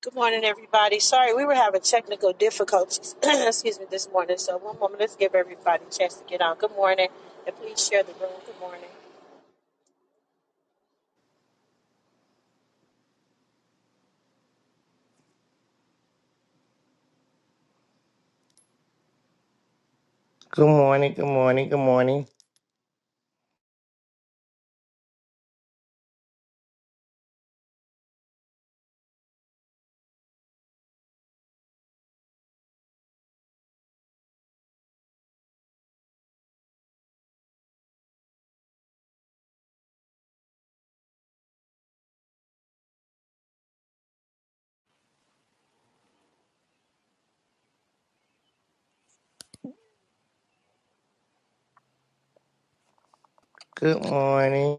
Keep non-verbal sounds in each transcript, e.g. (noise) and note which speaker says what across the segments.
Speaker 1: Good morning, everybody. Sorry, we were having technical difficulties. (clears throat) Excuse me, this morning. So one moment, let's give everybody a chance to get on. Good morning, and please share the room. Good morning.
Speaker 2: Good morning, good morning, good morning, good morning.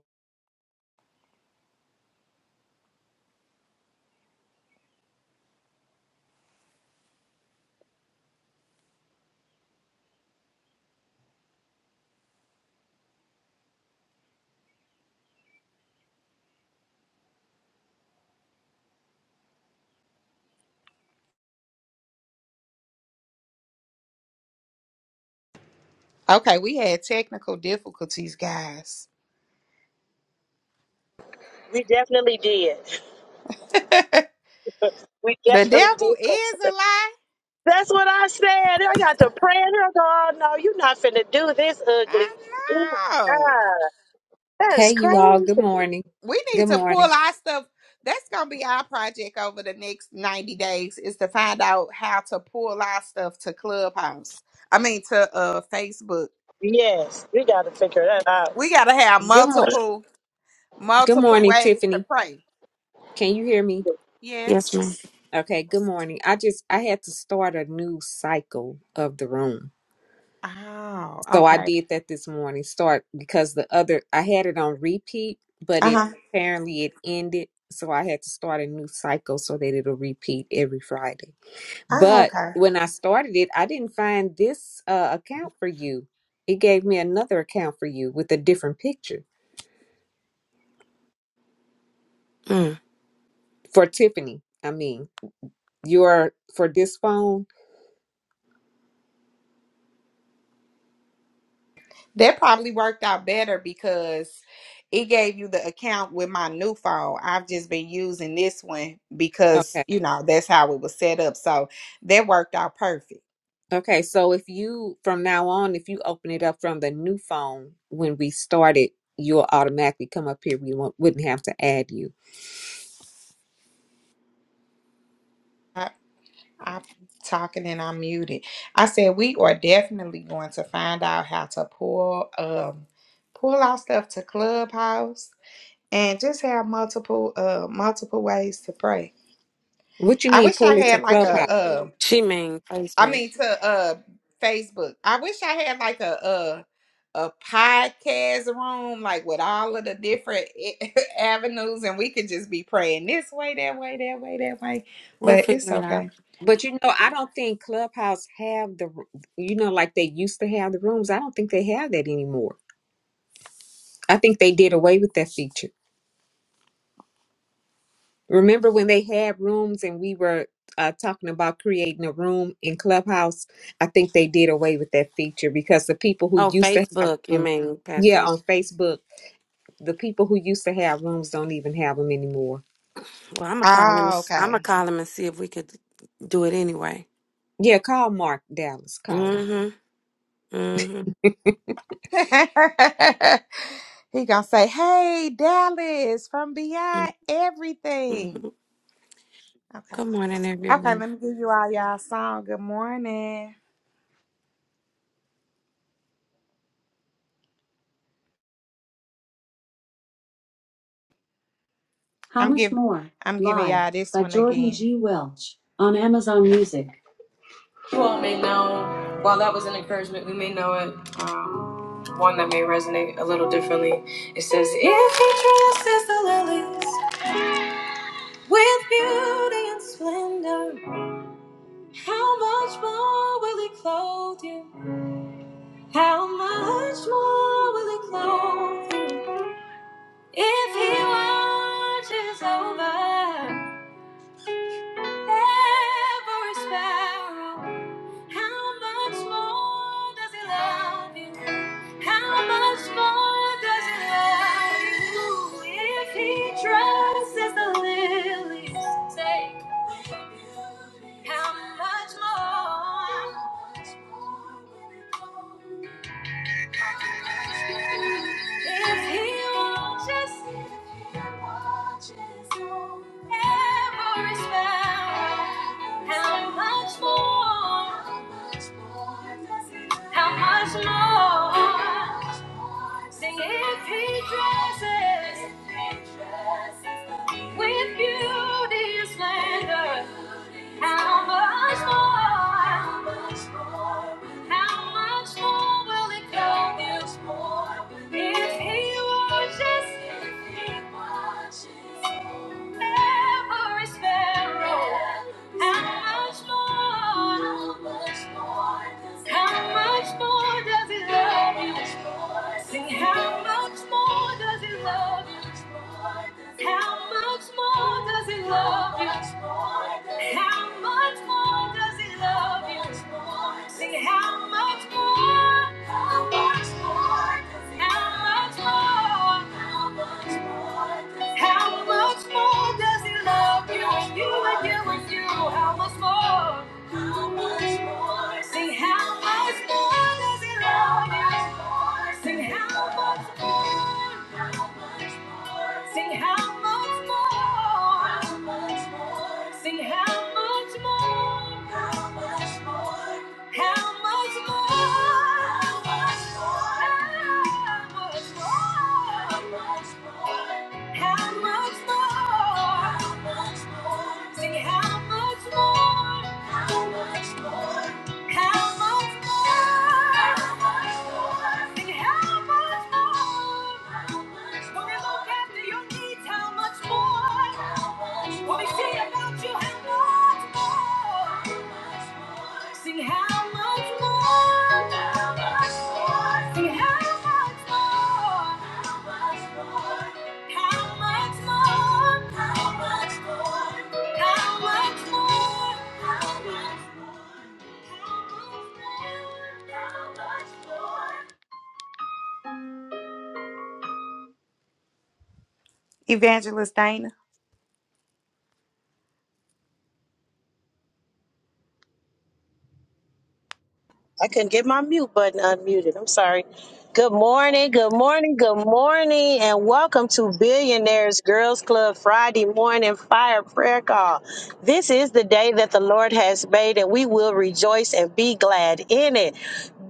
Speaker 3: Okay, we had technical difficulties, guys.
Speaker 1: We definitely did.
Speaker 3: (laughs) the
Speaker 1: (laughs) we definitely did.
Speaker 3: devil is a lie.
Speaker 1: That's what I said. I got to praying. I go, oh no, you're not finna do this
Speaker 3: I
Speaker 1: ugly. Ooh,
Speaker 3: know.
Speaker 1: God,
Speaker 4: Hey,
Speaker 1: that's
Speaker 4: you all. Good
Speaker 1: crazy.
Speaker 4: morning.
Speaker 3: We
Speaker 4: Good
Speaker 3: need to pull
Speaker 4: morning.
Speaker 3: our stuff. That's gonna be our project over the next 90 days is to find out how to pull our stuff to Clubhouse. I mean to uh Facebook.
Speaker 1: Yes, we got to figure that out.
Speaker 3: We gotta have
Speaker 4: Good morning.
Speaker 3: multiple
Speaker 4: Good
Speaker 3: multiple
Speaker 4: morning,
Speaker 3: ways to
Speaker 4: Tiffany.
Speaker 3: pray.
Speaker 4: Can you hear me?
Speaker 5: Yes,
Speaker 3: Yes.
Speaker 5: ma'am.
Speaker 4: Okay. Good morning. I just I had to start a new cycle of the room,
Speaker 3: Oh,
Speaker 4: so I
Speaker 3: okay.
Speaker 4: did that this morning. Start because the other I had it on repeat, but it
Speaker 3: Uh-huh.
Speaker 4: apparently it ended, so I had to start a new cycle so that it'll repeat every Friday.
Speaker 3: Oh,
Speaker 4: But
Speaker 3: okay.
Speaker 4: when I started it, I didn't find this uh, account for you. It gave me another account for you with a different picture
Speaker 5: Mm.
Speaker 4: for Tiffany. I mean. You are for this phone?
Speaker 3: That probably worked out better because it gave you the account with my new phone. I've just been using this one because,
Speaker 4: Okay.
Speaker 3: you know, that's how it was set up. So that worked out perfect.
Speaker 4: Okay. So if you, from now on, if you open it up from the new phone when we started, you'll automatically come up here. We won't, wouldn't have to add you.
Speaker 3: I'm talking and I'm muted. I said we are definitely going to find out how to pull um pull our stuff to Clubhouse and just have multiple uh multiple ways to pray.
Speaker 4: What you
Speaker 3: I
Speaker 4: mean
Speaker 3: wish I
Speaker 4: pull it to
Speaker 3: had like a
Speaker 4: Clubhouse?
Speaker 3: uh
Speaker 5: She mean
Speaker 3: I
Speaker 5: Facebook.
Speaker 3: mean to uh Facebook. I wish I had like a uh a podcast room like with all of the different (laughs) avenues and we could just be praying this way that way that way that way
Speaker 5: We'll
Speaker 3: but
Speaker 5: figure
Speaker 3: it's
Speaker 5: it out.
Speaker 3: okay
Speaker 4: But you know, I don't think Clubhouse have the, you know, like they used to have the rooms. I don't think they have that anymore. I think they did away with that feature. Remember when they had rooms and we were uh, talking about creating a room in Clubhouse? I think they did away with that feature because the people who
Speaker 5: Oh,
Speaker 4: used to have
Speaker 5: Facebook. You
Speaker 4: rooms,
Speaker 5: mean
Speaker 4: yeah, on
Speaker 5: passage?
Speaker 4: Facebook, the people who used to have rooms don't even have them anymore.
Speaker 5: Well, I'm gonna call him.
Speaker 3: oh
Speaker 5: I'm gonna
Speaker 3: okay
Speaker 5: call him and see if we could do it anyway.
Speaker 4: Yeah, call Mark Dallas. Call him.
Speaker 5: Mm-hmm. Mm-hmm.
Speaker 3: (laughs) he gonna say, "Hey, Dallas from Beyond Everything."
Speaker 5: mm-hmm.
Speaker 3: Okay,
Speaker 5: Good morning,
Speaker 3: okay.
Speaker 5: everybody.
Speaker 3: Let me give you all y'all song. Good morning. How I'm Much giving, More, I'm giving Live y'all this by one Jordan again. G. Welch on Amazon Music. You all may know, while that was an encouragement, we may know it. Um, one that may resonate a little differently. It says, If he dresses the lilies with beauty and splendor. How much more will he clothe you? How much more will he clothe you? If he watches over. every sparrow. How much more does He love you? How much more does He love you? If He dresses the lilies, say. How much more? If he watches, if he watches oh, every sparrow, how much more? How much more? Sing if he dresses with beauty and splendor, how much more? How much more will it go this more will it if he watches? If he watches every sparrow, how much more? How much more does He How much more does he love you? Sing, how much more does he love you? How much more does he love you? How much much more does he love you? Sing how much more? How much more How much more? How much more does he love you? And you and you and you. How much more? How much more? Sing how much more does he love you? Sing how much more? Sing how much more? Sing how much more? How much more? How much more? How much more? How much more? How much more? How much more? How much more? Sing it, how much more? How much more? How much more? How much more? Sing it, how much more? How much more? When we look after your needs, how much more? How much more? When we see about you, how much more? How much more? Sing how much more? Evangelist Dana.
Speaker 1: I couldn't get my mute button unmuted. I'm sorry. Good morning, good morning, good morning, and welcome to Billionaires Girls Club Friday morning fire prayer call. This is the day that the Lord has made, and we will rejoice and be glad in it.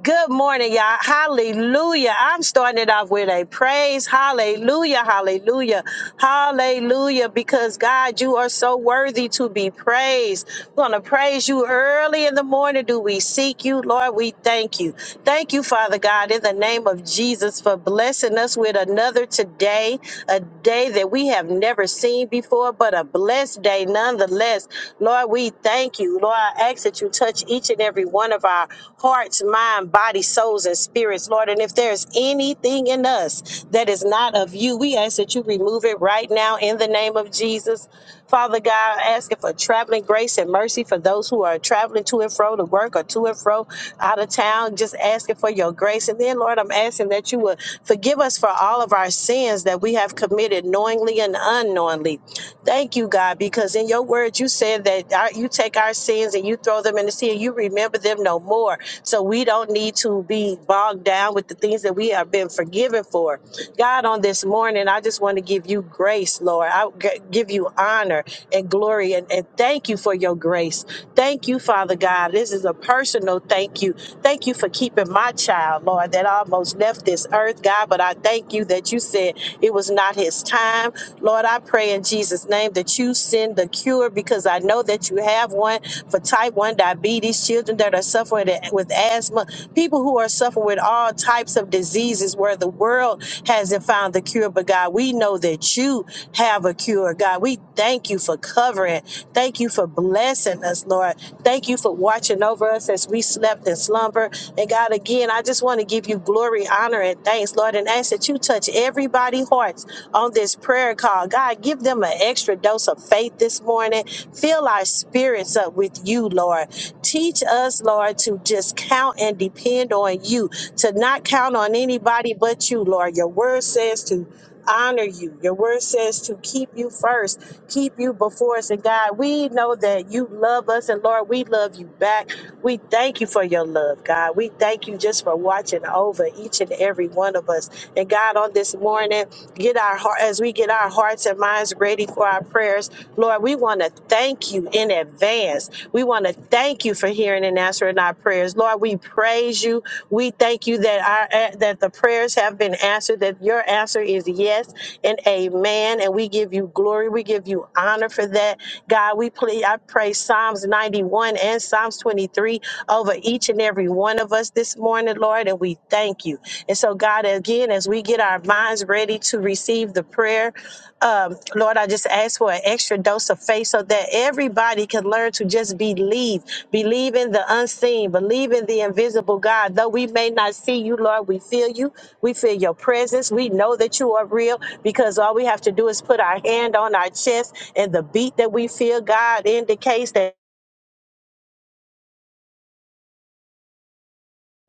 Speaker 1: Good morning, y'all. Hallelujah. I'm starting it off with a praise. Hallelujah. Hallelujah. Hallelujah. Because God, you are so worthy to be praised. We're going to praise you early in the morning. Do we seek you? Lord, we thank you. Thank you, Father God, in the name of Jesus for blessing us with another today, a day that we have never seen before, but a blessed day nonetheless. Lord, we thank you. Lord, I ask that you touch touch each and every one of our hearts, mind, body, souls, and spirits, Lord. And if there's anything in us that is not of you, we ask that you remove it right now in the name of Jesus. Father God, asking for traveling grace and mercy for those who are traveling to and fro to work or to and fro out of town, just asking for your grace. And then, Lord, I'm asking that you would forgive us for all of our sins that we have committed knowingly and unknowingly. Thank you, God, because in your word you said that that our, you take our sins and you throw them in the sea and you remember them no more. So we don't need to be bogged down with the things that we have been forgiven for. God, on this morning, I just want to give you grace, Lord. I g- give you honor and glory and, and thank you for your grace. Thank you, Father God. This is a personal thank you. Thank you for keeping my child, Lord, that almost left this earth, God. But I thank you that you said it was not his time. Lord, I pray in Jesus' Jesus' name that you send the cure because I know that you have one for type 1 diabetes, children that are suffering with asthma, people who are suffering with all types of diseases where the world hasn't found the cure. But God, we know that you have a cure. God, we thank you for covering. Thank you for blessing us, Lord. Thank you for watching over us as we slept and slumber. And God, again, I just want to give you glory, honor, and thanks, Lord, and ask that you touch everybody's hearts on this prayer call. God, give them an extra dose of faith this morning. Fill our spirits up with you, Lord. Teach us, Lord, to just count and depend on you, to not count on anybody but you, Lord. Your word says to honor you. Your word says to keep you first, keep you before us. And God, we know that you love us, and Lord, we love you back. We thank you for your love, God. We thank you just for watching over each and every one of us. And God, on this morning, get our heart as we get our hearts and minds ready for our prayers lord we want to thank you in advance we want to thank you for hearing and answering our prayers lord we praise you we thank you that our eh, that the prayers have been answered that your answer is yes and amen and we give you glory we give you honor for that god we plead i pray psalms 91 and psalms 23 over each and every one of us this morning lord and we thank you and so, God, again, as we get our minds ready to receive the prayer, um, Lord, I just ask for an extra dose of faith so that everybody can learn to just believe, believe in the unseen, believe in the invisible God. Though we may not see you, Lord, we feel you. We feel your presence. We know that you are real because all we have to do is put our hand on our chest, and the beat that we feel, God, indicates that.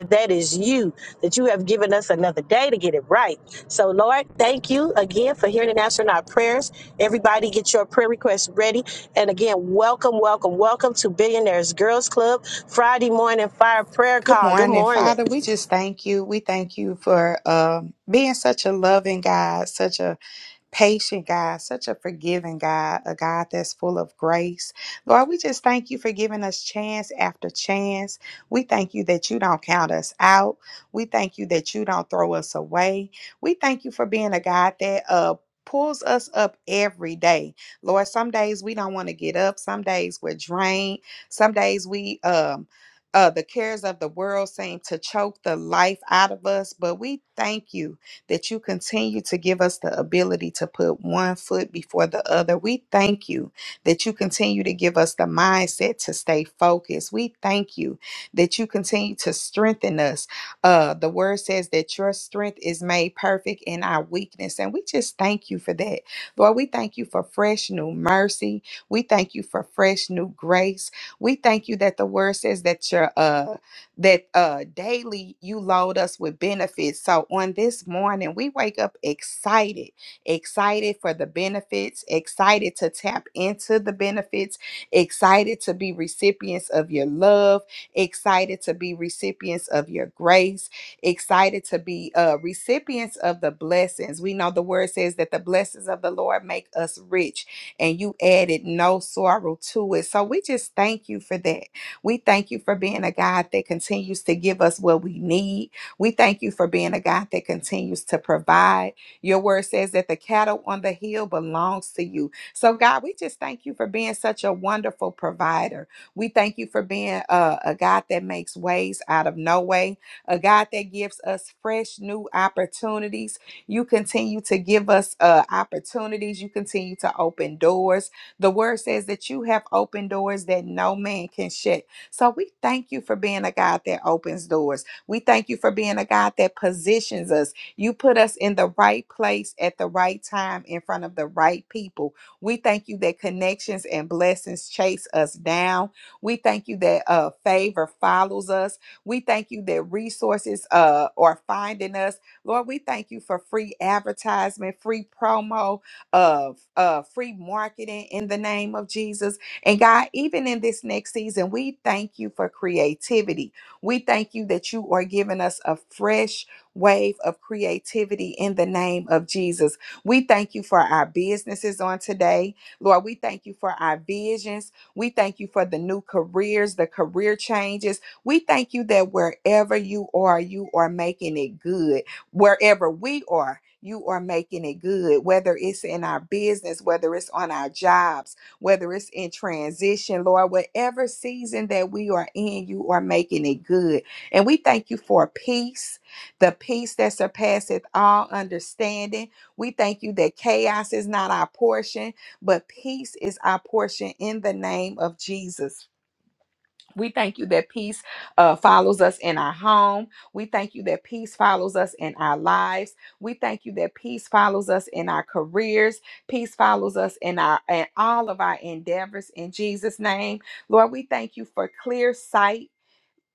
Speaker 1: that is you, that you have given us another day to get it right. So, Lord, thank you again for hearing and answering our prayers. Everybody, get your prayer requests ready. And again, welcome, welcome, welcome to Billionaires Girls Club Friday morning fire prayer
Speaker 3: Good
Speaker 1: call. Good
Speaker 3: morning,
Speaker 1: morning.
Speaker 3: Father. We just thank you. We thank you for um, being such a loving God, such a patient God, such a forgiving God, a God that's full of grace. Lord, we just thank you for giving us chance after chance. We thank you that you don't count us out. We thank you that you don't throw us away. We thank you for being a God that uh pulls us up every day. Lord, some days we don't want to get up. Some days we're drained. Some days we um uh, the cares of the world seem to choke the life out of us, but we thank you that you continue to give us the ability to put one foot before the other. We thank you that you continue to give us the mindset to stay focused. We thank you that you continue to strengthen us. Uh, the word says that your strength is made perfect in our weakness. And we just thank you for that. Lord, we thank you for fresh new mercy. We thank you for fresh new grace. We thank you that the word says that your uh that uh daily you load us with benefits. So on this morning, we wake up excited, excited for the benefits, excited to tap into the benefits, excited to be recipients of your love, excited to be recipients of your grace, excited to be uh recipients of the blessings. We know the word says that the blessings of the Lord make us rich and you added no sorrow to it. So we just thank you for that. We thank you for being a God that continues to give us what we need. We thank you for being a God that continues to provide. Your word says that the cattle on the hill belongs to you. So, God, we just thank you for being such a wonderful provider. We thank you for being a, a God that makes ways out of no way, a God that gives us fresh new opportunities. You continue to give us uh, opportunities, you continue to open doors. The word says that you have opened doors that no man can shut. So we thank you for being a God that opens doors. We thank you for being a God that positions us. You put us in the right place at the right time in front of the right people. We thank you that connections and blessings chase us down. We thank you that uh, favor follows us. We thank you that resources uh, are finding us. Lord, we thank you for free advertisement, free promo, of uh, free marketing in the name of Jesus. And God, even in this next season, we thank you for creativity. We thank you that you are giving us a fresh wave of creativity in the name of Jesus. We thank you for our businesses on today. Lord, we thank you for our visions. We thank you for the new careers, the career changes. We thank you that wherever you are, you are making it good. Wherever we are, you are making it good, whether it's in our business, whether it's on our jobs whether it's in transition, Lord, whatever season that we are in, you are making it good. And we thank you for peace, the peace that surpasseth all understanding. We thank you that chaos is not our portion, but peace is our portion in the name of Jesus. We thank you that peace uh, follows us in our home. We thank you that peace follows us in our lives. We thank you that peace follows us in our careers. Peace follows us in our in all of our endeavors. In Jesus' name, Lord, we thank you for clear sight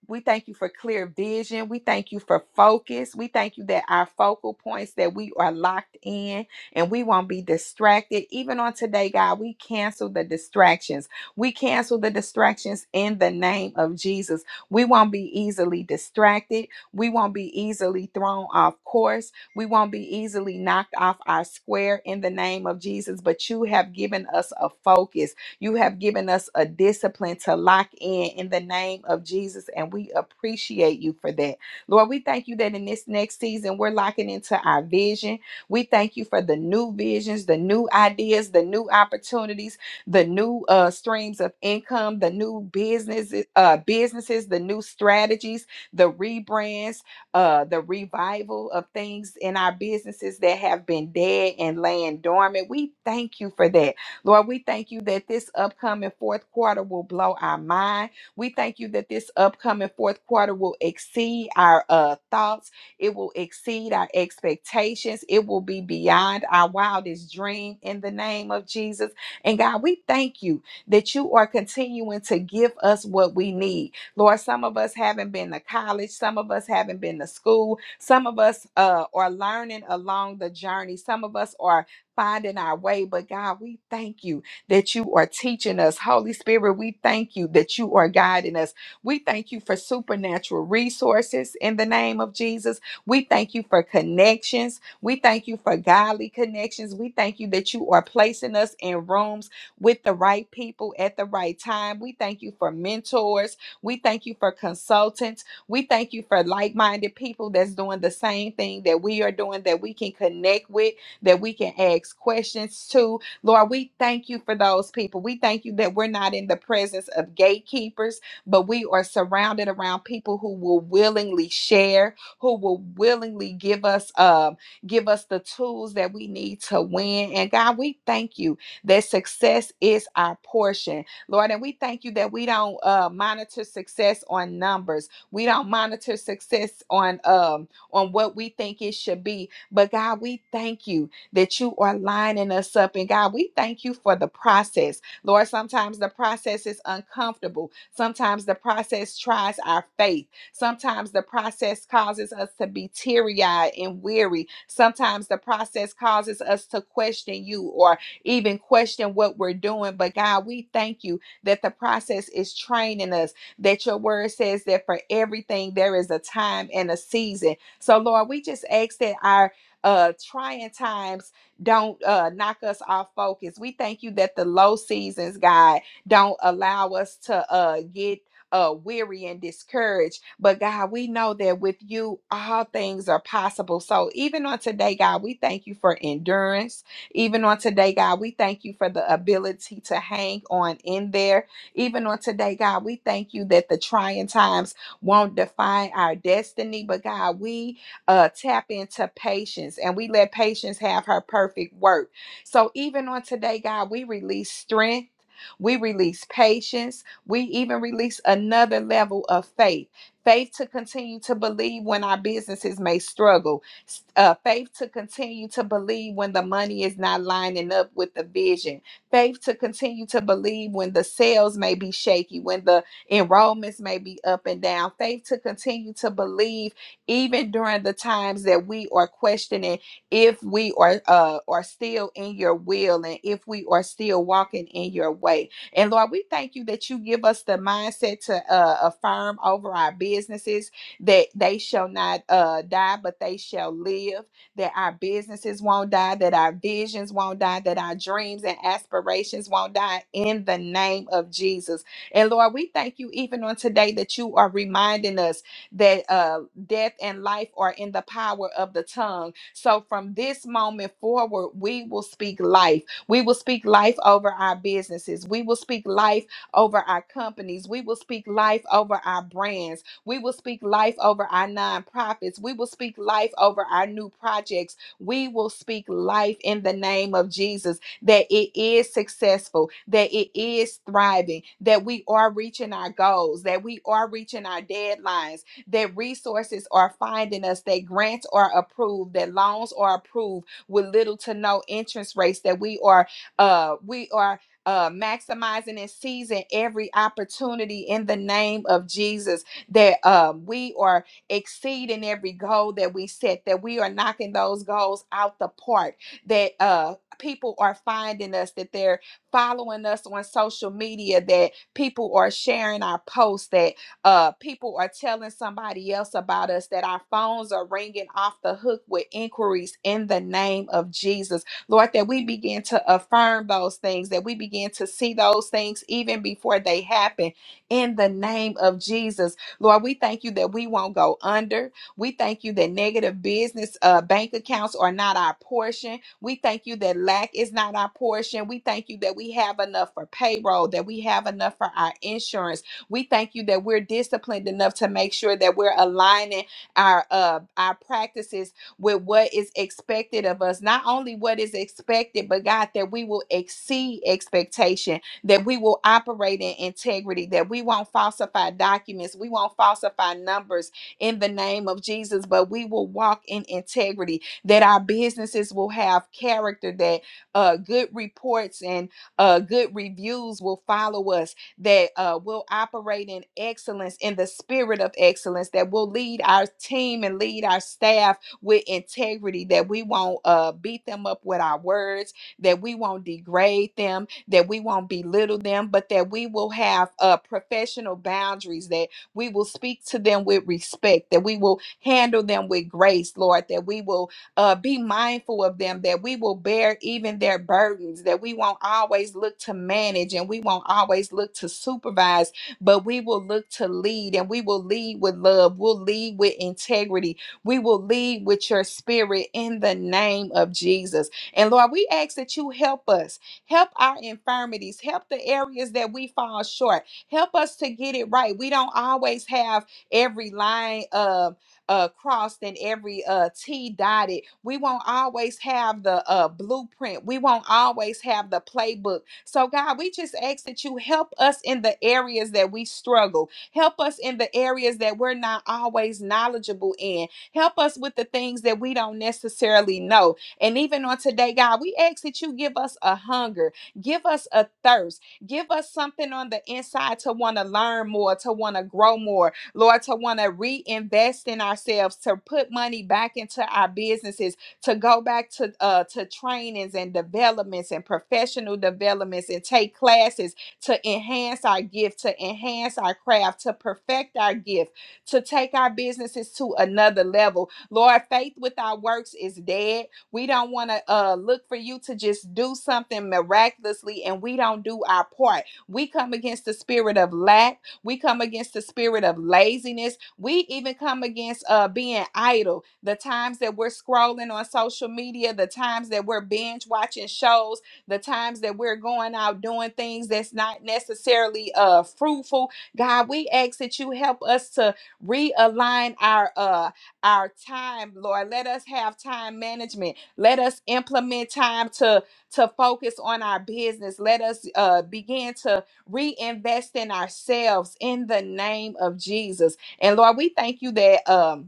Speaker 3: we thank you for clear vision. We thank you for focus. We thank you that our focal points that we are locked in and we won't be distracted. Even on today, God, we cancel the distractions. We cancel the distractions in the name of Jesus. We won't be easily distracted. We won't be easily thrown off course. We won't be easily knocked off our square in the name of Jesus. But you have given us a focus. You have given us a discipline to lock in in the name of Jesus, and we appreciate you for that. Lord, we thank you that in this next season, we're locking into our vision. We thank you for the new visions, the new ideas, the new opportunities, the new uh, streams of income, the new businesses, uh, businesses, the new strategies, the rebrands, uh, the revival of things in our businesses that have been dead and laying dormant. We thank you for that. Lord, we thank you that this upcoming fourth quarter will blow our mind. We thank you that this upcoming fourth quarter will exceed our uh, thoughts, it will exceed our expectations, it will be beyond our wildest dream in the name of Jesus. And God, we thank you that you are continuing to give us what we need. Lord, some of us haven't been to college, some of us haven't been to school, some of us uh, are learning along the journey, some of us are finding our way. But God, we thank you that you are teaching us. Holy Spirit, we thank you that you are guiding us. We thank you for supernatural resources in the name of Jesus. We thank you for connections. We thank you for godly connections. We thank you that you are placing us in rooms with the right people at the right time. We thank you for mentors. We thank you for consultants. We thank you for like minded people that's doing the same thing that we are doing that we can connect with that we can ask questions to. Lord, we thank you for those people. We thank you that we're not in the presence of gatekeepers, but we are surrounded around people who will willingly share, who will willingly give us um give us the tools that we need to win. And God, we thank you that success is our portion. Lord, and we thank you that we don't uh monitor success on numbers. We don't monitor success on um on what we think it should be. But God, we thank you that you are lining us up. And God, we thank you for the process. Lord, sometimes the process is uncomfortable. Sometimes the process tries our faith. Sometimes the process causes us to be teary eyed and weary. Sometimes the process causes us to question you or even question what we're doing. But God, we thank you that the process is training us, that your word says that for everything there is a time and a season. So, Lord, we just ask that our uh, trying times don't uh, knock us off focus. We thank you that the low seasons, God, don't allow us to uh, get uh, weary and discouraged. But God, we know that with you, all things are possible. So even on today, God, we thank you for endurance. Even on today, God, we thank you for the ability to hang on in there. Even on today, God, we thank you that the trying times won't define our destiny. But God, we uh, tap into patience and we let patience have her perfect work. So even on today, God, we release strength. We release patience. We even release another level of faith. Faith to continue to believe when our businesses may struggle. S- Uh, faith to continue to believe when the money is not lining up with the vision. Faith to continue to believe when the sales may be shaky, when the enrollments may be up and down. Faith to continue to believe even during the times that we are questioning if we are uh are still in your will and if we are still walking in your way. And Lord, we thank you that you give us the mindset to uh, affirm over our businesses that they shall not uh, die, but they shall live, that our businesses won't die, that our visions won't die, that our dreams and aspirations won't die in the name of Jesus. And Lord, we thank you even on today that you are reminding us that uh, death and life are in the power of the tongue. So from this moment forward, we will speak life. We will speak life over our businesses. We will speak life over our companies. We will speak life over our brands. We will speak life over our nonprofits. We will speak life over our new projects. We will speak life in the name of Jesus that it is successful, that it is thriving, that we are reaching our goals, that we are reaching our deadlines that resources are finding us, that grants are approved, that loans are approved with little to no interest rates, that we are uh we are uh maximizing and seizing every opportunity in the name of Jesus, that um we are exceeding every goal that we set, that we are knocking those goals out the park, that uh people are finding us, that they're following us on social media, that people are sharing our posts, that uh people are telling somebody else about us that our phones are ringing off the hook with inquiries in the name of jesus lord that we begin to affirm those things that we begin to see those things even before they happen in the name of jesus lord we thank you that we won't go under we thank you that negative business uh, bank accounts are not our portion we thank you that lack is not our portion we thank you that we have enough for payroll that we have enough for our insurance we thank you that we're disciplined enough to make sure that we're aligning our uh our practices with what is expected of us. Not only what is expected, but God, that we will exceed expectation, that we will operate in integrity, that we won't falsify documents, we won't falsify numbers in the name of Jesus, but we will walk in integrity, that our businesses will have character, that uh good reports and uh good reviews will follow us that uh, will operate in excellence, in the spirit of excellence, that will lead our team and lead our staff with integrity, that we won't uh, beat them up with our words, that we won't degrade them, that we won't belittle them, but that we will have uh, professional boundaries, that we will speak to them with respect, that we will handle them with grace, Lord, that we will uh, be mindful of them, that we will bear even their burdens, that we won't always look to manage and we won't always look to supervise, but we will look to lead and we will lead with love. We'll lead with integrity. We will lead with your spirit in the name of Jesus. And Lord, we ask that you help us, help our infirmities, help the areas that we fall short, help us to get it right. We don't always have every line. um, uh, crossed and every uh, T dotted. We won't always have the uh, blueprint. We won't always have the playbook. So, God, we just ask that you help us in the areas that we struggle. Help us in the areas that we're not always knowledgeable in. Help us with the things that we don't necessarily know. And even on today, God, we ask that you give us a hunger, give us a thirst, give us something on the inside to want to learn more, to want to grow more, Lord, to want to reinvest in ourselves, to put money back into our businesses, to go back to uh, to trainings and developments and professional developments and take classes to enhance our gift, to enhance our craft, to perfect our gift, to take our businesses to another level. Lord, faith without works is dead. We don't want to uh, look for you to just do something miraculously and we don't do our part. We come against the spirit of lack we come against the spirit of laziness. We even come against uh, being idle. The times that we're scrolling on social media, the times that we're binge watching shows, the times that we're going out doing things that's not necessarily uh, fruitful. God, we ask that you help us to realign our uh, our time, Lord. Let us have time management. Let us implement time to to focus on our business. Let us uh, begin to reinvest in ourselves in the name of Jesus. And Lord, we thank you that um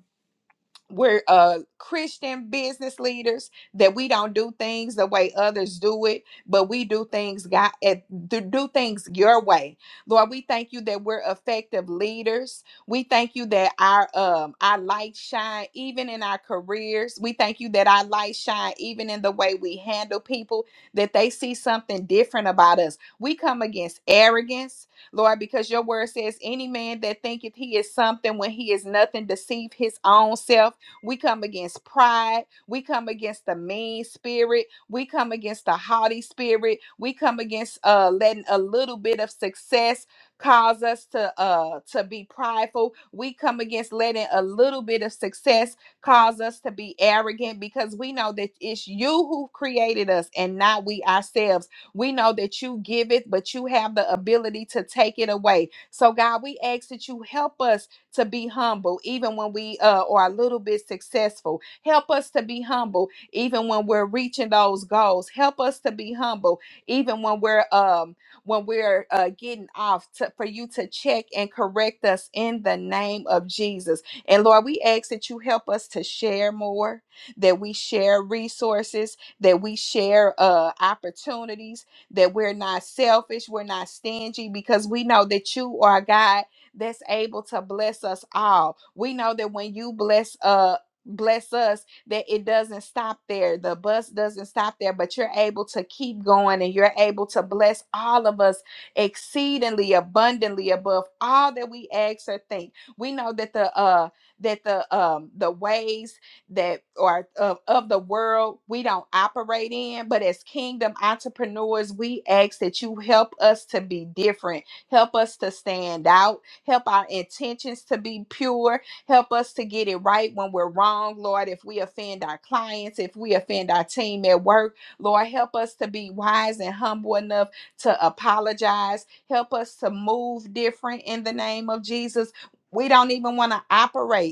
Speaker 3: we're uh christian business leaders that we don't do things the way others do it but we do things god at do do things your way lord we thank you that we're effective leaders we thank you that our um our light shine even in our careers we thank you that our light shine even in the way we handle people that they see something different about us we come against arrogance lord because your word says any man that thinketh he is something when he is nothing deceive his own self we come against pride. We come against the mean spirit. We come against the haughty spirit. We come against uh, letting a little bit of success cause us to uh to be prideful. We come against letting a little bit of success cause us to be arrogant because we know that it's you who created us and not we ourselves. We know that you give it, but you have the ability to take it away. So God, we ask that you help us to be humble, even when we uh, are a little bit successful. Help us to be humble, even when we're reaching those goals. Help us to be humble, even when we're um, when we're uh, getting off. To, for you to check and correct us in the name of Jesus. And Lord, we ask that you help us to share more, that we share resources, that we share uh, opportunities, that we're not selfish, we're not stingy, because we know that you are a God that's able to bless us all. We know that when you bless uh bless us that it doesn't stop there. The bus doesn't stop there, but you're able to keep going and you're able to bless all of us exceedingly abundantly above all that we ask or think. We know that the uh that the um the ways that are of, of the world we don't operate in, but as kingdom entrepreneurs, we ask that you help us to be different help us to stand out Help our intentions to be pure. Help us to get it right when we're wrong, Lord. If we offend our clients, if we offend our team at work, Lord, help us to be wise and humble enough to apologize. Help us to move different in the name of Jesus. We don't even want to operate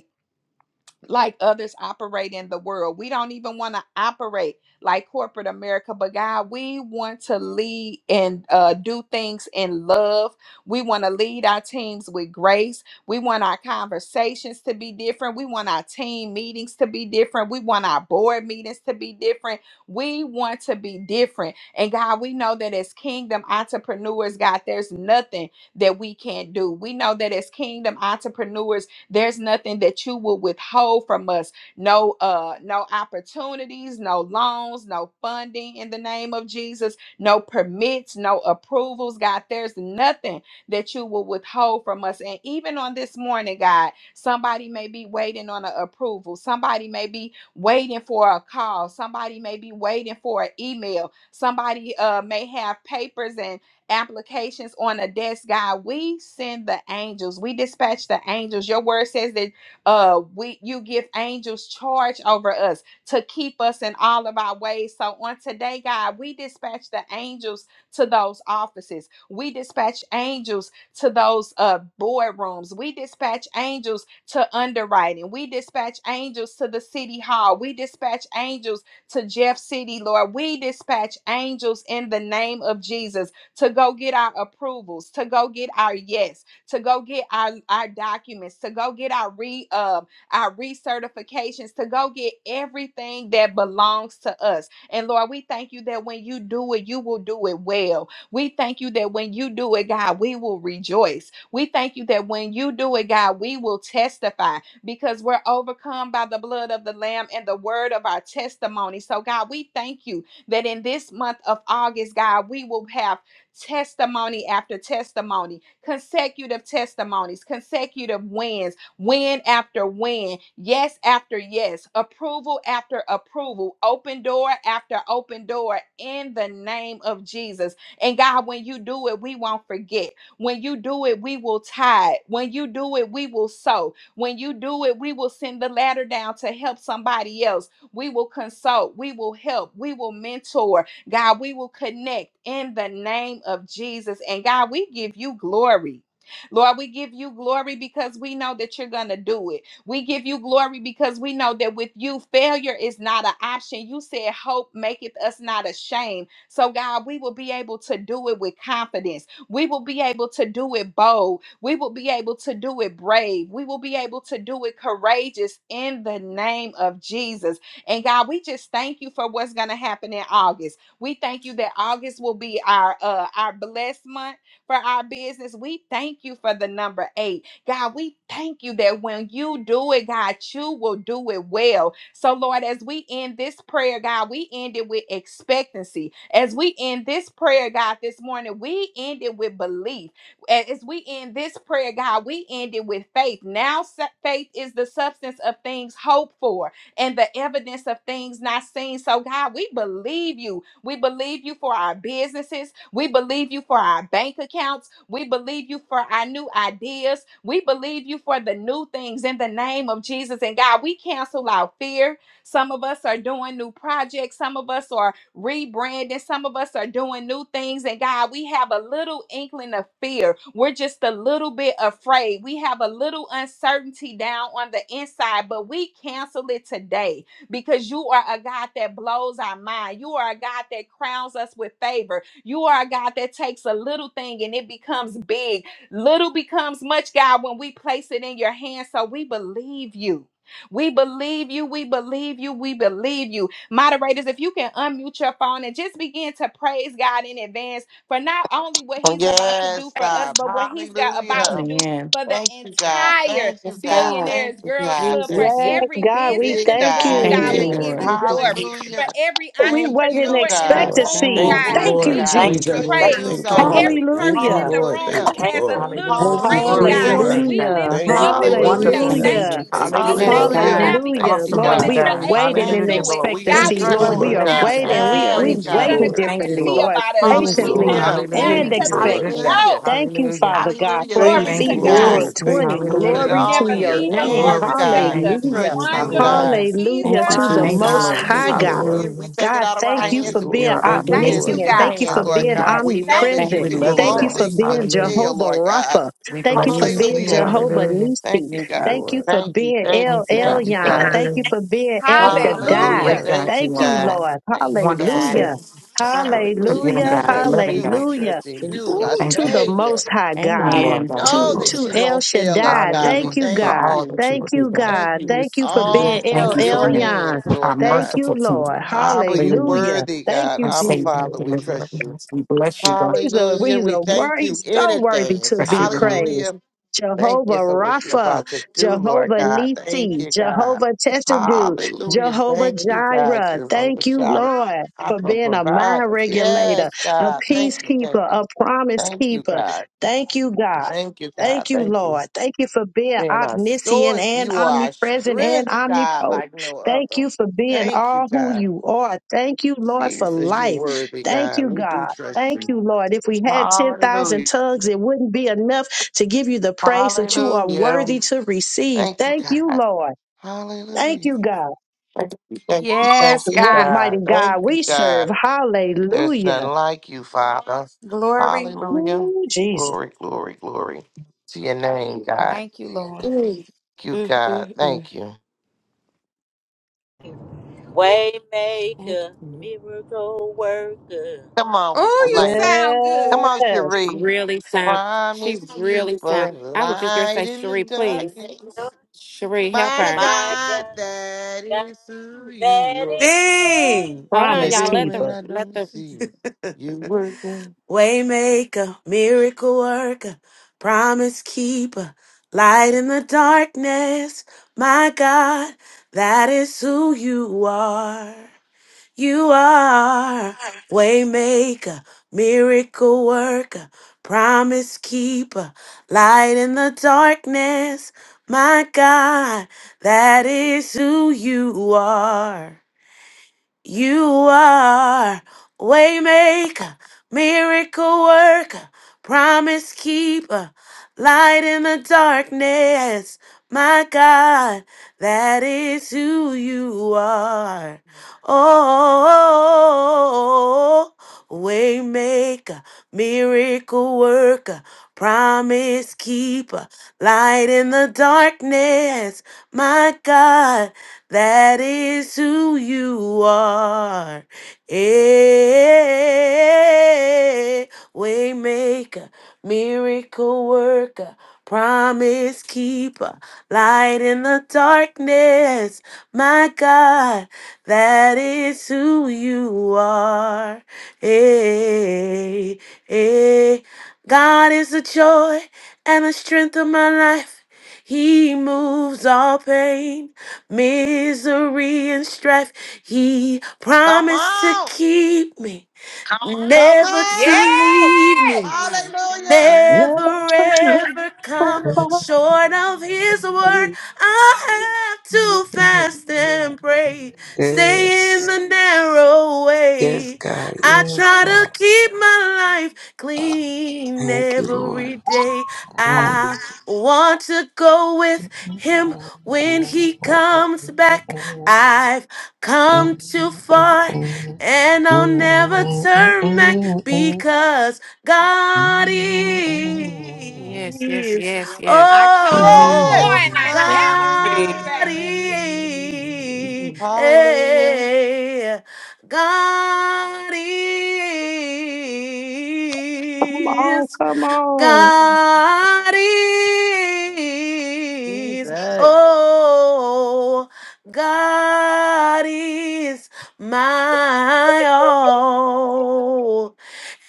Speaker 3: like others operate in the world. We don't even want to operate like corporate America, but God, we want to lead and uh, do things in love. We want to lead our teams with grace. We want our conversations to be different. We want our team meetings to be different. We want our board meetings to be different. We want to be different. And God, we know that as kingdom entrepreneurs, God, there's nothing that we can't do. We know that as kingdom entrepreneurs, there's nothing that you will withhold from us. No uh no opportunities, no loans, no funding in the name of Jesus, no permits, no approvals, God. There's nothing that you will withhold from us. And even on this morning, God, somebody may be waiting on an approval. Somebody may be waiting for a call. Somebody may be waiting for an email. Somebody uh may have papers and applications on a desk, God. We send the angels. We dispatch the angels. Your word says that uh we you give angels charge over us to keep us in all of our ways. So on today, God, we dispatch the angels to those offices. We dispatch angels to those uh boardrooms. We dispatch angels to underwriting. We dispatch angels to the city hall. We dispatch angels to Jeff City, Lord. We dispatch angels in the name of Jesus to go get our approvals, to go get our yes, to go get our, our documents, to go get our re um our recertifications, to go get everything that belongs to us. And Lord, we thank you that when you do it, you will do it well. We thank you that when you do it, God, we will rejoice. We thank you that when you do it, God, we will testify because we're overcome by the blood of the Lamb and the word of our testimony. So, God, we thank you that in this month of August, God, we will have testimony after testimony, consecutive testimonies, consecutive wins, win after win, yes after yes, approval after approval, open door after open door in the name of Jesus. And God, when you do it, we won't forget. When you do it, we will tithe. When you do it, we will sow. When you do it, we will send the ladder down to help somebody else. We will consult. We will help. We will mentor God, we will connect in the name of Jesus. And God, we give you glory. Lord, we give you glory because we know that you're going to do it. We give you glory because we know that with you, failure is not an option. You said, Hope maketh us not ashamed. So, God, we will be able to do it with confidence. We will be able to do it bold. We will be able to do it brave. We will be able to do it courageous in the name of Jesus. And God, we just thank you for what's going to happen in August. We thank you that August will be our uh our blessed month for our business. We thank you for the number 8. God, we thank you that when you do it, God, you will do it well. So Lord, as we end this prayer, God, we end it with expectancy. As we end this prayer, God, this morning, we end it with belief. A- As we end this prayer, God, we end it with faith. Now sa- faith is the substance of things hoped for and the evidence of things not seen. So, God, we believe you we believe you for our businesses. We believe you for our bank accounts. We believe you for our new ideas. We believe you for the new things in the name of Jesus. And God, we cancel our fear. Some of us are doing new projects. Some of us are rebranding. Some of us are doing new things. And God, we have a little inkling of fear. We're just a little bit afraid. We have a little uncertainty down on the inside, but we cancel it today because you are a God that blows our mind. You are a God that crowns us with favor. You are a God that takes a little thing and it becomes big. Little becomes much, God, when we place it in your hands. So we believe you. We believe you. We believe you. We believe you. Moderators, if you can unmute your phone and just begin to praise God in advance for not only what
Speaker 2: Oh,
Speaker 3: He's about to do
Speaker 2: yes,
Speaker 3: for us,
Speaker 2: God.
Speaker 3: but what He's got about to
Speaker 2: Hallelujah.
Speaker 3: do
Speaker 6: Amen.
Speaker 3: for the
Speaker 2: Thank you, God.
Speaker 3: entire
Speaker 2: Thank you,
Speaker 5: Yes,
Speaker 2: God.
Speaker 5: God.
Speaker 2: Thank
Speaker 3: Billionaires
Speaker 2: you,
Speaker 5: Thank you,
Speaker 3: Girls
Speaker 2: God.
Speaker 3: Club, for
Speaker 2: Thank
Speaker 5: Jesus.
Speaker 1: Yes,
Speaker 2: you.
Speaker 3: every
Speaker 1: God, we
Speaker 3: business
Speaker 2: Big
Speaker 3: in the
Speaker 1: thank
Speaker 3: room,
Speaker 2: God.
Speaker 6: Thank
Speaker 1: you.
Speaker 3: God,
Speaker 6: you,
Speaker 3: we
Speaker 2: Bigger.
Speaker 5: Yes.
Speaker 3: give
Speaker 6: Lord.
Speaker 3: you
Speaker 5: Thank you.
Speaker 3: glory.
Speaker 5: Jesus.
Speaker 3: For
Speaker 2: Hallelujah.
Speaker 3: every
Speaker 1: We
Speaker 2: Thank
Speaker 1: wait in
Speaker 2: you,
Speaker 3: entrepreneur in the
Speaker 2: God.
Speaker 5: Yes,
Speaker 7: Lord.
Speaker 8: Thank
Speaker 2: You
Speaker 8: you,
Speaker 3: room,
Speaker 1: expectancy.
Speaker 6: Thank
Speaker 2: are
Speaker 7: Thank
Speaker 5: God.
Speaker 6: you,
Speaker 3: God,
Speaker 7: you,
Speaker 6: Lord.
Speaker 1: Thank
Speaker 2: worthy,
Speaker 8: Jesus.
Speaker 1: you,
Speaker 7: Lord.
Speaker 3: we
Speaker 2: God.
Speaker 3: give
Speaker 8: Thank
Speaker 2: We
Speaker 7: Thank
Speaker 3: you
Speaker 1: Jesus.
Speaker 7: you,
Speaker 8: you.
Speaker 2: trust
Speaker 8: Thank
Speaker 7: Lord.
Speaker 8: you,
Speaker 3: praise.
Speaker 2: you,
Speaker 5: Yes,
Speaker 7: Thank
Speaker 3: For
Speaker 7: you,
Speaker 8: Lord.
Speaker 2: God.
Speaker 5: God.
Speaker 7: Lord.
Speaker 3: every
Speaker 7: Thank
Speaker 3: person
Speaker 7: you,
Speaker 3: in
Speaker 1: Hallelujah.
Speaker 9: Hallelujah.
Speaker 3: the
Speaker 7: Lord.
Speaker 3: room who
Speaker 2: Hallelujah.
Speaker 7: Thank you,
Speaker 8: Thank
Speaker 3: has
Speaker 8: you.
Speaker 3: a
Speaker 7: Lord.
Speaker 3: little
Speaker 10: Hallelujah.
Speaker 9: Thank you,
Speaker 7: Thank you,
Speaker 3: dream,
Speaker 10: Glory to
Speaker 3: God,
Speaker 10: your
Speaker 2: Hallelujah.
Speaker 9: Jesus.
Speaker 7: Lord.
Speaker 10: name,
Speaker 3: we
Speaker 10: God.
Speaker 3: lift
Speaker 1: Hallelujah.
Speaker 3: you
Speaker 7: Thank you,
Speaker 9: Thank
Speaker 3: up and
Speaker 9: you,
Speaker 3: we
Speaker 7: Lord.
Speaker 10: Wonderful
Speaker 3: say
Speaker 2: Hallelujah.
Speaker 6: Thank you,
Speaker 3: thank
Speaker 9: Jesus.
Speaker 1: Hallelujah.
Speaker 10: Savior.
Speaker 3: you. We
Speaker 6: Jesus.
Speaker 5: Yes,
Speaker 10: Hallelujah.
Speaker 3: thank you now
Speaker 2: Hallelujah.
Speaker 5: God.
Speaker 2: Thank
Speaker 3: because
Speaker 1: Hallelujah.
Speaker 2: you,
Speaker 3: we
Speaker 10: Awesome are
Speaker 3: know
Speaker 1: Lord,
Speaker 10: you,
Speaker 3: that
Speaker 2: God.
Speaker 1: we are
Speaker 10: God.
Speaker 3: you're able
Speaker 1: waiting
Speaker 3: to
Speaker 2: Thank
Speaker 1: in
Speaker 2: you,
Speaker 10: Hallelujah.
Speaker 3: do it.
Speaker 2: Lord. We gonna
Speaker 3: God,
Speaker 5: Thank
Speaker 7: Thank
Speaker 1: expectancy.
Speaker 3: we
Speaker 7: you,
Speaker 5: you,
Speaker 10: We
Speaker 1: Lord,
Speaker 3: thank
Speaker 2: trust
Speaker 1: we
Speaker 3: you
Speaker 2: you,
Speaker 5: God.
Speaker 7: Lord.
Speaker 1: are
Speaker 10: bless
Speaker 3: now
Speaker 10: you,
Speaker 2: God.
Speaker 5: Yes,
Speaker 3: because
Speaker 1: waiting.
Speaker 10: God.
Speaker 5: God.
Speaker 10: We
Speaker 3: we
Speaker 1: We are
Speaker 3: know
Speaker 1: we
Speaker 2: Yes,
Speaker 10: praise
Speaker 3: that
Speaker 7: Thank
Speaker 10: you,
Speaker 3: you're
Speaker 7: you,
Speaker 2: God,
Speaker 3: going
Speaker 10: God.
Speaker 2: we
Speaker 3: to
Speaker 10: We
Speaker 1: waiting
Speaker 7: Lord.
Speaker 2: trust
Speaker 3: come
Speaker 10: thank
Speaker 3: and
Speaker 6: Thank,
Speaker 10: you,
Speaker 2: you.
Speaker 1: differently,
Speaker 3: see
Speaker 10: Lord.
Speaker 1: Lord,
Speaker 3: about us.
Speaker 7: Thank you,
Speaker 5: Yes,
Speaker 3: We
Speaker 1: patiently
Speaker 3: thank
Speaker 7: Lord.
Speaker 2: Hallelujah.
Speaker 5: God.
Speaker 3: you now
Speaker 1: and
Speaker 10: Hallelujah.
Speaker 7: Thank you, Lord. Thank you,
Speaker 3: because
Speaker 10: You're a
Speaker 3: we
Speaker 7: Lord.
Speaker 10: good
Speaker 1: expecting.
Speaker 10: God.
Speaker 2: Hallelujah.
Speaker 3: know,
Speaker 1: Thank you,
Speaker 10: Hallelujah.
Speaker 1: Father God,
Speaker 2: Hallelujah.
Speaker 1: for
Speaker 7: Thank
Speaker 3: glory
Speaker 2: Thank
Speaker 7: you,
Speaker 10: Thank
Speaker 3: to
Speaker 2: you,
Speaker 10: you,
Speaker 1: Ephesians
Speaker 10: Lord
Speaker 3: God
Speaker 2: God.
Speaker 5: Yes,
Speaker 7: Lord.
Speaker 10: Jesus.
Speaker 7: Thank
Speaker 5: God.
Speaker 7: you,
Speaker 1: 3:20.
Speaker 2: We
Speaker 5: Thank
Speaker 3: that
Speaker 2: put it
Speaker 5: you.
Speaker 7: Lord.
Speaker 10: Hallelujah.
Speaker 3: you
Speaker 1: Glory
Speaker 5: God.
Speaker 2: all
Speaker 1: to
Speaker 3: never
Speaker 2: in
Speaker 1: your
Speaker 2: your
Speaker 3: leave us or
Speaker 1: name.
Speaker 2: hands,
Speaker 10: Glory to your
Speaker 3: forsake
Speaker 2: God.
Speaker 10: name,
Speaker 2: We
Speaker 3: us.
Speaker 1: Hallelujah.
Speaker 2: trust
Speaker 10: Jesus.
Speaker 2: you,
Speaker 3: Wonderful
Speaker 2: God.
Speaker 10: Hallelujah.
Speaker 3: Jesus.
Speaker 1: Hallelujah
Speaker 5: Thank you,
Speaker 1: to the
Speaker 2: My
Speaker 10: Thank you,
Speaker 1: most
Speaker 2: God,
Speaker 10: Lord.
Speaker 2: we
Speaker 1: high
Speaker 7: Thank
Speaker 2: give
Speaker 7: you,
Speaker 2: it
Speaker 5: Jesus.
Speaker 1: God.
Speaker 2: to
Speaker 7: Lord.
Speaker 2: you. We
Speaker 10: Hallelujah.
Speaker 2: take it
Speaker 1: God,
Speaker 2: out of our
Speaker 1: thank
Speaker 7: Thank
Speaker 1: you
Speaker 7: you,
Speaker 2: hands
Speaker 1: for
Speaker 2: and we
Speaker 7: Lord.
Speaker 1: being
Speaker 10: You're our
Speaker 7: Thank you,
Speaker 2: put it
Speaker 3: Thank
Speaker 2: into
Speaker 10: amazing.
Speaker 3: you,
Speaker 7: Lord.
Speaker 1: omniscient.
Speaker 2: your
Speaker 10: King.
Speaker 3: God.
Speaker 1: Thank you for
Speaker 2: hands, Lord
Speaker 1: being
Speaker 10: Hallelujah.
Speaker 2: God. We know
Speaker 3: Thank
Speaker 2: that
Speaker 6: thank
Speaker 2: you
Speaker 1: omnipresent.
Speaker 3: you,
Speaker 10: We
Speaker 7: Thank
Speaker 6: you.
Speaker 7: you,
Speaker 2: can do
Speaker 10: love you,
Speaker 1: Thank
Speaker 2: all
Speaker 1: you
Speaker 7: Lord.
Speaker 10: Lord.
Speaker 1: for
Speaker 3: Jesus.
Speaker 2: things but
Speaker 1: being
Speaker 10: Hallelujah.
Speaker 2: fail,
Speaker 1: Jehovah
Speaker 2: Lord God.
Speaker 1: Rapha.
Speaker 10: We
Speaker 1: Thank you
Speaker 10: bless you,
Speaker 1: for
Speaker 5: Yes,
Speaker 10: God.
Speaker 1: being
Speaker 5: Lord.
Speaker 2: Hallelujah.
Speaker 1: Jehovah
Speaker 10: Hallelujah.
Speaker 1: Nisi.
Speaker 2: Thank you,
Speaker 7: Thank you,
Speaker 2: God.
Speaker 1: Thank you
Speaker 7: Lord.
Speaker 1: for
Speaker 2: Thank you,
Speaker 1: being
Speaker 2: thank you,
Speaker 1: El
Speaker 10: Thank you,
Speaker 2: thank
Speaker 10: God.
Speaker 2: you,
Speaker 1: Elyon.
Speaker 2: God.
Speaker 1: Thank you
Speaker 10: Hallelujah.
Speaker 1: for being El
Speaker 7: Thank you,
Speaker 1: Shaddai.
Speaker 2: Hallelujah.
Speaker 10: Great
Speaker 3: Hallelujah.
Speaker 7: Lord.
Speaker 10: God
Speaker 2: Thank you,
Speaker 1: Thank
Speaker 10: you are,
Speaker 1: you,
Speaker 2: God.
Speaker 10: Lord.
Speaker 1: Lord.
Speaker 2: Thanks,
Speaker 10: Wonderful
Speaker 2: God.
Speaker 10: Savior,
Speaker 1: Hallelujah.
Speaker 9: Thank you,
Speaker 2: Hallelujah.
Speaker 10: forgiving
Speaker 7: Thank
Speaker 2: We
Speaker 7: you, Lord. Thank
Speaker 1: Hallelujah.
Speaker 7: you,
Speaker 9: God.
Speaker 10: God,
Speaker 2: trust
Speaker 7: Lord.
Speaker 10: loving
Speaker 2: you.
Speaker 10: God.
Speaker 2: We
Speaker 1: Hallelujah.
Speaker 2: trust in
Speaker 9: Thank
Speaker 2: you,
Speaker 9: you,
Speaker 10: I
Speaker 2: our
Speaker 1: Ooh,
Speaker 10: thank
Speaker 1: to
Speaker 10: you
Speaker 1: the
Speaker 9: Jesus.
Speaker 2: Savior.
Speaker 1: Most High
Speaker 6: God.
Speaker 10: for who
Speaker 1: God.
Speaker 2: Ah,
Speaker 10: you are,
Speaker 2: we
Speaker 6: Amen.
Speaker 9: You're
Speaker 10: God.
Speaker 9: the
Speaker 2: know
Speaker 1: To,
Speaker 9: most
Speaker 2: that
Speaker 1: to
Speaker 2: you
Speaker 1: El
Speaker 2: won't fail us,
Speaker 1: Shaddai.
Speaker 2: God. We
Speaker 10: Hallelujah.
Speaker 1: Thank you,
Speaker 10: For
Speaker 2: thank
Speaker 1: God.
Speaker 10: all
Speaker 2: you.
Speaker 10: that you
Speaker 1: Thank
Speaker 10: will be,
Speaker 1: you,
Speaker 10: God.
Speaker 2: Thank
Speaker 1: God.
Speaker 2: you. It's
Speaker 1: Thank
Speaker 5: Yes,
Speaker 1: you for
Speaker 9: good.
Speaker 5: Lord.
Speaker 1: being
Speaker 2: all in
Speaker 1: El
Speaker 10: Thank you for
Speaker 2: your
Speaker 10: being
Speaker 1: Elyon.
Speaker 2: hands,
Speaker 10: our
Speaker 2: Lord
Speaker 1: Thank
Speaker 2: God.
Speaker 1: you,
Speaker 10: merciful King.
Speaker 1: Lord.
Speaker 2: Abba, you
Speaker 10: Hallelujah.
Speaker 1: Hallelujah.
Speaker 2: worthy,
Speaker 1: Thank
Speaker 2: God.
Speaker 10: Our
Speaker 1: you,
Speaker 2: Abba,
Speaker 10: Savior,
Speaker 1: Jesus.
Speaker 2: Father, we
Speaker 10: deliverer.
Speaker 2: trust you.
Speaker 10: We bless you, God.
Speaker 1: He's a,
Speaker 2: Hallelujah.
Speaker 1: he's
Speaker 2: We
Speaker 1: a
Speaker 2: thank
Speaker 1: wor-
Speaker 2: you
Speaker 1: he's
Speaker 2: in
Speaker 1: so worthy
Speaker 2: advance.
Speaker 1: to
Speaker 10: Bless you,
Speaker 1: be
Speaker 10: God.
Speaker 2: Hallelujah.
Speaker 1: praised.
Speaker 2: Thank you
Speaker 1: Jehovah
Speaker 2: for what you're
Speaker 1: Rapha,
Speaker 2: about to do, Lord
Speaker 1: Jehovah
Speaker 2: God. Thank
Speaker 1: Nisi,
Speaker 2: you, God.
Speaker 1: Jehovah Tessadu,
Speaker 2: Hallelujah.
Speaker 1: Jehovah
Speaker 2: Thank you, God.
Speaker 1: Jireh.
Speaker 2: You're over
Speaker 1: Thank you,
Speaker 2: child.
Speaker 1: Lord,
Speaker 2: I
Speaker 1: for
Speaker 2: can
Speaker 1: being a
Speaker 2: provide
Speaker 1: mind
Speaker 2: us. Yes,
Speaker 1: regulator, a
Speaker 2: God. Thank you. Thank
Speaker 1: peacekeeper,
Speaker 2: you.
Speaker 1: a promise
Speaker 2: Thank you,
Speaker 1: keeper.
Speaker 2: God.
Speaker 1: Thank you, God.
Speaker 2: Thank you, God.
Speaker 1: Thank you,
Speaker 2: Thank you.
Speaker 1: Lord. Thank you for being
Speaker 2: Being our
Speaker 1: omniscient
Speaker 2: source,
Speaker 1: and
Speaker 2: you are our
Speaker 1: omnipresent and
Speaker 2: strength, God,
Speaker 1: omnipotent.
Speaker 2: like no
Speaker 1: Thank
Speaker 2: other.
Speaker 1: you for being
Speaker 2: Thank you,
Speaker 1: all who
Speaker 2: God.
Speaker 1: you are. Thank you, Lord, for
Speaker 2: Jesus, you're
Speaker 1: life.
Speaker 2: worthy,
Speaker 1: Thank
Speaker 2: God.
Speaker 1: you,
Speaker 2: We
Speaker 1: God.
Speaker 2: do trust
Speaker 1: Thank
Speaker 2: you.
Speaker 1: you, Lord. If we had 10,000
Speaker 2: Hallelujah.
Speaker 1: tongues, it wouldn't be enough to give you the praise that you are worthy
Speaker 2: Hallelujah.
Speaker 1: to receive.
Speaker 2: Thank you,
Speaker 1: Thank you,
Speaker 2: God.
Speaker 1: Lord. Thank
Speaker 2: Hallelujah.
Speaker 1: you, God.
Speaker 2: Thank you, thank you,
Speaker 3: Yes,
Speaker 2: thank you,
Speaker 1: What a
Speaker 3: God.
Speaker 1: mighty
Speaker 2: God.
Speaker 1: God
Speaker 2: Thank you,
Speaker 1: we serve.
Speaker 2: God. There's none
Speaker 1: Hallelujah.
Speaker 2: like you, Father.
Speaker 3: Glory.
Speaker 2: Hallelujah.
Speaker 1: Ooh, Jesus.
Speaker 2: Glory, glory, glory to your name, God.
Speaker 3: Thank you, Lord.
Speaker 2: Thank
Speaker 5: Mm, mm,
Speaker 2: you, God.
Speaker 5: mm. mm.
Speaker 2: Thank you.
Speaker 5: Thank
Speaker 8: Waymaker,
Speaker 5: you. Lord.
Speaker 8: miracle worker.
Speaker 2: Come on,
Speaker 3: Oh, you
Speaker 2: Layla.
Speaker 3: sound
Speaker 2: Come
Speaker 3: good.
Speaker 2: on,
Speaker 1: Yes.
Speaker 2: Cherie.
Speaker 5: Really sound. She
Speaker 2: Promise
Speaker 5: really sound.
Speaker 2: keeper,
Speaker 5: I was just gonna
Speaker 2: light
Speaker 5: say,
Speaker 2: in the
Speaker 5: Cherie, please,
Speaker 2: darkness.
Speaker 5: Cherie, help
Speaker 2: My
Speaker 5: her.
Speaker 8: My (laughs)
Speaker 2: God,
Speaker 8: God,
Speaker 2: that
Speaker 8: God,
Speaker 2: is who
Speaker 8: that
Speaker 2: you are.
Speaker 8: is who
Speaker 7: Sing!
Speaker 5: Hold
Speaker 8: you
Speaker 5: on,
Speaker 1: Promise
Speaker 5: y'all.
Speaker 2: Even
Speaker 8: are.
Speaker 5: Let
Speaker 2: when
Speaker 5: the
Speaker 1: keeper.
Speaker 2: I
Speaker 5: let
Speaker 2: don't
Speaker 5: the.
Speaker 2: see it, you're working.
Speaker 7: Waymaker, miracle worker, promise keeper, light in the darkness. My God, that is who you are. You are waymaker, miracle worker, promise keeper, light in the darkness. My God, that is who you are. You are waymaker, miracle worker, promise keeper, light in the darkness. My God, that is who you are. Oh, waymaker, miracle worker, promise keeper, light in the darkness. My God, that is who you are. Eh, Waymaker, miracle worker, promise keeper, light in the darkness. My God, that is who you are. Eh, eh. God is the joy and the strength of my life. He moves all pain misery and strife. He
Speaker 2: Come
Speaker 7: promised to
Speaker 2: on.
Speaker 7: keep me,
Speaker 2: Come
Speaker 7: never to
Speaker 3: Yes.
Speaker 2: on!
Speaker 7: leave me.
Speaker 5: Come on.
Speaker 2: Hallelujah!
Speaker 1: Yes.
Speaker 7: Never
Speaker 1: Come
Speaker 7: ever
Speaker 1: on.
Speaker 7: come short of his word. I have to fast and pray. Stay in
Speaker 9: Yes.
Speaker 7: the narrow
Speaker 9: Yes,
Speaker 7: way.
Speaker 9: God.
Speaker 7: I
Speaker 9: Yes,
Speaker 7: try
Speaker 9: God.
Speaker 7: to keep my life clean
Speaker 9: Thank you, Lord.
Speaker 7: every day. I want to go with him when he comes back. I've
Speaker 9: Mm,
Speaker 7: come
Speaker 9: mm,
Speaker 7: too
Speaker 9: mm, mm, mm, mm,
Speaker 7: far
Speaker 9: mm.
Speaker 7: and
Speaker 9: Mm,
Speaker 7: I'll never
Speaker 9: mm,
Speaker 7: turn back
Speaker 9: mm,
Speaker 7: because. God
Speaker 5: Yes, yes,
Speaker 7: is.
Speaker 5: yes, yes.
Speaker 3: I
Speaker 9: mm,
Speaker 3: come too
Speaker 2: Yes!
Speaker 3: far
Speaker 7: Oh,
Speaker 3: and
Speaker 9: mm, mm,
Speaker 3: I
Speaker 11: Sing,
Speaker 3: never
Speaker 11: Sheree.
Speaker 3: turn
Speaker 7: God
Speaker 3: back.
Speaker 9: mm.
Speaker 2: Hallelujah!
Speaker 9: mm.
Speaker 7: is.
Speaker 5: Mm.
Speaker 2: Hallelujah.
Speaker 7: God is.
Speaker 1: Come on.
Speaker 7: God is.
Speaker 6: Jesus.
Speaker 7: Oh, God is my all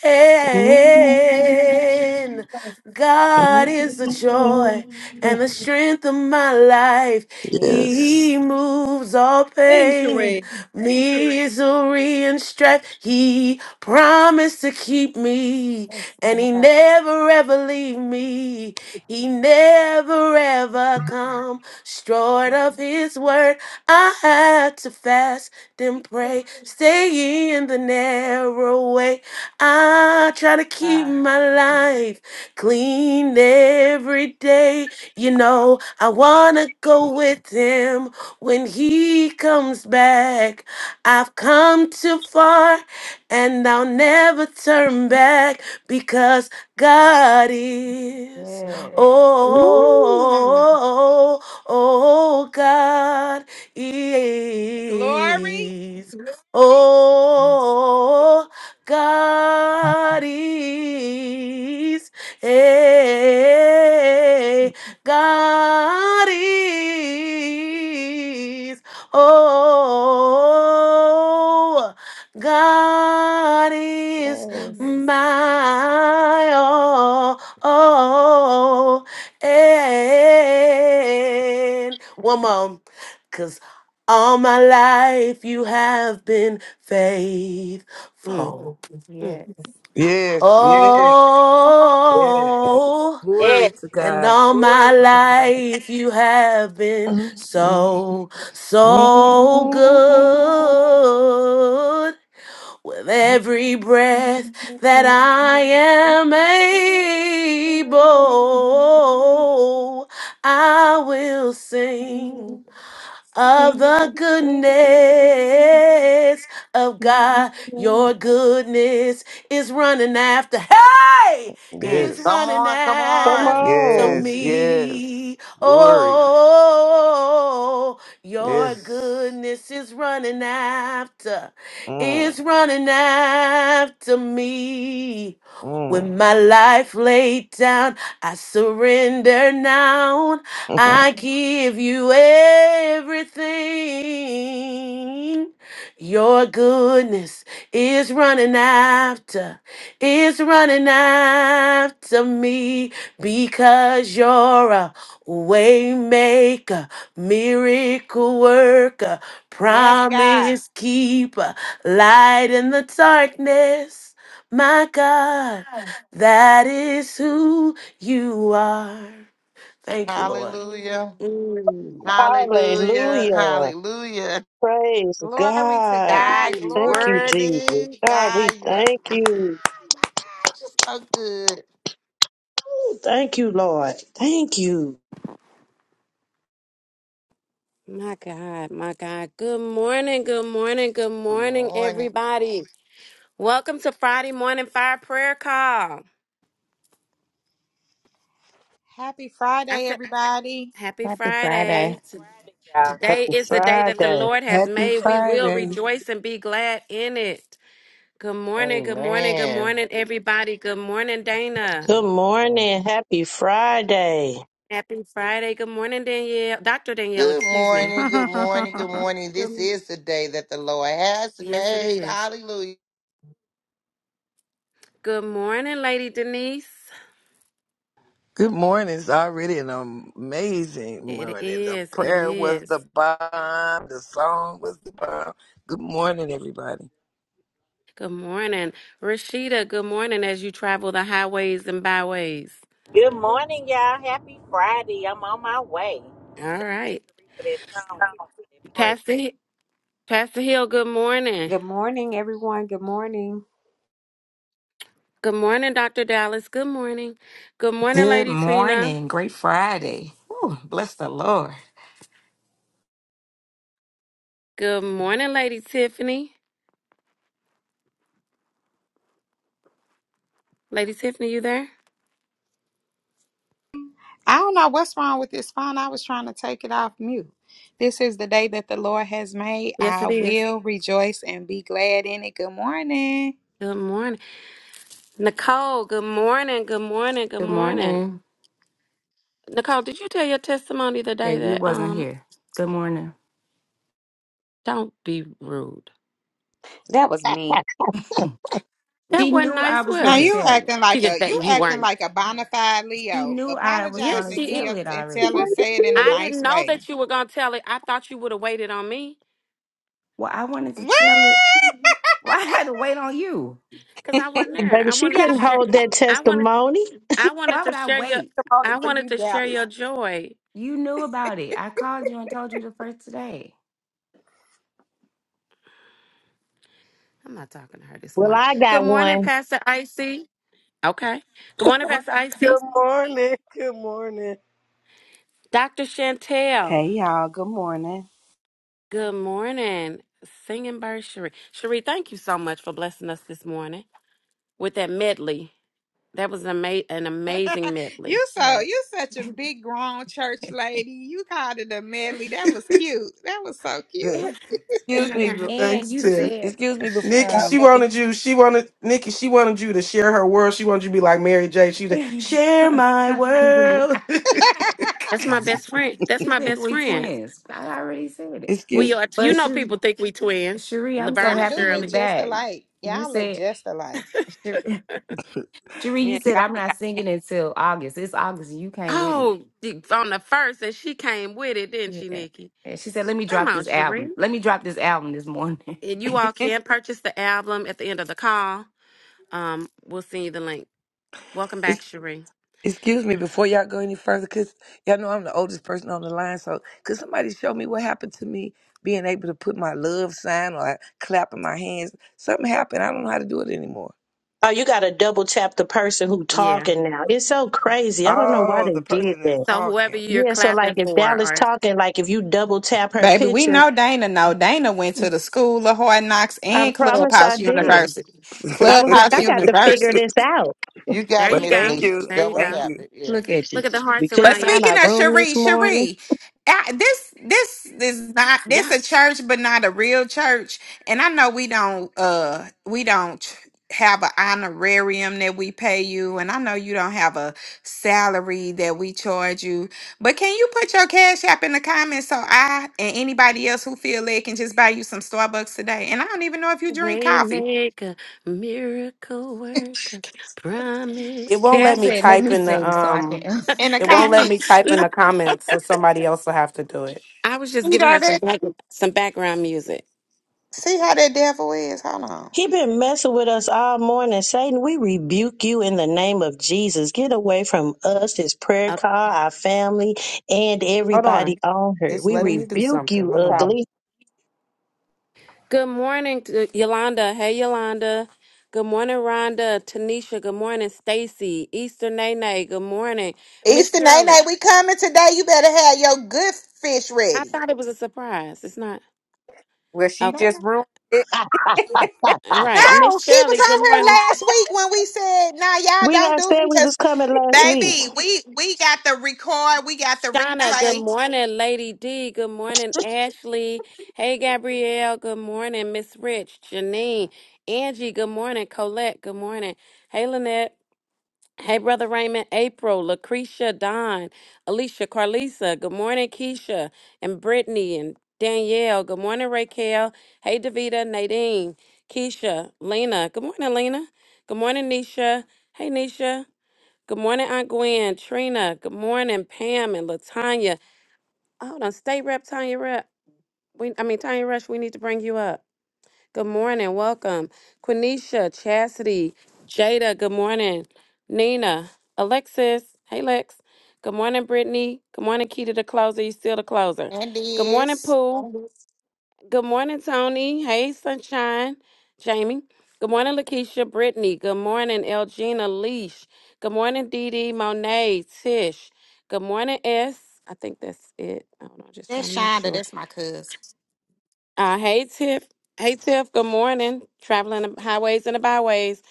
Speaker 7: pain. God is the joy and the
Speaker 9: Yes.
Speaker 7: strength of my life.
Speaker 6: Yes.
Speaker 7: He moves all
Speaker 11: Sing,
Speaker 7: pain,
Speaker 11: Sheree.
Speaker 6: Yes,
Speaker 7: misery, and strife. He promised to keep me, and He
Speaker 6: God.
Speaker 7: never ever leave me. He never ever come short of His word. I had to fast, and
Speaker 6: Jesus,
Speaker 7: pray, stay in the narrow way. I try to keep
Speaker 6: God.
Speaker 7: my life clean every day. You know, I wanna go with him when he comes back. I've come too far and I'll never turn back because God is.
Speaker 6: Yes.
Speaker 5: Ooh.
Speaker 7: Oh, oh, oh, God
Speaker 3: Glory.
Speaker 7: is.
Speaker 5: Mm,
Speaker 7: Oh, God is. Hey, God is. Oh, God is
Speaker 6: Yes.
Speaker 7: my all. Oh, and one more. Cause all my life you have been
Speaker 5: mm,
Speaker 7: faithful.
Speaker 5: mm.
Speaker 6: Yes.
Speaker 9: Yes. Yes. Yes.
Speaker 7: Oh,
Speaker 8: Yes,
Speaker 9: Glory to
Speaker 7: and
Speaker 8: Sheree.
Speaker 9: God.
Speaker 7: all my
Speaker 9: Glory to God.
Speaker 7: life you have been so, so good. With every breath that I am able, I will sing of the goodness of God. Your goodness is running after, hey, is
Speaker 2: Come
Speaker 9: Yes.
Speaker 7: running
Speaker 2: on, come
Speaker 1: Come
Speaker 2: on.
Speaker 7: after
Speaker 1: on.
Speaker 9: Yes. Yes.
Speaker 7: me.
Speaker 9: Glory.
Speaker 7: Oh, your
Speaker 9: Yes.
Speaker 7: goodness is running after,
Speaker 9: Mm,
Speaker 7: is running after me. With
Speaker 9: mm.
Speaker 7: my life laid down, I surrender now.
Speaker 9: (laughs)
Speaker 7: I give you everything. Your goodness is running after, is running after me because you're a way maker, miracle worker,
Speaker 3: Yes, God.
Speaker 7: promise keeper, light in the darkness. My God, that is who you are. Thank you, Lord.
Speaker 2: Hallelujah.
Speaker 7: Mm.
Speaker 2: Hallelujah.
Speaker 1: Hallelujah.
Speaker 2: Hallelujah.
Speaker 1: Praise
Speaker 3: Glory to
Speaker 1: God.
Speaker 2: God,
Speaker 3: God.
Speaker 2: you
Speaker 1: Thank you,
Speaker 3: Glory.
Speaker 1: Jesus.
Speaker 2: worthy.
Speaker 1: God, we
Speaker 2: God, you are (laughs)
Speaker 1: thank
Speaker 2: ah,
Speaker 1: you.
Speaker 2: God, you're so good.
Speaker 1: Thank you, Lord. Thank you.
Speaker 5: My God, my God. Good morning, good morning, good
Speaker 2: Good
Speaker 5: morning,
Speaker 2: morning.
Speaker 5: everybody. Welcome to Friday Morning Fire Prayer Call.
Speaker 3: Happy
Speaker 5: I
Speaker 3: Friday,
Speaker 5: said,
Speaker 3: everybody.
Speaker 5: Happy
Speaker 6: Happy Friday.
Speaker 5: Friday.
Speaker 8: Happy
Speaker 5: T-
Speaker 8: Friday, y'all.
Speaker 5: Today
Speaker 1: Happy
Speaker 8: Thank you,
Speaker 5: is the day
Speaker 8: Sheree.
Speaker 5: that the
Speaker 1: Friday.
Speaker 5: Lord has
Speaker 9: Happy
Speaker 5: made. We will
Speaker 9: Friday.
Speaker 5: rejoice and be glad in it. Good morning, good morning, good
Speaker 2: Amen.
Speaker 5: morning, everybody. Good morning, Dana.
Speaker 1: Good morning. Happy Friday.
Speaker 5: Happy Friday. Good morning, Danielle. Dr. Danielle,
Speaker 2: Good
Speaker 5: excuse me.
Speaker 2: morning, good morning,
Speaker 3: (laughs)
Speaker 2: good morning. This is the day that the Lord has
Speaker 5: Yes, it
Speaker 2: made.
Speaker 5: is.
Speaker 2: Hallelujah.
Speaker 5: Good morning, Lady Denise.
Speaker 9: Good morning. It's already an amazing
Speaker 5: It
Speaker 9: morning. The
Speaker 5: is. It
Speaker 9: prayer was
Speaker 5: is.
Speaker 9: the bomb. The song was the bomb. Good morning, everybody.
Speaker 5: Good morning, Rashida. Good morning as you travel the highways and byways.
Speaker 8: Good morning, y'all. Happy Friday. I'm on my way.
Speaker 5: All right.
Speaker 8: Sheree for that song, Tiffany for that prayer.
Speaker 5: Pastor, Hi- Pastor Hill, good morning.
Speaker 4: Good morning, everyone. Good morning.
Speaker 5: Good morning, Dr. Dallas. Good morning. Good morning,
Speaker 10: Good
Speaker 5: Lady Tina.
Speaker 10: morning. Great Friday. Whew, bless the Lord.
Speaker 5: Good morning, Lady Tiffany. Lady Tiffany, you there?
Speaker 3: I don't know what's wrong with this phone. I was trying to take it off mute. This is the day that the Lord has made.
Speaker 5: Yes,
Speaker 3: I
Speaker 5: it is.
Speaker 3: will rejoice and be glad in it. Good morning.
Speaker 5: Good morning. Nicole, good morning. Good morning. Good
Speaker 6: Good
Speaker 5: morning.
Speaker 6: morning.
Speaker 5: Nicole, did you tell your testimony the
Speaker 6: Yeah,
Speaker 5: day
Speaker 6: you
Speaker 5: that
Speaker 6: wasn't
Speaker 5: um
Speaker 6: here. Good morning.
Speaker 5: Don't be rude.
Speaker 4: That was me.
Speaker 6: (laughs)
Speaker 5: That
Speaker 6: She
Speaker 5: wasn't
Speaker 6: knew I
Speaker 5: nice,
Speaker 6: was
Speaker 3: Now
Speaker 5: was
Speaker 6: gonna
Speaker 5: it?
Speaker 3: you
Speaker 6: tell it.
Speaker 3: acting
Speaker 5: She
Speaker 3: like
Speaker 5: just
Speaker 3: a
Speaker 5: that
Speaker 3: you
Speaker 5: you
Speaker 3: acting
Speaker 5: weren't.
Speaker 3: like a bona fide
Speaker 6: She
Speaker 3: Leo.
Speaker 6: knew I was
Speaker 3: Apologize
Speaker 5: Yes,
Speaker 6: gonna
Speaker 3: and
Speaker 5: she.
Speaker 3: give
Speaker 5: It,
Speaker 6: tell
Speaker 3: your
Speaker 6: it
Speaker 3: and
Speaker 6: already.
Speaker 3: tell her say it in a
Speaker 5: I didn't
Speaker 3: nice
Speaker 5: know
Speaker 3: way.
Speaker 5: that you were gonna tell it. I thought you would have waited on me
Speaker 6: Well, I wanted
Speaker 3: What?
Speaker 6: to tell it. Why I had to wait on you?
Speaker 5: because I wasn't there.
Speaker 1: Baby,
Speaker 5: I
Speaker 1: she
Speaker 8: She
Speaker 5: wanted to
Speaker 8: already
Speaker 1: couldn't
Speaker 5: share.
Speaker 1: hold that
Speaker 8: told
Speaker 5: I
Speaker 8: you.
Speaker 5: wanted.
Speaker 1: testimony.
Speaker 5: I wanted
Speaker 6: Why
Speaker 5: to
Speaker 6: would I
Speaker 5: share your.
Speaker 6: wait?
Speaker 4: Good morning
Speaker 5: I
Speaker 4: for
Speaker 5: wanted
Speaker 4: you,
Speaker 5: to share
Speaker 4: Dallas.
Speaker 5: your joy.
Speaker 6: You knew about it. I called you and told you the first day.
Speaker 5: I'm not talking to her this
Speaker 1: Well,
Speaker 5: morning.
Speaker 1: I
Speaker 5: Good
Speaker 1: got
Speaker 5: morning,
Speaker 1: one.
Speaker 5: Pastor Icy. Okay. Good morning, Pastor Icy.
Speaker 12: Good morning. Good morning.
Speaker 5: Dr. Chantel.
Speaker 11: Hey y'all, good morning.
Speaker 5: Good morning, singing bird Cherie. Cherie, thank you so much for blessing us this morning with that medley. That was an, ama- an amazing
Speaker 3: (laughs)
Speaker 5: medley.
Speaker 3: you
Speaker 5: (laughs)
Speaker 3: so
Speaker 6: Right.
Speaker 3: you such a big grown church lady. You called it a medley.
Speaker 6: (laughs)
Speaker 3: That was cute. That was so cute.
Speaker 9: Eh, Excuse me. be-
Speaker 6: and
Speaker 7: Thanks,
Speaker 6: you
Speaker 7: Tiff.
Speaker 5: That's
Speaker 6: said,
Speaker 9: Excuse me
Speaker 6: sh-
Speaker 9: before
Speaker 7: Nikki
Speaker 9: y'all
Speaker 6: um,
Speaker 9: go any.
Speaker 7: wanted you. She wanted Nikki. She wanted you. to Her. You
Speaker 6: (laughs)
Speaker 7: to- She.
Speaker 6: you
Speaker 5: my best friend. That's my
Speaker 6: think
Speaker 5: best
Speaker 6: we
Speaker 5: friend.
Speaker 6: twins. I already said it.
Speaker 5: We
Speaker 9: Excuse.
Speaker 5: are, you
Speaker 6: But
Speaker 5: know,
Speaker 6: Sher-
Speaker 5: people think we twins,
Speaker 6: Cherie, I'm so
Speaker 5: Laverne
Speaker 3: Y'all
Speaker 5: and
Speaker 6: happy
Speaker 3: do
Speaker 6: you
Speaker 3: look
Speaker 5: Shirley.
Speaker 3: just
Speaker 6: back.
Speaker 3: alike.
Speaker 6: You
Speaker 3: Y'all look
Speaker 6: said,
Speaker 3: just alike.
Speaker 6: Sher- (laughs) Cherie, you
Speaker 4: Yeah,
Speaker 6: said,
Speaker 9: Excuse
Speaker 6: I'm
Speaker 4: Dallas
Speaker 6: not
Speaker 4: got
Speaker 6: singing until August. It's August and you came with me.
Speaker 5: Oh, the- on the first, and she came with it, didn't she,
Speaker 6: Yeah.
Speaker 5: Nikki?
Speaker 6: And she said, let me
Speaker 5: Come
Speaker 6: drop
Speaker 5: on,
Speaker 6: this
Speaker 5: Sheree.
Speaker 6: album. Let me drop this album this morning.
Speaker 5: And you all
Speaker 4: this
Speaker 5: can purchase the album at the end of the call. Um, we'll send you the link. Welcome back,
Speaker 9: ex-
Speaker 5: Sheree.
Speaker 9: excuse me before y'all go any further, cause y'all know I'm the oldest person on the line. So, could somebody show me what happened to me being able to put my love sign or clapping my hands? Something happened. I don't know how to do it anymore.
Speaker 1: Oh, you got to double tap the person who
Speaker 5: Yeah.
Speaker 1: talking now. It's so crazy. I don't know why
Speaker 9: Oh,
Speaker 1: they
Speaker 9: the
Speaker 1: did
Speaker 9: person is
Speaker 1: that.
Speaker 5: So whoever
Speaker 9: talking.
Speaker 5: you're
Speaker 1: Yeah, so like
Speaker 5: clapping
Speaker 1: if
Speaker 5: for,
Speaker 1: Dallas
Speaker 5: or
Speaker 1: talking, like if you double tap her
Speaker 13: Baby, we
Speaker 1: picture,
Speaker 13: know Dana. No, Dana went to the school of hard knocks
Speaker 1: I
Speaker 13: and
Speaker 1: promise I
Speaker 13: Clubhouse
Speaker 1: did.
Speaker 5: hmm,
Speaker 13: University.
Speaker 9: (laughs)
Speaker 1: I was like,
Speaker 13: Clubhouse
Speaker 1: I got to figure
Speaker 13: University.
Speaker 1: this out.
Speaker 2: You got
Speaker 5: there
Speaker 2: it,
Speaker 9: well,
Speaker 5: you
Speaker 2: Miss
Speaker 9: thank
Speaker 5: go,
Speaker 2: Nisha.
Speaker 9: you.
Speaker 5: there you
Speaker 2: Double
Speaker 9: Thank
Speaker 5: go.
Speaker 2: tap
Speaker 9: you.
Speaker 2: it,
Speaker 6: (laughs)
Speaker 2: yes.
Speaker 6: Look at you.
Speaker 5: Look at the
Speaker 1: We
Speaker 5: hearts
Speaker 1: couldn't
Speaker 13: But
Speaker 5: around your.
Speaker 1: find
Speaker 13: speaking
Speaker 1: our
Speaker 13: of
Speaker 1: room this
Speaker 13: Cherie,
Speaker 1: morning.
Speaker 13: Cherie, I, this this is not this a
Speaker 5: Yes.
Speaker 13: church, but not a real church. And I know we don't uh we don't have an honorarium that we pay you, and I know you don't have a salary that we charge you. But can you put your cash app in the comments so I and anybody else who feel they can just buy you some Starbucks today? And I don't even know if you drink coffee.
Speaker 5: Waymaker, miracle worker, promise
Speaker 7: It won't
Speaker 6: Yeah, I
Speaker 7: let
Speaker 5: keeper.
Speaker 7: me
Speaker 6: said, let
Speaker 7: type
Speaker 6: me
Speaker 7: in the
Speaker 6: sing so I
Speaker 7: um.
Speaker 6: can. (laughs)
Speaker 5: (laughs)
Speaker 13: In the
Speaker 7: It won't let me
Speaker 13: comments,
Speaker 7: type in
Speaker 5: No,
Speaker 7: the comments, so somebody else will have to do it.
Speaker 5: I was just
Speaker 13: see
Speaker 5: giving
Speaker 13: how
Speaker 5: her some
Speaker 13: that
Speaker 5: back, some background music.
Speaker 13: see how that devil is. Hold on.
Speaker 1: He been messing with us all morning. Satan, we rebuke you in the name of Jesus. Get away from us, his prayer
Speaker 5: Uh,
Speaker 1: call, our family, and
Speaker 7: Hold
Speaker 1: everybody
Speaker 7: on,
Speaker 1: on her.
Speaker 7: it's
Speaker 1: We
Speaker 7: letting me do
Speaker 1: rebuke
Speaker 7: something.
Speaker 1: you,
Speaker 7: Hold
Speaker 4: problem. (laughs)
Speaker 7: on.
Speaker 1: ugly.
Speaker 5: Good morning, to Yolanda. Hey, Yolanda. Good morning, Rhonda. Tanisha. Good morning, Stacy. Easter Nene. Good morning, Miss
Speaker 13: Easter night
Speaker 5: Shirley.
Speaker 13: night, we coming today. You better have your good fish
Speaker 5: I
Speaker 13: ready.
Speaker 5: thought it was a surprise. It's not.
Speaker 4: Well, she
Speaker 13: No,
Speaker 5: Okay.
Speaker 4: just ruined.
Speaker 5: All right, Miss
Speaker 13: she was
Speaker 5: Shirley. Good
Speaker 13: on here
Speaker 5: morning.
Speaker 13: last week when we said, "Nah, y'all
Speaker 1: We
Speaker 13: don't do me."
Speaker 1: was
Speaker 13: Cause
Speaker 1: coming last week.
Speaker 13: baby, we we got the record, we got the
Speaker 5: Shauna, good
Speaker 13: replay,
Speaker 5: morning, Lady D. Good morning,
Speaker 4: (laughs)
Speaker 5: Ashley. Hey, Gabrielle. Good morning, Miss Rich, Janine, Angie. Good morning, Colette. Good morning. Hey, Lynette. Hey, Brother Raymond, April, Lucretia, Don, Alicia, Carlisa. Good morning, Keisha and Brittany and Danielle. Good morning, Raquel. Hey, Davita, Nadine, Keisha, Lena. Good morning, Lena. Good morning, Nisha. Hey, Nisha. Good morning, Aunt Gwen, Trina. Good morning, Pam and Latanya. Hold on, state rep Tanya Rep. We, I mean Tanya Rush. We need to bring you up. Good morning, welcome, Quenisha, Chastity, Jada. Good morning, Nina, Alexis. Hey, Lex. Good morning, Brittany. Good morning, Key to the closer. You still the closer.
Speaker 13: and
Speaker 5: Good morning,
Speaker 13: this
Speaker 5: Pooh. Good morning, Tony. Hey, Sunshine, Jamie. Good morning, Lakeisha, Brittany. Good morning, Elgina, Leash. Good morning, Dee Dee, Monet, Tish. Good morning, S. I think that's it. I don't know. Just trying to
Speaker 13: that's
Speaker 5: make
Speaker 13: Shonda,
Speaker 5: sure.
Speaker 13: that's my cousin.
Speaker 5: Uh, hey Tiff. Hey Tiff. Good morning. Traveling the highways and the byways.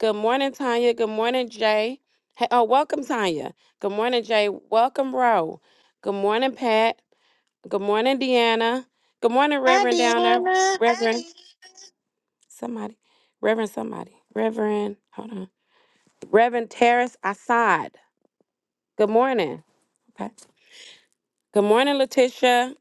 Speaker 5: Good morning, Tanya. Good morning, Jay. Hey, oh, welcome, Tanya. Good morning, Jay. Welcome, Ro. Good morning, Pat. Good morning, Deanna. Good morning,
Speaker 13: Hi,
Speaker 5: Reverend down there.
Speaker 13: Deanna.
Speaker 5: Reverend Hey. somebody. Reverend somebody. Reverend. Hold on. Reverend Terrace Assad. Good morning. Okay. Good morning, Letitia.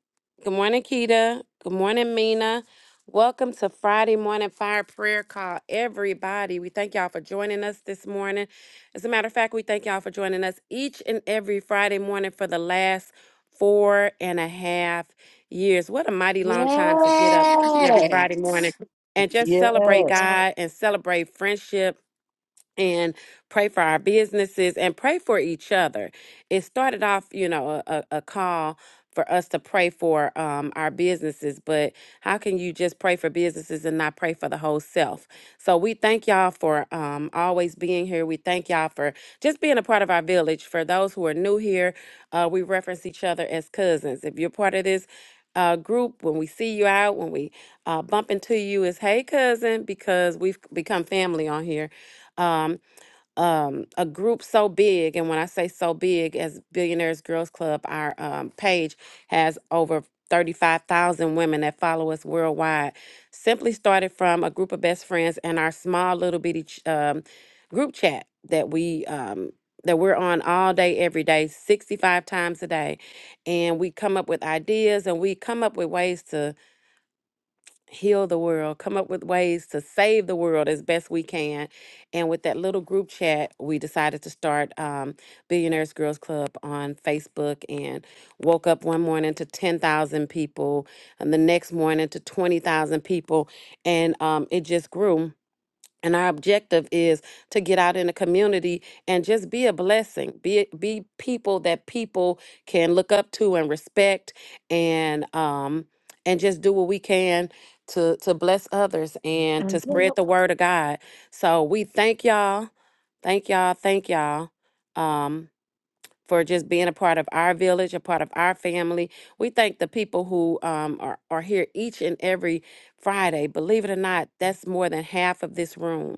Speaker 5: Good morning, Keita. Good morning, Mina. Welcome to Friday Morning Fire Prayer Call, everybody. We thank y'all for joining us this morning. As a matter of fact, we thank y'all for joining us each and every Friday morning for the last four and a half years. What a mighty long time to get up each and every Friday
Speaker 13: Yes.
Speaker 5: morning and just celebrate
Speaker 1: Yes.
Speaker 5: God and celebrate friendship and pray for our businesses and pray for each other. It started off, you know, a, a a call for us to pray for um, our businesses, but how can you just pray for businesses and not pray for the whole self? So we thank y'all for um, always being here. We thank y'all for just being a part of our village. For those who are new here, uh, we reference each other as cousins. If you're part of this, uh, group when we see you out when we uh, bump into you is hey cousin because we've become family on here Um, um, a group so big, and when I say so big, as Billionaires Girls Club, our um, page has over 35,000 women that follow us worldwide. Simply started from a group of best friends and our small little bitty ch- um, group chat that we um, that we're on all day, every day, 65 times a day. And we come up with ideas and we come up with ways to heal the world, come up with ways to save the world as best we can. And with that little group chat, we decided to start um, Billionaires Girls Club on Facebook and woke up one morning to 10,000 people and the next morning to 20,000 people. And um, it just grew and our objective is to get out in the community and just be a blessing be be people that people can look up to and respect and um and just do what we can to to bless others and to Mhm. spread
Speaker 13: Mhm.
Speaker 5: the word of god so we thank y'all thank y'all thank y'all um for just being a part of our village, a part of our family. We thank the people who um, are, are here each and every Friday. Believe it or not, that's more than half of this room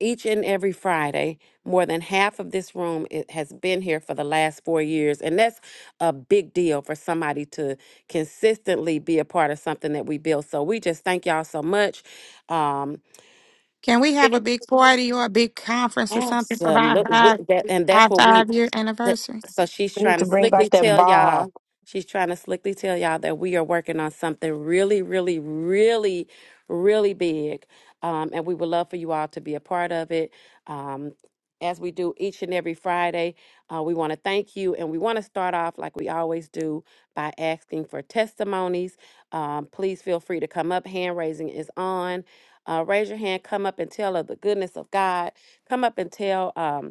Speaker 5: each and every Friday. More than half of this room it has been here for the last four years. And that's a big deal for somebody to consistently be a part of something that we build. So we just thank y'all so much. Um,
Speaker 13: Can we have
Speaker 5: Yeah.
Speaker 13: a big party or a big conference or something for our
Speaker 5: Absolutely.
Speaker 13: five
Speaker 5: That, and that's
Speaker 13: our
Speaker 5: what we
Speaker 13: five year
Speaker 5: that-
Speaker 13: anniversary?
Speaker 5: So she's
Speaker 1: We need
Speaker 5: trying
Speaker 1: to
Speaker 5: to
Speaker 1: bring
Speaker 5: slickly
Speaker 1: back that
Speaker 5: tell
Speaker 1: ball.
Speaker 5: y'all, she's trying to slickly tell y'all that we are working on something really, really, really, really big. Um, and we would love for you all to be a part of it. Um, as we do each and every Friday, uh, we want to thank you. And we want to start off like we always do by asking for testimonies. Um, please feel free to come up. Hand raising is on. Uh, raise your hand, come up and tell of the goodness of God. Come up and tell. Um,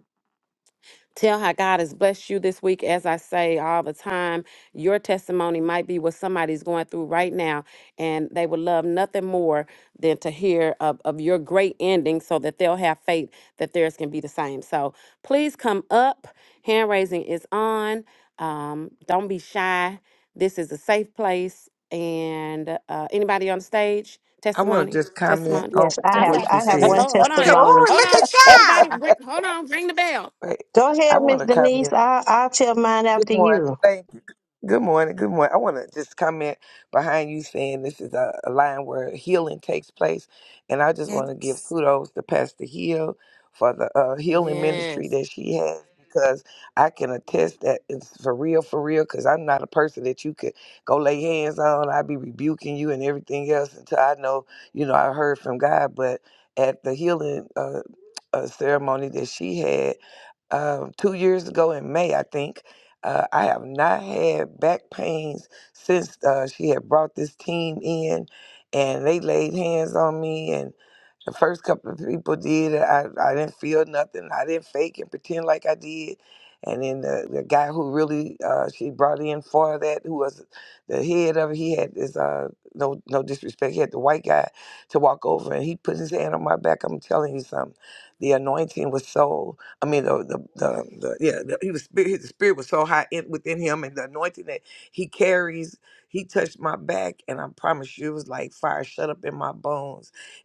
Speaker 5: Tell how God has blessed you this week. As I say all the time, your testimony might be what somebody's going through right now, and they would love nothing more than to hear of, of your great ending so that they'll have faith that theirs can be the same. So please come up. Hand raising is on. Um, don't be shy. This is a safe place. And uh, anybody on the stage?
Speaker 9: I want to
Speaker 5: Testimony?
Speaker 9: just comment
Speaker 13: I-
Speaker 5: Testimony?
Speaker 9: on
Speaker 1: Yes, I
Speaker 13: I-
Speaker 1: have
Speaker 9: what
Speaker 5: Testimony?
Speaker 9: you
Speaker 1: I have
Speaker 9: said.
Speaker 1: one
Speaker 5: Oh, hold on. ev-
Speaker 1: testimony.
Speaker 5: Hold on. Everybody, bring, hold on. Ring the bell.
Speaker 9: Wait,
Speaker 1: Go ahead,
Speaker 9: I want
Speaker 1: Miss
Speaker 9: to comment.
Speaker 1: Denise. I I'll tell mine
Speaker 9: Good
Speaker 1: after
Speaker 9: morning.
Speaker 1: you.
Speaker 9: Thank you. Good morning. Good morning. I want to just comment behind you saying this is a, a line where healing takes place. And I just want to give kudos to Pastor Hill for the uh, healing ministry
Speaker 5: Yes.
Speaker 9: that she has because I can attest that it's for real, for real, because I'm not a person that you could go lay hands on. I'd be rebuking you and everything else until I know, you know, I heard from God. But at the healing uh, uh, ceremony that she had um, two years ago in May, I think. Uh, I have not had back pains since uh, she had brought this team in, and they laid hands on me, the first couple of people did it. I, I didn't feel nothing. I didn't fake and pretend like I did. And then the, the guy who really uh, she brought in for that, who was the head of it, he had this uh, no no disrespect. He had the white guy to walk over, and he put his hand on my back. I'm telling you something. The anointing was so. I mean, the the, the, the yeah, the, he was spirit. His spirit was so high in, within him, and the anointing that he carries. He touched my back, and I promise you, it was like fire shut up in my bones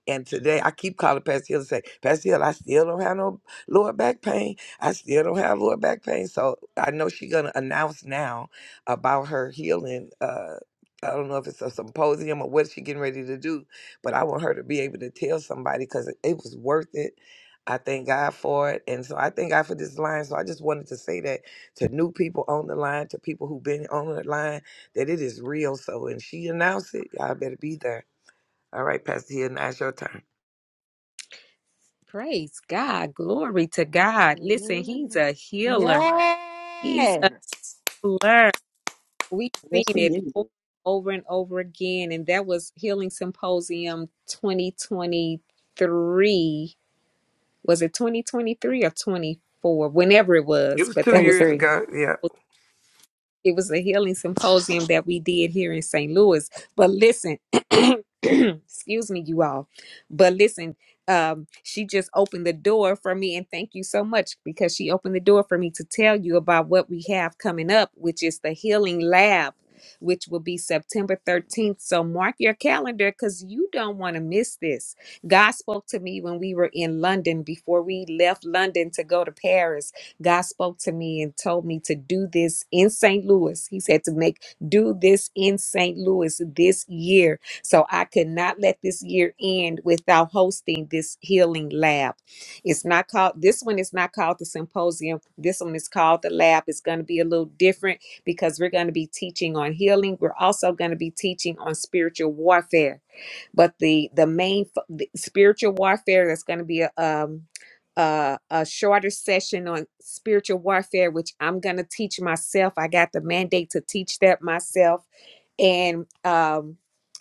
Speaker 9: and today I keep calling Pastor Hill and say, Pastor Hill, I still don't have no lower back pain. I still don't have lower back pain. So I know she's gonna announce now about her healing. Uh, I don't know if it's a symposium or what she getting ready to do, but I want her to be able to tell somebody because it, it was worth it. I thank God for it. And so I thank God for this line. So I just wanted to say that to new people on the line, to people who've been on the line, that it is real. So when she announced it, y'all better be there. All right, Pastor Hill, now it's your turn.
Speaker 4: Praise God. Glory to God. Listen, he's a healer. He's
Speaker 13: yes.
Speaker 4: a healer. We've
Speaker 1: Yes,
Speaker 4: seen
Speaker 1: to
Speaker 4: it o-
Speaker 1: you.
Speaker 4: over and over again, and that was Healing Symposium 2023. Was it 2023 or 24? Whenever it
Speaker 9: It
Speaker 4: was,
Speaker 9: was
Speaker 4: but
Speaker 9: two
Speaker 4: that was
Speaker 9: years
Speaker 6: 23.
Speaker 9: ago. Yeah.
Speaker 4: it was a healing symposium that we did here in St. Louis. But listen, (clears throat) excuse me, you all. But listen, um, she just opened the door for me, and thank you so much because she opened the door for me to tell you about what we have coming up, which is the Healing Lab, which will be September 13th. So mark your calendar because you don't want to miss this. God spoke to me when we were in London before we left London to go to Paris God spoke to me and told me to do this in St. Louis. He said to make do this in St. Louis this year. So I could not let this year end without hosting this healing lab. It's not called this one is not called the symposium. This one is called the lab. It's going to be a little different because we're going to be teaching on healing. We're also going to be teaching on spiritual warfare but the the main fo- the spiritual warfare that's going to be a um a, a shorter session on spiritual warfare, which I'm going to teach myself. I got the mandate to teach that myself and um,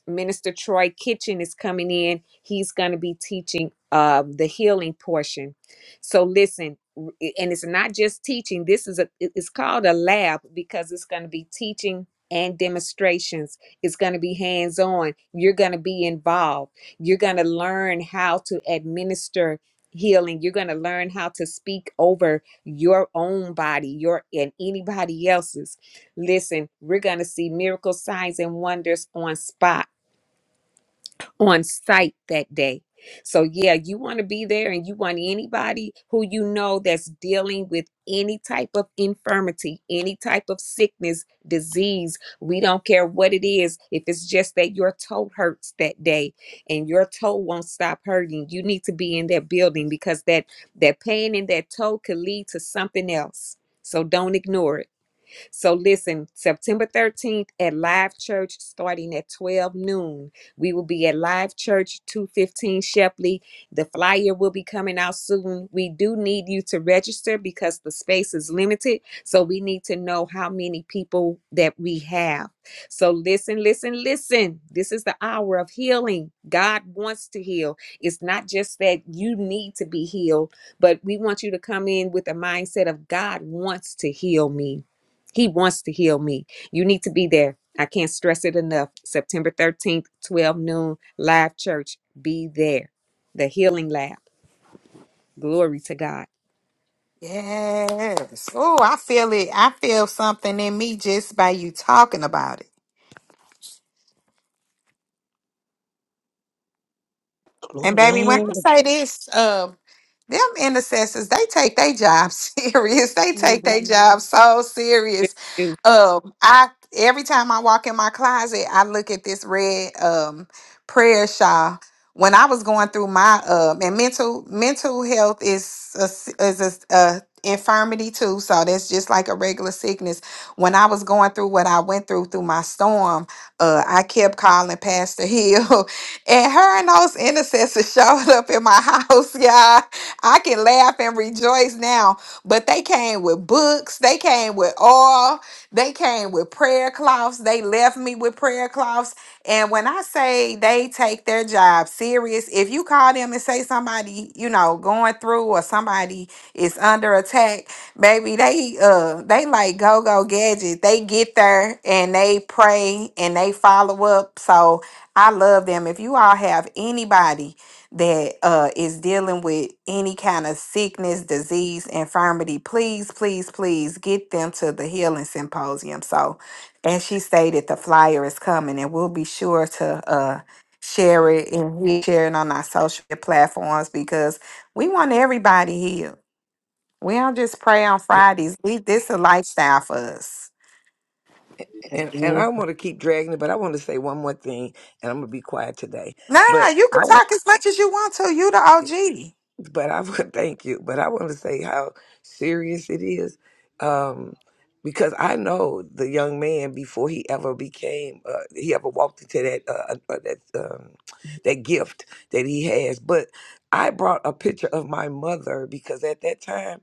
Speaker 4: Minister Troy Kitchen is coming in. He's going to be teaching um, the healing portion. So listen, r- i- and it's not just teaching. This is a it- it's called a lab because it's going to be teaching and demonstrations it's going to be hands on. You're going to be involved. You're going to learn how to administer healing. You're going to learn how to speak over your own body, your and anybody else's. Listen, we're going to see miracle signs and wonders on spot on site that day. So, yeah, you want to be there and you want anybody who you know that's dealing with any type of infirmity, any type of sickness, disease. We don't care what it is. If it's just that your toe hurts that day and your toe won't stop hurting, you need to be in that building because that, that pain in that toe could lead to something else. So, don't ignore it. So listen, September 13th at Live Church starting at 12 noon. We will be at Live Church 215 Shepley. The flyer will be coming out soon. We do need you to register because the space is limited. So we need to know how many people that we have. So listen, listen, listen. This is the hour of healing. God wants to heal. It's not just that you need to be healed, but we want you to come in with a mindset of God wants to heal me. He wants to heal me. You need to be there. I can't stress it enough. September 13th, 12 noon, live church. Be there. The healing lab. Glory to God.
Speaker 13: Yes. Oh, I feel it. I feel something in me just by you talking about it. And baby, when
Speaker 1: Glory.
Speaker 13: I say this, um, them intercessors they take their job (laughs) serious they take their
Speaker 5: Mhm.
Speaker 13: job so serious
Speaker 4: Ooh,
Speaker 13: um i every time i walk in my closet i look at this red um prayer shawl when i was going through my um and mental mental health is a, s- is a, s- a infirmity too so that's just like a regular sickness when i was going through what i went through through my storm uh i kept calling pastor hill (laughs) and her and those intercessors (laughs) showed up in my house, (laughs) y'all. I can laugh and rejoice now. But they came with books, they came with oil, they came with prayer cloths, they left me with prayer cloths. And when I say they take their job serious, if you call them and say somebody, you know, going through or somebody is under attack, baby, they uh they like go go gadget. They get there and they pray and they follow up. So I love them. If you all have anybody that uh, is dealing with any kind of sickness, disease, infirmity, please, please, please get them to the healing symposium. So, as she stated, the flyer is coming, and we'll be sure to uh, share
Speaker 5: Shit.
Speaker 13: it and we share it on our social media platforms because we want everybody healed. We don't just pray on Fridays. We this a lifestyle for us.
Speaker 9: And and I
Speaker 1: Amen.
Speaker 9: don't want to keep dragging it, but I want to say one more thing, and I'm gonna be quiet today.
Speaker 13: Nah,
Speaker 9: But
Speaker 13: you can
Speaker 9: I want,
Speaker 13: talk as much as you want to. You the OG.
Speaker 9: but I want (laughs) thank you. But I want to say how serious it is, um, because I know the young man before he ever became, uh, he ever walked into that uh, uh, uh, that um, that gift that he has. But I brought a picture of my mother because at that time.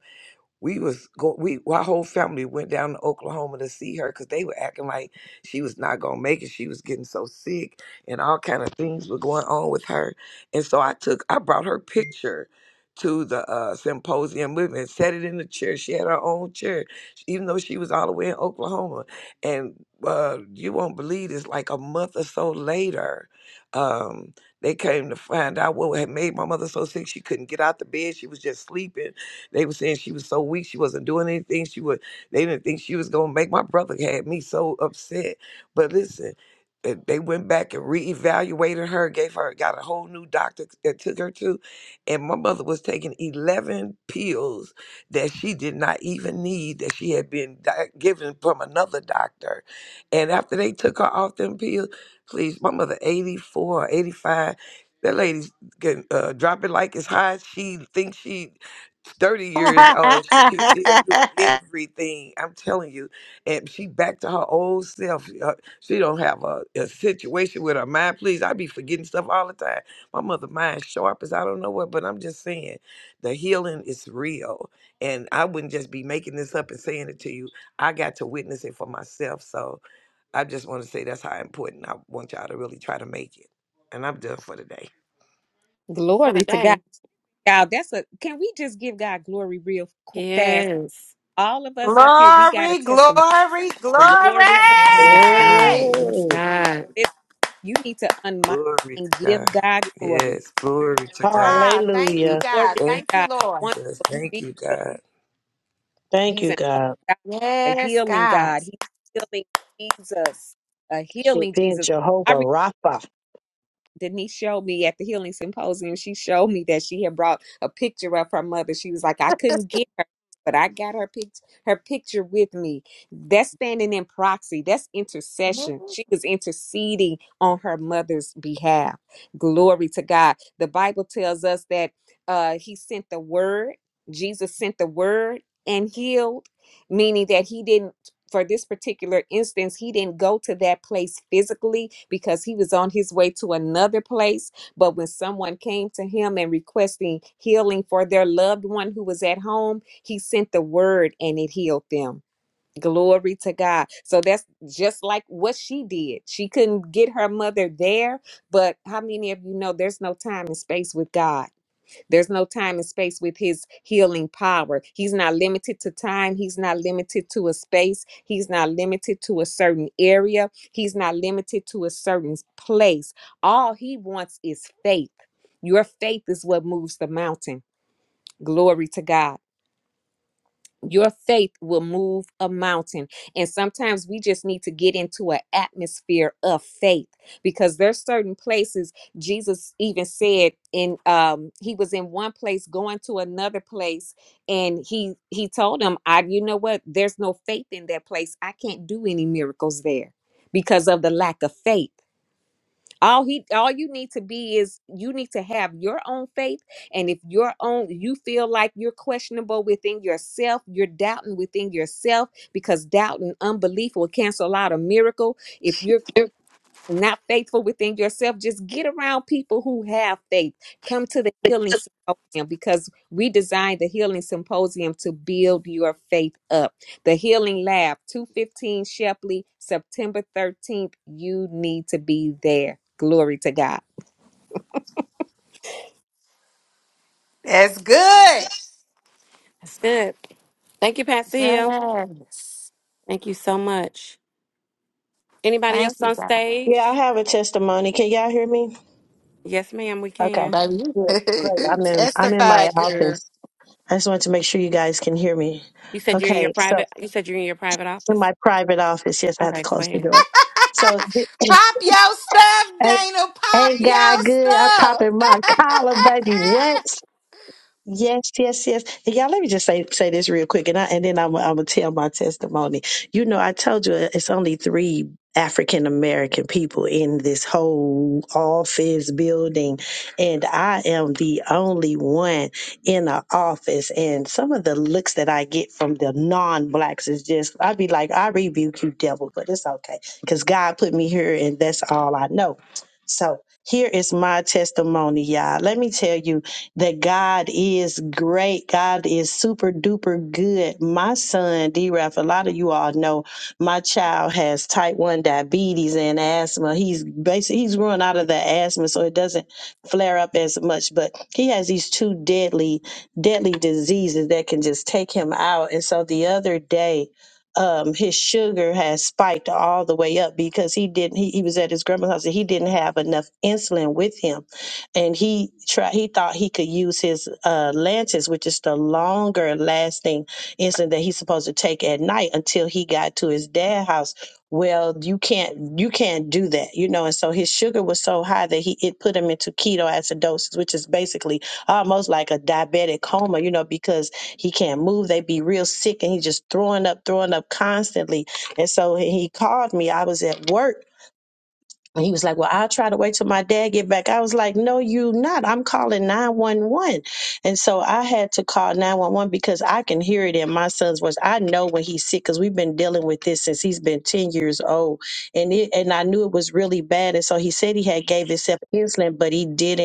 Speaker 9: we was go we our whole family went down to Oklahoma to see her because they were acting like she was not gonna make it. She was getting so sick and all kind of things were going on with her. And so I took I brought her picture to the uh, symposium with me and set it in the chair. She had her own chair, even though she was all the way in Oklahoma. And uh, you won't believe this, like a month or so later, um, they came to find out what had made my mother so sick she couldn't get out the bed. She was just sleeping they were saying she was so weak, she wasn't doing anything. She would. They didn't think she was gonna make. My brother had me so upset. But listen, uh, they went back and reevaluated her, gave her, got a whole new doctor that took her to, and my mother was taking eleven pills that she did not even need that she had been di- given from another doctor. And after they took her off them pills, please, my mother, 84, 85, that lady's getting, uh, dropping like as high as she thinks she 30 years old, she can still do everything. I'm telling you. And she back to her old self. Uh, She don't have a, a situation with her mind. Please, I be forgetting stuff all the time. My mother mind sharp as I don't know what, but I'm just saying the healing is real. And I wouldn't just be making this up and saying it to you. I got to witness it for myself. So I just want to say that's how important I want y'all to really try to make it. And I'm done for today.
Speaker 5: For
Speaker 4: Glory
Speaker 5: the
Speaker 4: to God.
Speaker 5: day.
Speaker 4: Y'all, that's a can we just give God glory real qu- fast?
Speaker 5: Yes.
Speaker 4: All of us up here, we got a
Speaker 13: Glory,
Speaker 4: testimony.
Speaker 13: glory,
Speaker 4: Glory to God.
Speaker 5: Yes,
Speaker 13: glory.
Speaker 5: God. Yes,
Speaker 1: Glory.
Speaker 5: God.
Speaker 4: This, you need to unmic
Speaker 9: Glory
Speaker 4: and
Speaker 9: to
Speaker 4: give
Speaker 9: God.
Speaker 4: God glory.
Speaker 9: Yes, glory to God.
Speaker 13: Ah, thank you,
Speaker 1: Hallelujah.
Speaker 4: Glory
Speaker 13: God.
Speaker 4: to
Speaker 9: Thank
Speaker 13: Thank you,
Speaker 4: God.
Speaker 9: you,
Speaker 13: Lord.
Speaker 4: Wonderful
Speaker 9: Jesus. Thank you,
Speaker 4: Jesus.
Speaker 9: God.
Speaker 1: Thank
Speaker 4: He's
Speaker 1: you,
Speaker 4: an awesome
Speaker 1: God.
Speaker 4: God, a
Speaker 13: Yes,
Speaker 4: healing
Speaker 13: God.
Speaker 4: God. He's a healing Jesus, a
Speaker 1: She
Speaker 4: healing
Speaker 1: being
Speaker 4: Jesus.
Speaker 1: Jehovah Rapha.
Speaker 4: Denise showed me at the healing symposium, she showed me that she had brought a picture of her mother. She was like, I couldn't get her, but I got her picture her picture with me. That's standing in proxy. That's intercession. She was interceding on her mother's behalf. Glory to God. The Bible tells us that uh he sent the word, Jesus sent the word and healed, meaning that he didn't for this particular instance, he didn't go to that place physically because he was on his way to another place. But when someone came to him and requesting healing for their loved one who was at home, he sent the word and it healed them. Glory to God. So that's just like what she did. She couldn't get her mother there, but how many of you know there's no time and space with God? There's no time and space with his healing power. He's not limited to time. He's not limited to a space. He's not limited to a certain area. He's not limited to a certain place. All he wants is faith. Your faith is what moves the mountain. Glory to God your faith will move a mountain and sometimes we just need to get into an atmosphere of faith because there's certain places jesus even said in um he was in one place going to another place and he he told him i you know what there's no faith in that place i can't do any miracles there because of the lack of faith all he all you need to be is you need to have your own faith and if your own you feel like you're questionable within yourself you're doubting within yourself because doubt and unbelief will cancel out a miracle if you're not faithful within yourself, just get around people who have faith. Come to the healing symposium because we designed the healing symposium to build your faith up. The Healing Lab, 215 Shepley, September 13th. You need to be there. Glory to God.
Speaker 13: That's good.
Speaker 5: That's good. Thank you, Pastor Hill.
Speaker 13: Yes.
Speaker 5: Thank you so much. Anybody
Speaker 13: Thank
Speaker 5: else
Speaker 13: you,
Speaker 5: on
Speaker 13: God.
Speaker 1: Yeah, I
Speaker 5: stage?
Speaker 1: have a testimony. Can y'all hear me?
Speaker 5: Yes, ma'am, we
Speaker 1: Okay.
Speaker 5: can.
Speaker 13: Baby,
Speaker 1: Good. Great.
Speaker 13: you (laughs)
Speaker 1: I'm in I'm in my
Speaker 13: testified, girl.
Speaker 1: office. I just wanted to make sure you guys can hear me.
Speaker 5: You said you're in your
Speaker 1: Okay, so
Speaker 5: private you said you're in your private
Speaker 1: in
Speaker 5: office?
Speaker 1: my private office, yes, I have to
Speaker 5: Okay, go
Speaker 1: close the
Speaker 5: ahead.
Speaker 1: door. So
Speaker 13: (laughs)
Speaker 1: (clears throat)
Speaker 13: Pop your stuff,
Speaker 1: ain't,
Speaker 13: Dana. Pop
Speaker 1: ain't
Speaker 13: your
Speaker 1: God good? I'm
Speaker 13: stuff.
Speaker 1: popping my collar, baby. What?
Speaker 13: (laughs)
Speaker 1: Yes, yes, yes. And y'all, let me just say say this real quick, and I and then I'm I'm gonna tell my testimony. You know, I told you uh, it's only three African American people in this whole office building, and I am the only one in the office. And some of the looks that I get from the non-blacks is just I'd be like, I rebuke you, devil, but it's okay because God put me here, and that's all I know. So here is my testimony, y'all. Let me tell you that God is great. God is super duper good. My son, D Raf, a lot of you all know my child has type 1 diabetes and asthma. He's basically he's growing out of the asthma, so it doesn't flare up as much. But he has these two deadly, deadly diseases that can just take him out. And so the other day, um, his sugar has spiked all the way up because he didn't he, he was at his grandma's house and he didn't have enough insulin with him and he tried he thought he could use his uh lances which is the longer lasting insulin that he's supposed to take at night until he got to his dad's house well you can't you can't do that you know and so his sugar was so high that he it put him into ketoacidosis which is basically almost like a diabetic coma you know because he can't move they be real sick and he's just throwing up throwing up constantly and so he called me i was at work and he was like, Well, I'll try to wait till my dad get back. I was like, No, you not. I'm calling 911." And so I had to call 911 because I can hear it in my son's voice. I know when he's sick because we've been dealing with this since he's been 10 years old. And it, and I knew it was really bad. And so he said he had gave himself insulin, but he didn't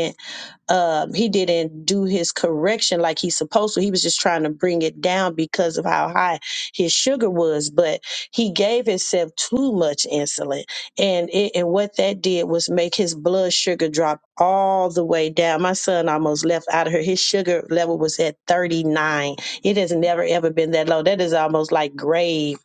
Speaker 1: um, he didn't do his correction like he's supposed to. He was just trying to bring it down because of how high his sugar was, but he gave himself too much insulin, and it, and what that did was make his blood sugar drop all the way down. My son almost left out of here. His sugar level was at thirty nine. It has never ever been that low. That is almost like grave.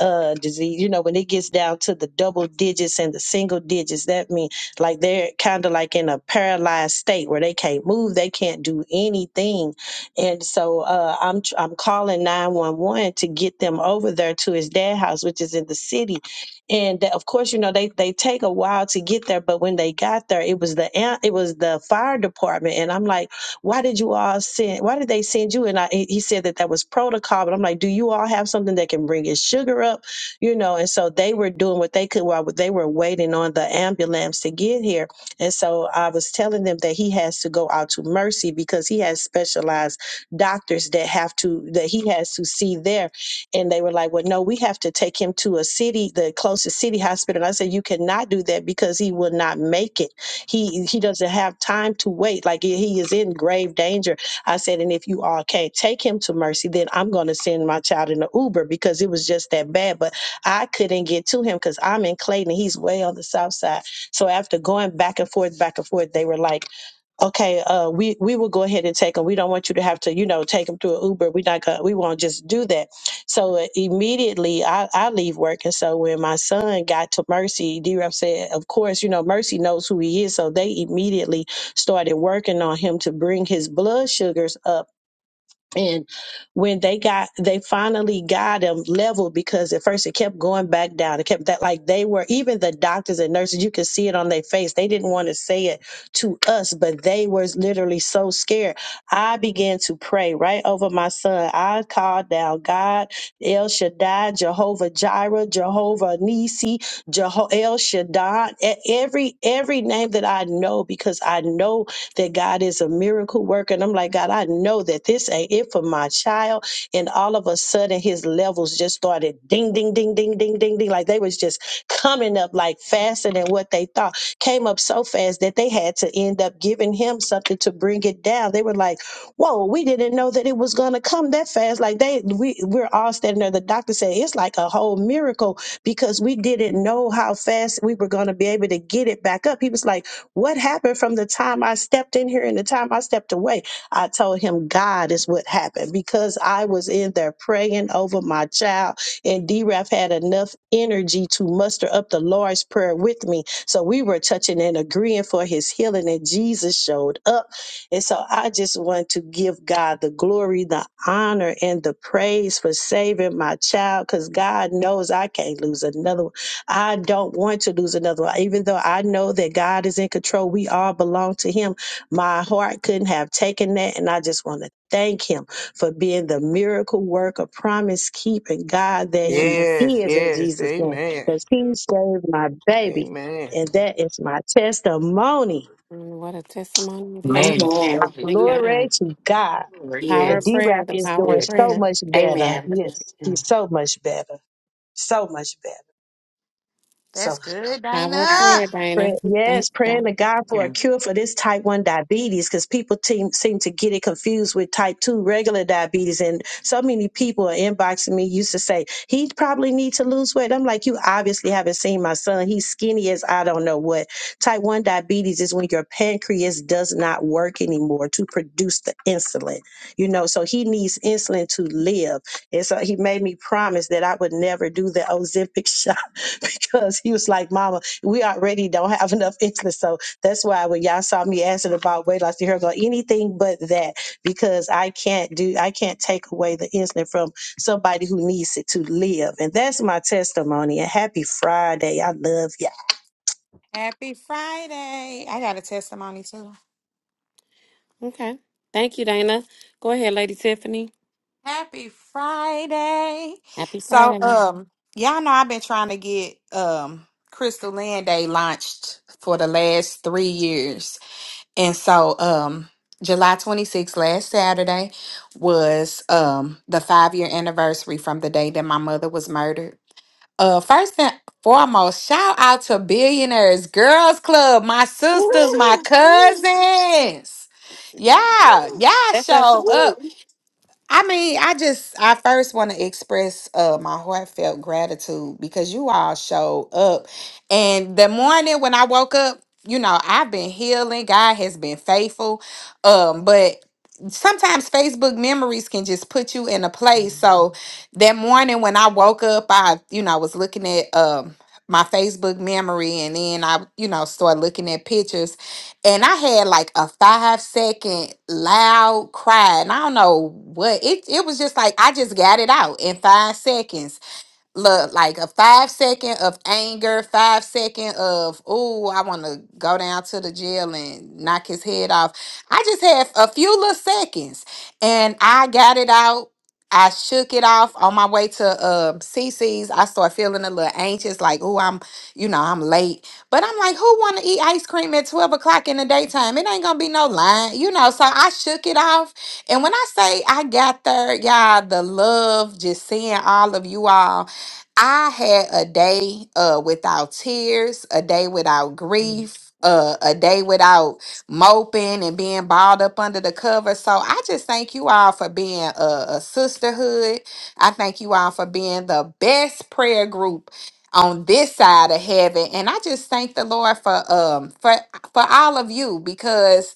Speaker 1: Uh, disease. You know, when it gets down to the double digits and the single digits, that means like they're kind of like in a paralyzed state where they can't move, they can't do anything. And so uh, I'm tr- I'm calling 911 to get them over there to his dad house, which is in the city. And that- of course, you know they they take a while to get there, but when they got there, it was the am- it was the fire department. And I'm like, why did you all send? Why did they send you? And I, he he said that that was protocol. But I'm like, do you all have something that can bring his sugar up? you know, and so they were doing what they could while they were waiting on the ambulance to get here. And so I was telling them that he has to go out to Mercy because he has specialized doctors that have to that he has to see there. And they were like, "Well, no, we have to take him to a city, the closest city hospital." And I said, "You cannot do that because he will not make it. He he doesn't have time to wait. Like he he is in grave danger." I said, "And if you all can't take him to Mercy, then I'm going to send my child in an Uber because it was just that bad." But I couldn't get to him because I'm in Clayton. He's way on the south side. So after going back and forth, back and forth, they were like, "Okay, uh, we we will go ahead and take him. We don't want you to have to, you know, take him through an Uber. We not gonna, we won't just do that." So uh, immediately, I I leave work, and so when my son got to Mercy, D. Rep said, "Of course, you know, Mercy knows who he is." So they immediately started working on him to bring his blood sugars up and when they got, they finally got them leveled because at first it kept going back down. It kept that like they were, even the doctors and nurses, you could see it on their face. They didn't want to say it to us, but they were literally so scared. I began to pray right over my son. I called down God, El Shaddai, Jehovah Jireh, Jehovah Nisi, Jeho- El Shaddai, e- every, every name that I know because I know that God is a miracle worker. And I'm like, God, I know that this ain't it for my child. And all of a sudden, his levels just started ding, ding, ding, ding, ding, ding, ding. Like they was just coming up like faster than what they thought. Came up so fast that they had to end up giving him something to bring it down. They were like, whoa, we didn't know that it was going to come that fast. Like they, we, we're all standing there. The doctor said, it's like a whole miracle because we didn't know how fast we were going to be able to get it back up. He was like, what happened from the time I stepped in here and the time I stepped away? I told him God is what happened because I was in there praying over my child, and D Raf had enough energy to muster up the Lord's Prayer with me. So we were touching and agreeing for his healing, and Jesus showed up. And so I just want to give God the glory, the honor, and the praise for saving my child because God knows I can't lose another one I don't want to lose another one. Even though I know that God is in control, we all belong to Him. My heart couldn't have taken that. And I just want to thank Him for being the miracle worker, promise keeping God that He
Speaker 5: Yes.
Speaker 9: Yes,
Speaker 1: is in
Speaker 9: yes.
Speaker 1: Jesus' name.
Speaker 9: Amen.
Speaker 1: Because He saved my baby.
Speaker 9: Amen.
Speaker 1: And that is my testimony.
Speaker 5: Mm, What a testimony it is.
Speaker 10: Amen.
Speaker 6: Amen.
Speaker 1: So
Speaker 5: Thank
Speaker 10: Hallelujah.
Speaker 1: glory
Speaker 5: God.
Speaker 1: to God.
Speaker 10: Glory to God.
Speaker 5: Power
Speaker 1: And
Speaker 5: of
Speaker 6: Yes.
Speaker 1: D
Speaker 5: prayer,
Speaker 1: Rap
Speaker 5: the
Speaker 1: is
Speaker 5: power
Speaker 1: doing
Speaker 5: of
Speaker 6: Good.
Speaker 1: so
Speaker 5: prayer.
Speaker 1: much better.
Speaker 6: Amen.
Speaker 1: Yes, he's so much better. So much better. So
Speaker 13: That's good,
Speaker 5: Power of
Speaker 13: Dana.
Speaker 5: prayer, Dana.
Speaker 1: Pray,
Speaker 5: Thank
Speaker 1: yes,
Speaker 5: you, Dana.
Speaker 1: praying to God for a
Speaker 10: Amen.
Speaker 1: cure for this type 1 diabetes because people team, seem to get it confused with type 2 regular diabetes. And so many people are inboxing me used to say, he probably needs to lose weight. I'm like, you obviously haven't seen my son. He's skinny as I don't know what. Type 1 diabetes is when your pancreas does not work anymore to produce the insulin, you know, so he needs insulin to live. And so he made me promise that I would never do the Ozempic shot (laughs) because he was like, Mama, we already don't have enough interest. So that's why when y'all saw me asking about weight loss, you heard go anything but that because I can't do, I can't take away the insulin from somebody who needs it to live. And that's my testimony. And happy Friday. I love y'all.
Speaker 13: Happy Friday. I
Speaker 8: Amen.
Speaker 13: got a testimony too.
Speaker 5: Okay. Thank you, Dana. Go ahead, Lady Tiffany.
Speaker 13: Happy Friday.
Speaker 5: Happy
Speaker 13: So
Speaker 5: Friday.
Speaker 13: um y'all know I've been trying to get um Crystal Land Day launched for the last three years. And so um July 26th, last Saturday, was um the five year anniversary from the day that my mother was murdered. Uh first and foremost, shout out to Billionaires Girls Club, my sisters, my
Speaker 5: Woo!
Speaker 13: cousins. Yeah, yeah,
Speaker 5: That's us. (laughs)
Speaker 13: show up.
Speaker 5: Woo!
Speaker 13: I mean, I just I first want to express uh my heartfelt gratitude because you all showed up. And the morning when I woke up, you know, I've been healing. God has been faithful. Um, but sometimes Facebook memories can just put you in a place. So
Speaker 5: Mhm.
Speaker 13: that morning when I woke up, I, you know, I was looking at um my Facebook memory and then I, you know, started looking at pictures and I had like a five second loud cry, and I don't know what it. It was just like I just got it out in five seconds, Look, like a five second of anger, five second of, oh, I want to go down to the jail and knock his head off. I just had a few little seconds and I got it out. I shook it off on my way to uh, CC's. I started feeling a little anxious, like, oh, I'm, you know, I'm late. But I'm like, who want to eat ice cream at 12 o'clock in the daytime? It ain't going to be no line, you know. So I shook it off. And when I say I got there, y'all, the love, just seeing all of you all I had a day uh without tears, a day without
Speaker 5: Mm.
Speaker 13: grief, uh a day without moping and being balled up under the cover. So I just thank you all for being a, a sisterhood. I thank you all for being the best prayer group on this side of heaven and i just thank the lord for um for for all of you because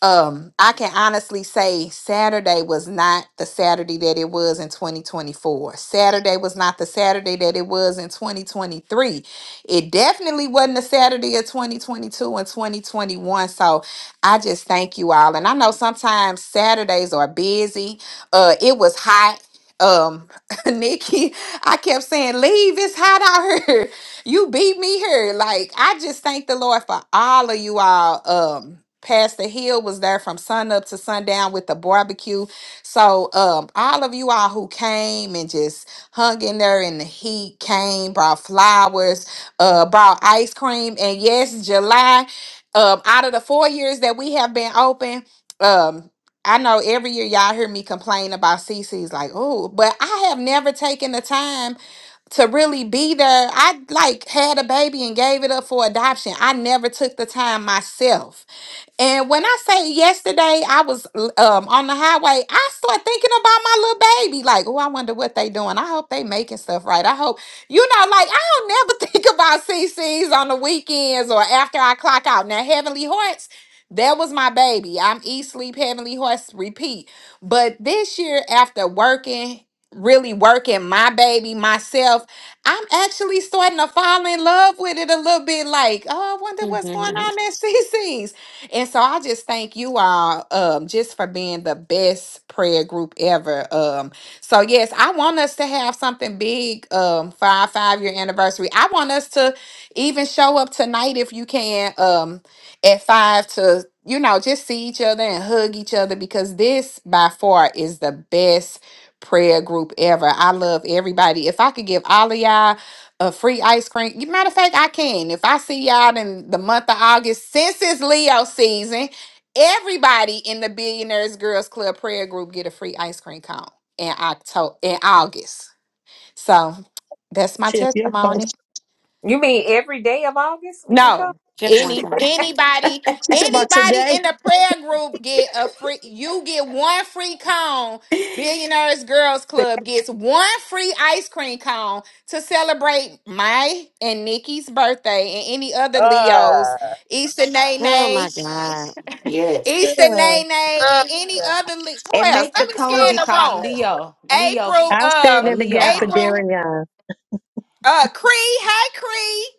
Speaker 13: um i can honestly say saturday was not the saturday that it was in 2024 saturday was not the saturday that it was in 2023 it definitely wasn't the saturday of 2022 and 2021 so i just thank you all and i know sometimes saturdays are busy uh it was hot um (laughs) nikki i kept saying leave it's hot out here you beat me here. Like I just thank the Lord for all of you all. Um, Pastor Hill was there from sun up to sundown with the barbecue. So um, all of you all who came and just hung in there in the heat, came, brought flowers, uh, brought ice cream, and yes, July. Um, out of the four years that we have been open, um, I know every year y'all hear me complain about CC's like, oh, but I have never taken the time to really be there. I like had a baby and gave it up for adoption. I never took the time myself and when I say yesterday, I was l- um, on the highway. I start thinking about my little baby. Like, oh, I wonder what they doing. I hope they making stuff right. I hope, you know, like I don't never (laughs) think about CCs on the weekends or after I clock out. Now, Heavenly Hearts, that was my baby. I'm eat, sleep, Heavenly Hearts, repeat. But this year, after working, really working my baby myself, I'm actually starting to fall in love with it a little bit. Like, oh, I wonder what's going
Speaker 5: Mhm.
Speaker 13: on at CC's. And so I just thank you all um just for being the best prayer group ever. Um so yes, I want us to have something big um for our 5 year anniversary. I want us to even show up tonight if you can um at 5 to you know just see each other and hug each other because this by far is the best prayer group ever. I love everybody. If I could give all of y'all a free ice cream. You- Matter of fact, I can. If I see y'all in the month of August, since it's Leo season, everybody in the Billionaires Girls Club prayer group get a free ice cream cone in October in August. So that's my
Speaker 1: Chip, you're
Speaker 13: testimony.
Speaker 1: supposed
Speaker 4: You mean every day of August we can come
Speaker 13: No.
Speaker 5: Just one
Speaker 13: Any
Speaker 5: time.
Speaker 13: anybody
Speaker 1: She talking about
Speaker 13: anybody
Speaker 1: today,
Speaker 13: in the prayer group get a free you get one free cone. Billionaires Girls
Speaker 4: to
Speaker 13: Club gets one free ice cream cone to celebrate my and Nikki's birthday and any other Leos,
Speaker 8: Ah,
Speaker 13: Easter Nay
Speaker 5: Oh
Speaker 13: Nay,
Speaker 5: my God.
Speaker 6: Yes.
Speaker 13: Easter
Speaker 1: girl.
Speaker 13: Nay Nay,
Speaker 8: oh,
Speaker 13: and any
Speaker 8: God.
Speaker 13: other Le- who
Speaker 6: And
Speaker 13: else?
Speaker 6: make the
Speaker 13: Let me
Speaker 6: cone
Speaker 8: Oh,
Speaker 13: scan
Speaker 6: be
Speaker 13: the
Speaker 6: called
Speaker 13: room.
Speaker 8: God.
Speaker 6: Leo. Leo.
Speaker 1: I
Speaker 13: April,
Speaker 1: stand
Speaker 6: A
Speaker 1: in
Speaker 13: um,
Speaker 1: the
Speaker 6: Leo
Speaker 1: gap for
Speaker 6: cone.
Speaker 13: April.
Speaker 1: Darian.
Speaker 13: Uh, Cree, hey Cree.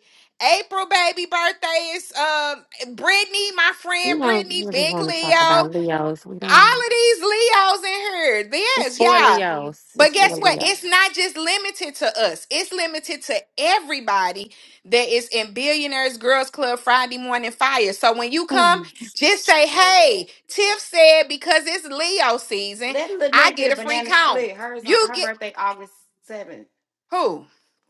Speaker 13: April baby birthday is uh Brittany, my
Speaker 5: We
Speaker 13: friend
Speaker 5: don't
Speaker 13: Brittany,
Speaker 5: really
Speaker 13: big
Speaker 5: want to
Speaker 13: Leo.
Speaker 5: talk about Leos. We don't.
Speaker 13: All of these Leos in here.
Speaker 5: It's
Speaker 13: Yes,
Speaker 5: for
Speaker 13: yeah.
Speaker 6: Chastity.
Speaker 5: Leos. It's
Speaker 13: But
Speaker 5: for
Speaker 13: guess what? It's
Speaker 5: Leos.
Speaker 13: not just limited to us. It's limited to everybody that is in Billionaires Girls Club Friday Morning Fire. So when you come,
Speaker 5: Mm,
Speaker 13: just say, "Hey,
Speaker 6: Lynette.
Speaker 13: Tiff said because it's Leo season,
Speaker 6: Let
Speaker 13: I
Speaker 6: Lynette get
Speaker 13: get
Speaker 6: a
Speaker 13: a free
Speaker 6: banana
Speaker 13: count."
Speaker 6: split. Hers on
Speaker 13: You
Speaker 6: her
Speaker 13: get
Speaker 6: birthday August 7th.
Speaker 13: who?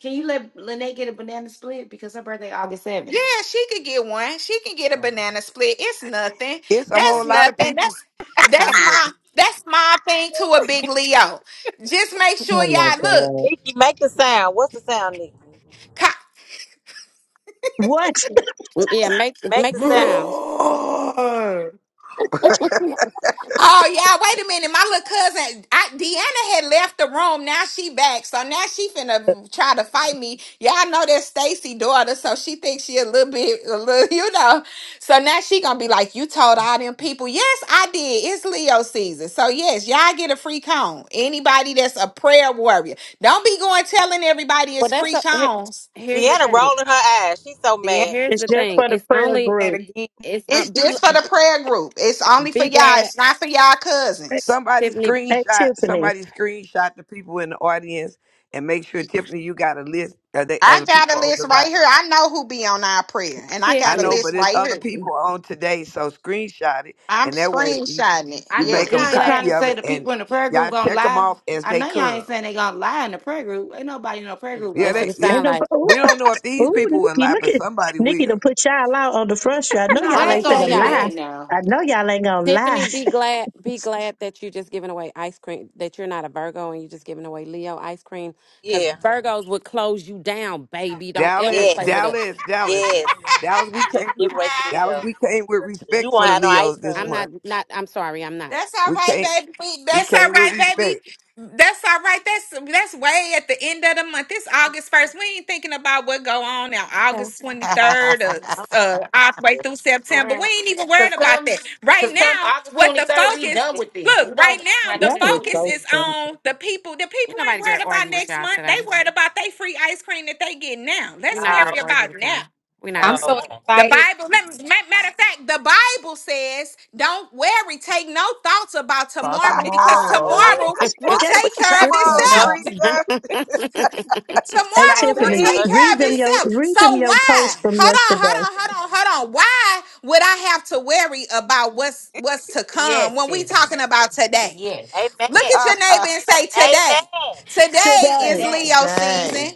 Speaker 6: Can you let Lynette get a banana split? Because her birthday August
Speaker 13: Yeah,
Speaker 6: 7th.
Speaker 13: she could get one. She can get a
Speaker 6: Okay.
Speaker 13: banana split. It's nothing.
Speaker 9: It's a
Speaker 6: okay.
Speaker 13: That's
Speaker 9: whole lot of
Speaker 13: nothing.
Speaker 9: people
Speaker 13: That's that's my
Speaker 9: commenting.
Speaker 13: that's my thing to a big Leo. Just make sure
Speaker 1: Oh my
Speaker 13: y'all look.
Speaker 1: God.
Speaker 8: Nikki, make the sound. What's the sound, Nikki?
Speaker 1: What?
Speaker 5: Yeah, make
Speaker 8: Make
Speaker 5: make
Speaker 8: the
Speaker 5: the
Speaker 8: sound.
Speaker 5: sound.
Speaker 6: Roar!
Speaker 13: Oh yeah, wait a minute. My little cousin, I, Deanna had left the room. Now she back, so now she finna try to fight me. Y'all know that's Stacy' daughter, so she thinks she a little bit, a little, (laughs) you know. So now she gonna be like, "You told all them people." Yes, I did. It's Leo season, so yes, y'all get a free cone. Anybody that's a prayer warrior, don't be going telling everybody
Speaker 5: Well,
Speaker 13: it's
Speaker 5: that's
Speaker 13: free
Speaker 5: a, here,
Speaker 13: cones.
Speaker 5: here's the
Speaker 8: Deanna
Speaker 5: thing.
Speaker 8: rolling her eyes. She's so
Speaker 4: the end
Speaker 8: mad.
Speaker 5: Here's
Speaker 1: It's
Speaker 5: the
Speaker 1: just
Speaker 5: thing.
Speaker 1: for the
Speaker 5: It's
Speaker 1: prayer
Speaker 5: only
Speaker 4: of that
Speaker 1: group.
Speaker 4: again?
Speaker 5: it's uh,
Speaker 13: It's
Speaker 5: be
Speaker 13: just for the prayer group. It's only for
Speaker 5: be
Speaker 13: y'all.
Speaker 5: glad
Speaker 13: It's not for y'all
Speaker 1: Hey,
Speaker 13: cousins.
Speaker 9: Somebody
Speaker 5: Tiffany
Speaker 1: hey,
Speaker 9: screenshot.
Speaker 1: Tiffany,
Speaker 9: Somebody screenshot the people in the audience and make sure Tiffany, you got a list of, they, of
Speaker 13: I
Speaker 9: the
Speaker 13: got
Speaker 9: people
Speaker 13: a
Speaker 9: on
Speaker 13: list
Speaker 9: the
Speaker 13: right
Speaker 9: line.
Speaker 13: here. I know who be on our prayer, and I
Speaker 9: I
Speaker 13: got a
Speaker 9: know,
Speaker 5: Tiffany
Speaker 13: list
Speaker 9: but it's
Speaker 13: right
Speaker 9: other
Speaker 13: here.
Speaker 9: people on today, so screenshot it,
Speaker 13: I'm
Speaker 9: and that way you
Speaker 13: screenshotting it.
Speaker 6: I
Speaker 9: you
Speaker 6: know
Speaker 9: make
Speaker 5: be
Speaker 9: a
Speaker 6: y'all
Speaker 13: Yes.
Speaker 6: ain't
Speaker 5: glad.
Speaker 6: trying to
Speaker 9: copy of
Speaker 6: say
Speaker 9: it,
Speaker 6: the
Speaker 9: and
Speaker 6: people in the prayer group
Speaker 9: y'all
Speaker 6: gonna
Speaker 9: check them
Speaker 6: lie.
Speaker 9: off as
Speaker 6: I
Speaker 9: they
Speaker 6: know y'all ain't
Speaker 9: come.
Speaker 6: saying they gonna lie in the prayer group. Ain't nobody in the prayer group gonna
Speaker 9: Yeah,
Speaker 5: That's
Speaker 6: lie.
Speaker 5: what
Speaker 9: they.
Speaker 5: it
Speaker 9: Yeah.
Speaker 1: ain't
Speaker 5: sound
Speaker 1: no.
Speaker 5: like.
Speaker 1: Ooh,
Speaker 9: We don't know if these
Speaker 1: ooh,
Speaker 9: people will
Speaker 1: Nikki,
Speaker 9: lie,
Speaker 1: look
Speaker 9: but
Speaker 1: at
Speaker 9: somebody
Speaker 1: Nikki
Speaker 9: will.
Speaker 1: to put y'all out on the front street. I know
Speaker 6: No, they
Speaker 5: I'm
Speaker 1: y'all
Speaker 5: gonna
Speaker 6: ain't
Speaker 1: ain't
Speaker 5: tell
Speaker 6: gonna
Speaker 1: finna
Speaker 6: do
Speaker 5: y'all,
Speaker 1: lie.
Speaker 6: that now.
Speaker 1: I know y'all ain't gonna lie.
Speaker 5: Tiffany, be glad be glad that you're just giving away ice cream. That you're not a Virgo and you're just giving away Leo ice cream because
Speaker 8: Yeah.
Speaker 5: Virgos would close you down, baby. Don't ever
Speaker 9: Dallas,
Speaker 5: play
Speaker 8: Yes.
Speaker 5: with us.
Speaker 9: Dallas, Dallas,
Speaker 8: Yes.
Speaker 9: Dallas. We
Speaker 8: Just
Speaker 9: came
Speaker 8: give it
Speaker 9: with
Speaker 8: away to
Speaker 9: Dallas.
Speaker 8: Leo.
Speaker 9: We came with
Speaker 8: 'Cause you
Speaker 9: respect for
Speaker 8: won't
Speaker 9: the
Speaker 8: have no
Speaker 9: Leos
Speaker 8: ice cream
Speaker 9: this
Speaker 5: I'm
Speaker 8: left.
Speaker 5: not
Speaker 8: (laughs)
Speaker 9: month.
Speaker 5: not I'm sorry, I'm not.
Speaker 13: That's all
Speaker 9: We
Speaker 13: right,
Speaker 9: came.
Speaker 13: baby. We-
Speaker 9: We
Speaker 13: That's all
Speaker 9: came with
Speaker 13: right, baby.
Speaker 9: respect.
Speaker 13: That's all right. That's that's way at the end of the month. It's August first. We ain't thinking about what go on now.
Speaker 5: Okay.
Speaker 13: August twenty third, uh,
Speaker 5: All
Speaker 2: (laughs)
Speaker 13: uh, all the way through September. We
Speaker 5: right.
Speaker 13: ain't even worried
Speaker 6: Cause
Speaker 13: about
Speaker 6: come,
Speaker 13: that right
Speaker 6: cause come
Speaker 13: now.
Speaker 6: August
Speaker 13: What
Speaker 6: twenty
Speaker 13: the
Speaker 6: third, we
Speaker 13: focus?
Speaker 6: done with this. We
Speaker 13: Look, right
Speaker 6: don't
Speaker 1: (laughs)
Speaker 13: now
Speaker 6: have
Speaker 13: the
Speaker 6: nothing to
Speaker 1: Y'all
Speaker 6: do
Speaker 1: is
Speaker 6: with
Speaker 13: focus
Speaker 1: so
Speaker 6: it.
Speaker 13: is
Speaker 1: funny.
Speaker 13: on the people. The
Speaker 5: Ain't
Speaker 13: people ain't
Speaker 5: nobody gonna
Speaker 13: worried about
Speaker 5: argue with
Speaker 13: next
Speaker 5: y'all
Speaker 13: month. They
Speaker 5: today.
Speaker 13: worried about they free ice cream that they get now.
Speaker 5: We're
Speaker 13: Let's
Speaker 5: not
Speaker 8: Oh,
Speaker 5: gonna
Speaker 13: worry
Speaker 5: argue
Speaker 13: about
Speaker 5: with y'all.
Speaker 13: now.
Speaker 5: We're not
Speaker 4: I'm
Speaker 8: okay.
Speaker 5: gonna
Speaker 4: so
Speaker 5: argue
Speaker 8: Okay.
Speaker 13: The
Speaker 4: excited.
Speaker 13: Bible, let me- ma- matter of fact, the Bible says, don't worry, take no thoughts about
Speaker 2: For
Speaker 13: tomorrow
Speaker 9: (laughs)
Speaker 13: because
Speaker 2: tomorrow,
Speaker 13: tomorrow
Speaker 8: Oh,
Speaker 5: with y'all.
Speaker 13: will
Speaker 1: Get with
Speaker 13: take
Speaker 1: the
Speaker 13: care of
Speaker 9: Come
Speaker 1: scripture on
Speaker 9: on,
Speaker 8: no,
Speaker 1: y'all.
Speaker 13: itself.
Speaker 8: she
Speaker 9: preacher,
Speaker 5: (laughs)
Speaker 1: Hey
Speaker 13: Tomorrow
Speaker 6: Right,
Speaker 13: will
Speaker 6: Tiff?
Speaker 8: didn't.
Speaker 1: Tiffany,
Speaker 13: take
Speaker 8: No,
Speaker 9: preach.
Speaker 13: care
Speaker 8: she
Speaker 1: read
Speaker 13: of
Speaker 1: them
Speaker 8: didn't.
Speaker 1: your
Speaker 13: itself.
Speaker 1: read
Speaker 13: So
Speaker 1: them your
Speaker 13: why?
Speaker 1: post from
Speaker 13: Hold on,
Speaker 1: yesterday.
Speaker 13: hold on, hold on, hold on. Why would I have to worry about what's what's to
Speaker 6: Yes,
Speaker 13: come when we
Speaker 6: Tiff.
Speaker 13: talking about today?
Speaker 6: Yes.
Speaker 13: Look
Speaker 9: (laughs)
Speaker 8: Amen.
Speaker 13: at your neighbor and say, Today.
Speaker 8: Amen.
Speaker 13: Today
Speaker 1: Today,
Speaker 13: is
Speaker 6: Today.
Speaker 13: Leo season.
Speaker 2: today.
Speaker 6: Today.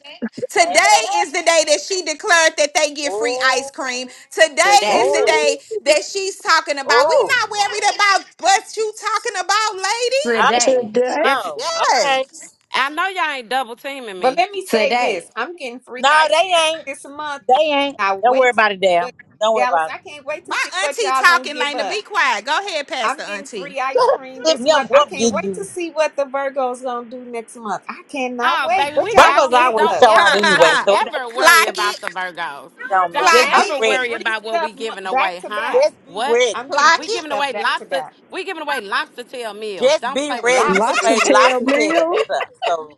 Speaker 13: Today
Speaker 8: Amen.
Speaker 13: is the day that she declared that they get free ice
Speaker 8: Oh,
Speaker 13: cream. Today
Speaker 6: Today.
Speaker 13: is the
Speaker 8: oh,
Speaker 1: Ooh,
Speaker 13: day that she's talking about. We
Speaker 8: oh.
Speaker 13: not worried about what you talking about, lady.
Speaker 8: Oh,
Speaker 6: Today.
Speaker 1: today,
Speaker 5: yes,
Speaker 8: oh, okay.
Speaker 13: Yes.
Speaker 5: I know y'all ain't double teaming
Speaker 4: But
Speaker 5: me.
Speaker 4: let me say
Speaker 6: Today.
Speaker 4: this: I'm getting free
Speaker 8: No, they
Speaker 4: ice cream
Speaker 8: ain't.
Speaker 4: this month.
Speaker 8: They
Speaker 4: I
Speaker 8: ain't.
Speaker 4: cannot
Speaker 8: Don't worry
Speaker 4: wait to see
Speaker 8: about it, damn.
Speaker 4: what
Speaker 8: Don't worry
Speaker 4: Dallas.
Speaker 8: about it.
Speaker 4: I
Speaker 8: (laughs)
Speaker 4: can't wait to
Speaker 13: My
Speaker 4: see what
Speaker 13: auntie
Speaker 4: y'all gonna
Speaker 13: talking,
Speaker 4: give
Speaker 13: Lena.
Speaker 4: us.
Speaker 13: Be quiet. Go ahead, Pastor
Speaker 4: I'm getting
Speaker 13: Auntie.
Speaker 4: free ice cream
Speaker 8: If
Speaker 4: this
Speaker 8: young
Speaker 4: month. I
Speaker 8: whoop
Speaker 4: can't
Speaker 8: get
Speaker 4: wait to
Speaker 8: you,
Speaker 4: see what the Virgo's gonna do next month. I cannot
Speaker 5: Oh,
Speaker 4: wait.
Speaker 5: baby,
Speaker 13: (laughs)
Speaker 4: What
Speaker 5: we
Speaker 4: y'all
Speaker 5: got
Speaker 8: Virgos
Speaker 4: gonna
Speaker 5: this.
Speaker 4: give
Speaker 8: always
Speaker 5: Don't
Speaker 4: us?
Speaker 8: show out
Speaker 13: clock
Speaker 5: ever,
Speaker 8: anyway,
Speaker 5: don't
Speaker 13: it,
Speaker 8: so it don't matter.
Speaker 5: ever worry
Speaker 13: clock
Speaker 5: about
Speaker 13: it,
Speaker 5: the Virgos.
Speaker 8: It don't matter.
Speaker 5: Don't
Speaker 8: Just
Speaker 4: I'm
Speaker 8: be
Speaker 5: ever
Speaker 4: getting
Speaker 5: worry
Speaker 8: ready.
Speaker 4: free
Speaker 5: about what
Speaker 4: stuff
Speaker 5: we
Speaker 4: mo-
Speaker 5: giving
Speaker 4: back
Speaker 5: away,
Speaker 4: to
Speaker 5: huh?
Speaker 4: back.
Speaker 8: Just be
Speaker 5: What?
Speaker 8: ready.
Speaker 4: I'm getting
Speaker 13: clock
Speaker 4: free
Speaker 5: We
Speaker 13: it,
Speaker 5: giving
Speaker 4: stuff
Speaker 5: away
Speaker 4: back to
Speaker 5: lobster.
Speaker 4: back.
Speaker 5: We giving away lobster tail meals.
Speaker 8: Just
Speaker 5: Don't
Speaker 8: be
Speaker 5: play with
Speaker 8: ready. We
Speaker 5: us.
Speaker 8: getting
Speaker 1: lobster
Speaker 4: Lobsters.
Speaker 8: ready
Speaker 4: (laughs)
Speaker 1: tail
Speaker 8: lobster tails and
Speaker 1: meals.
Speaker 8: stuff. So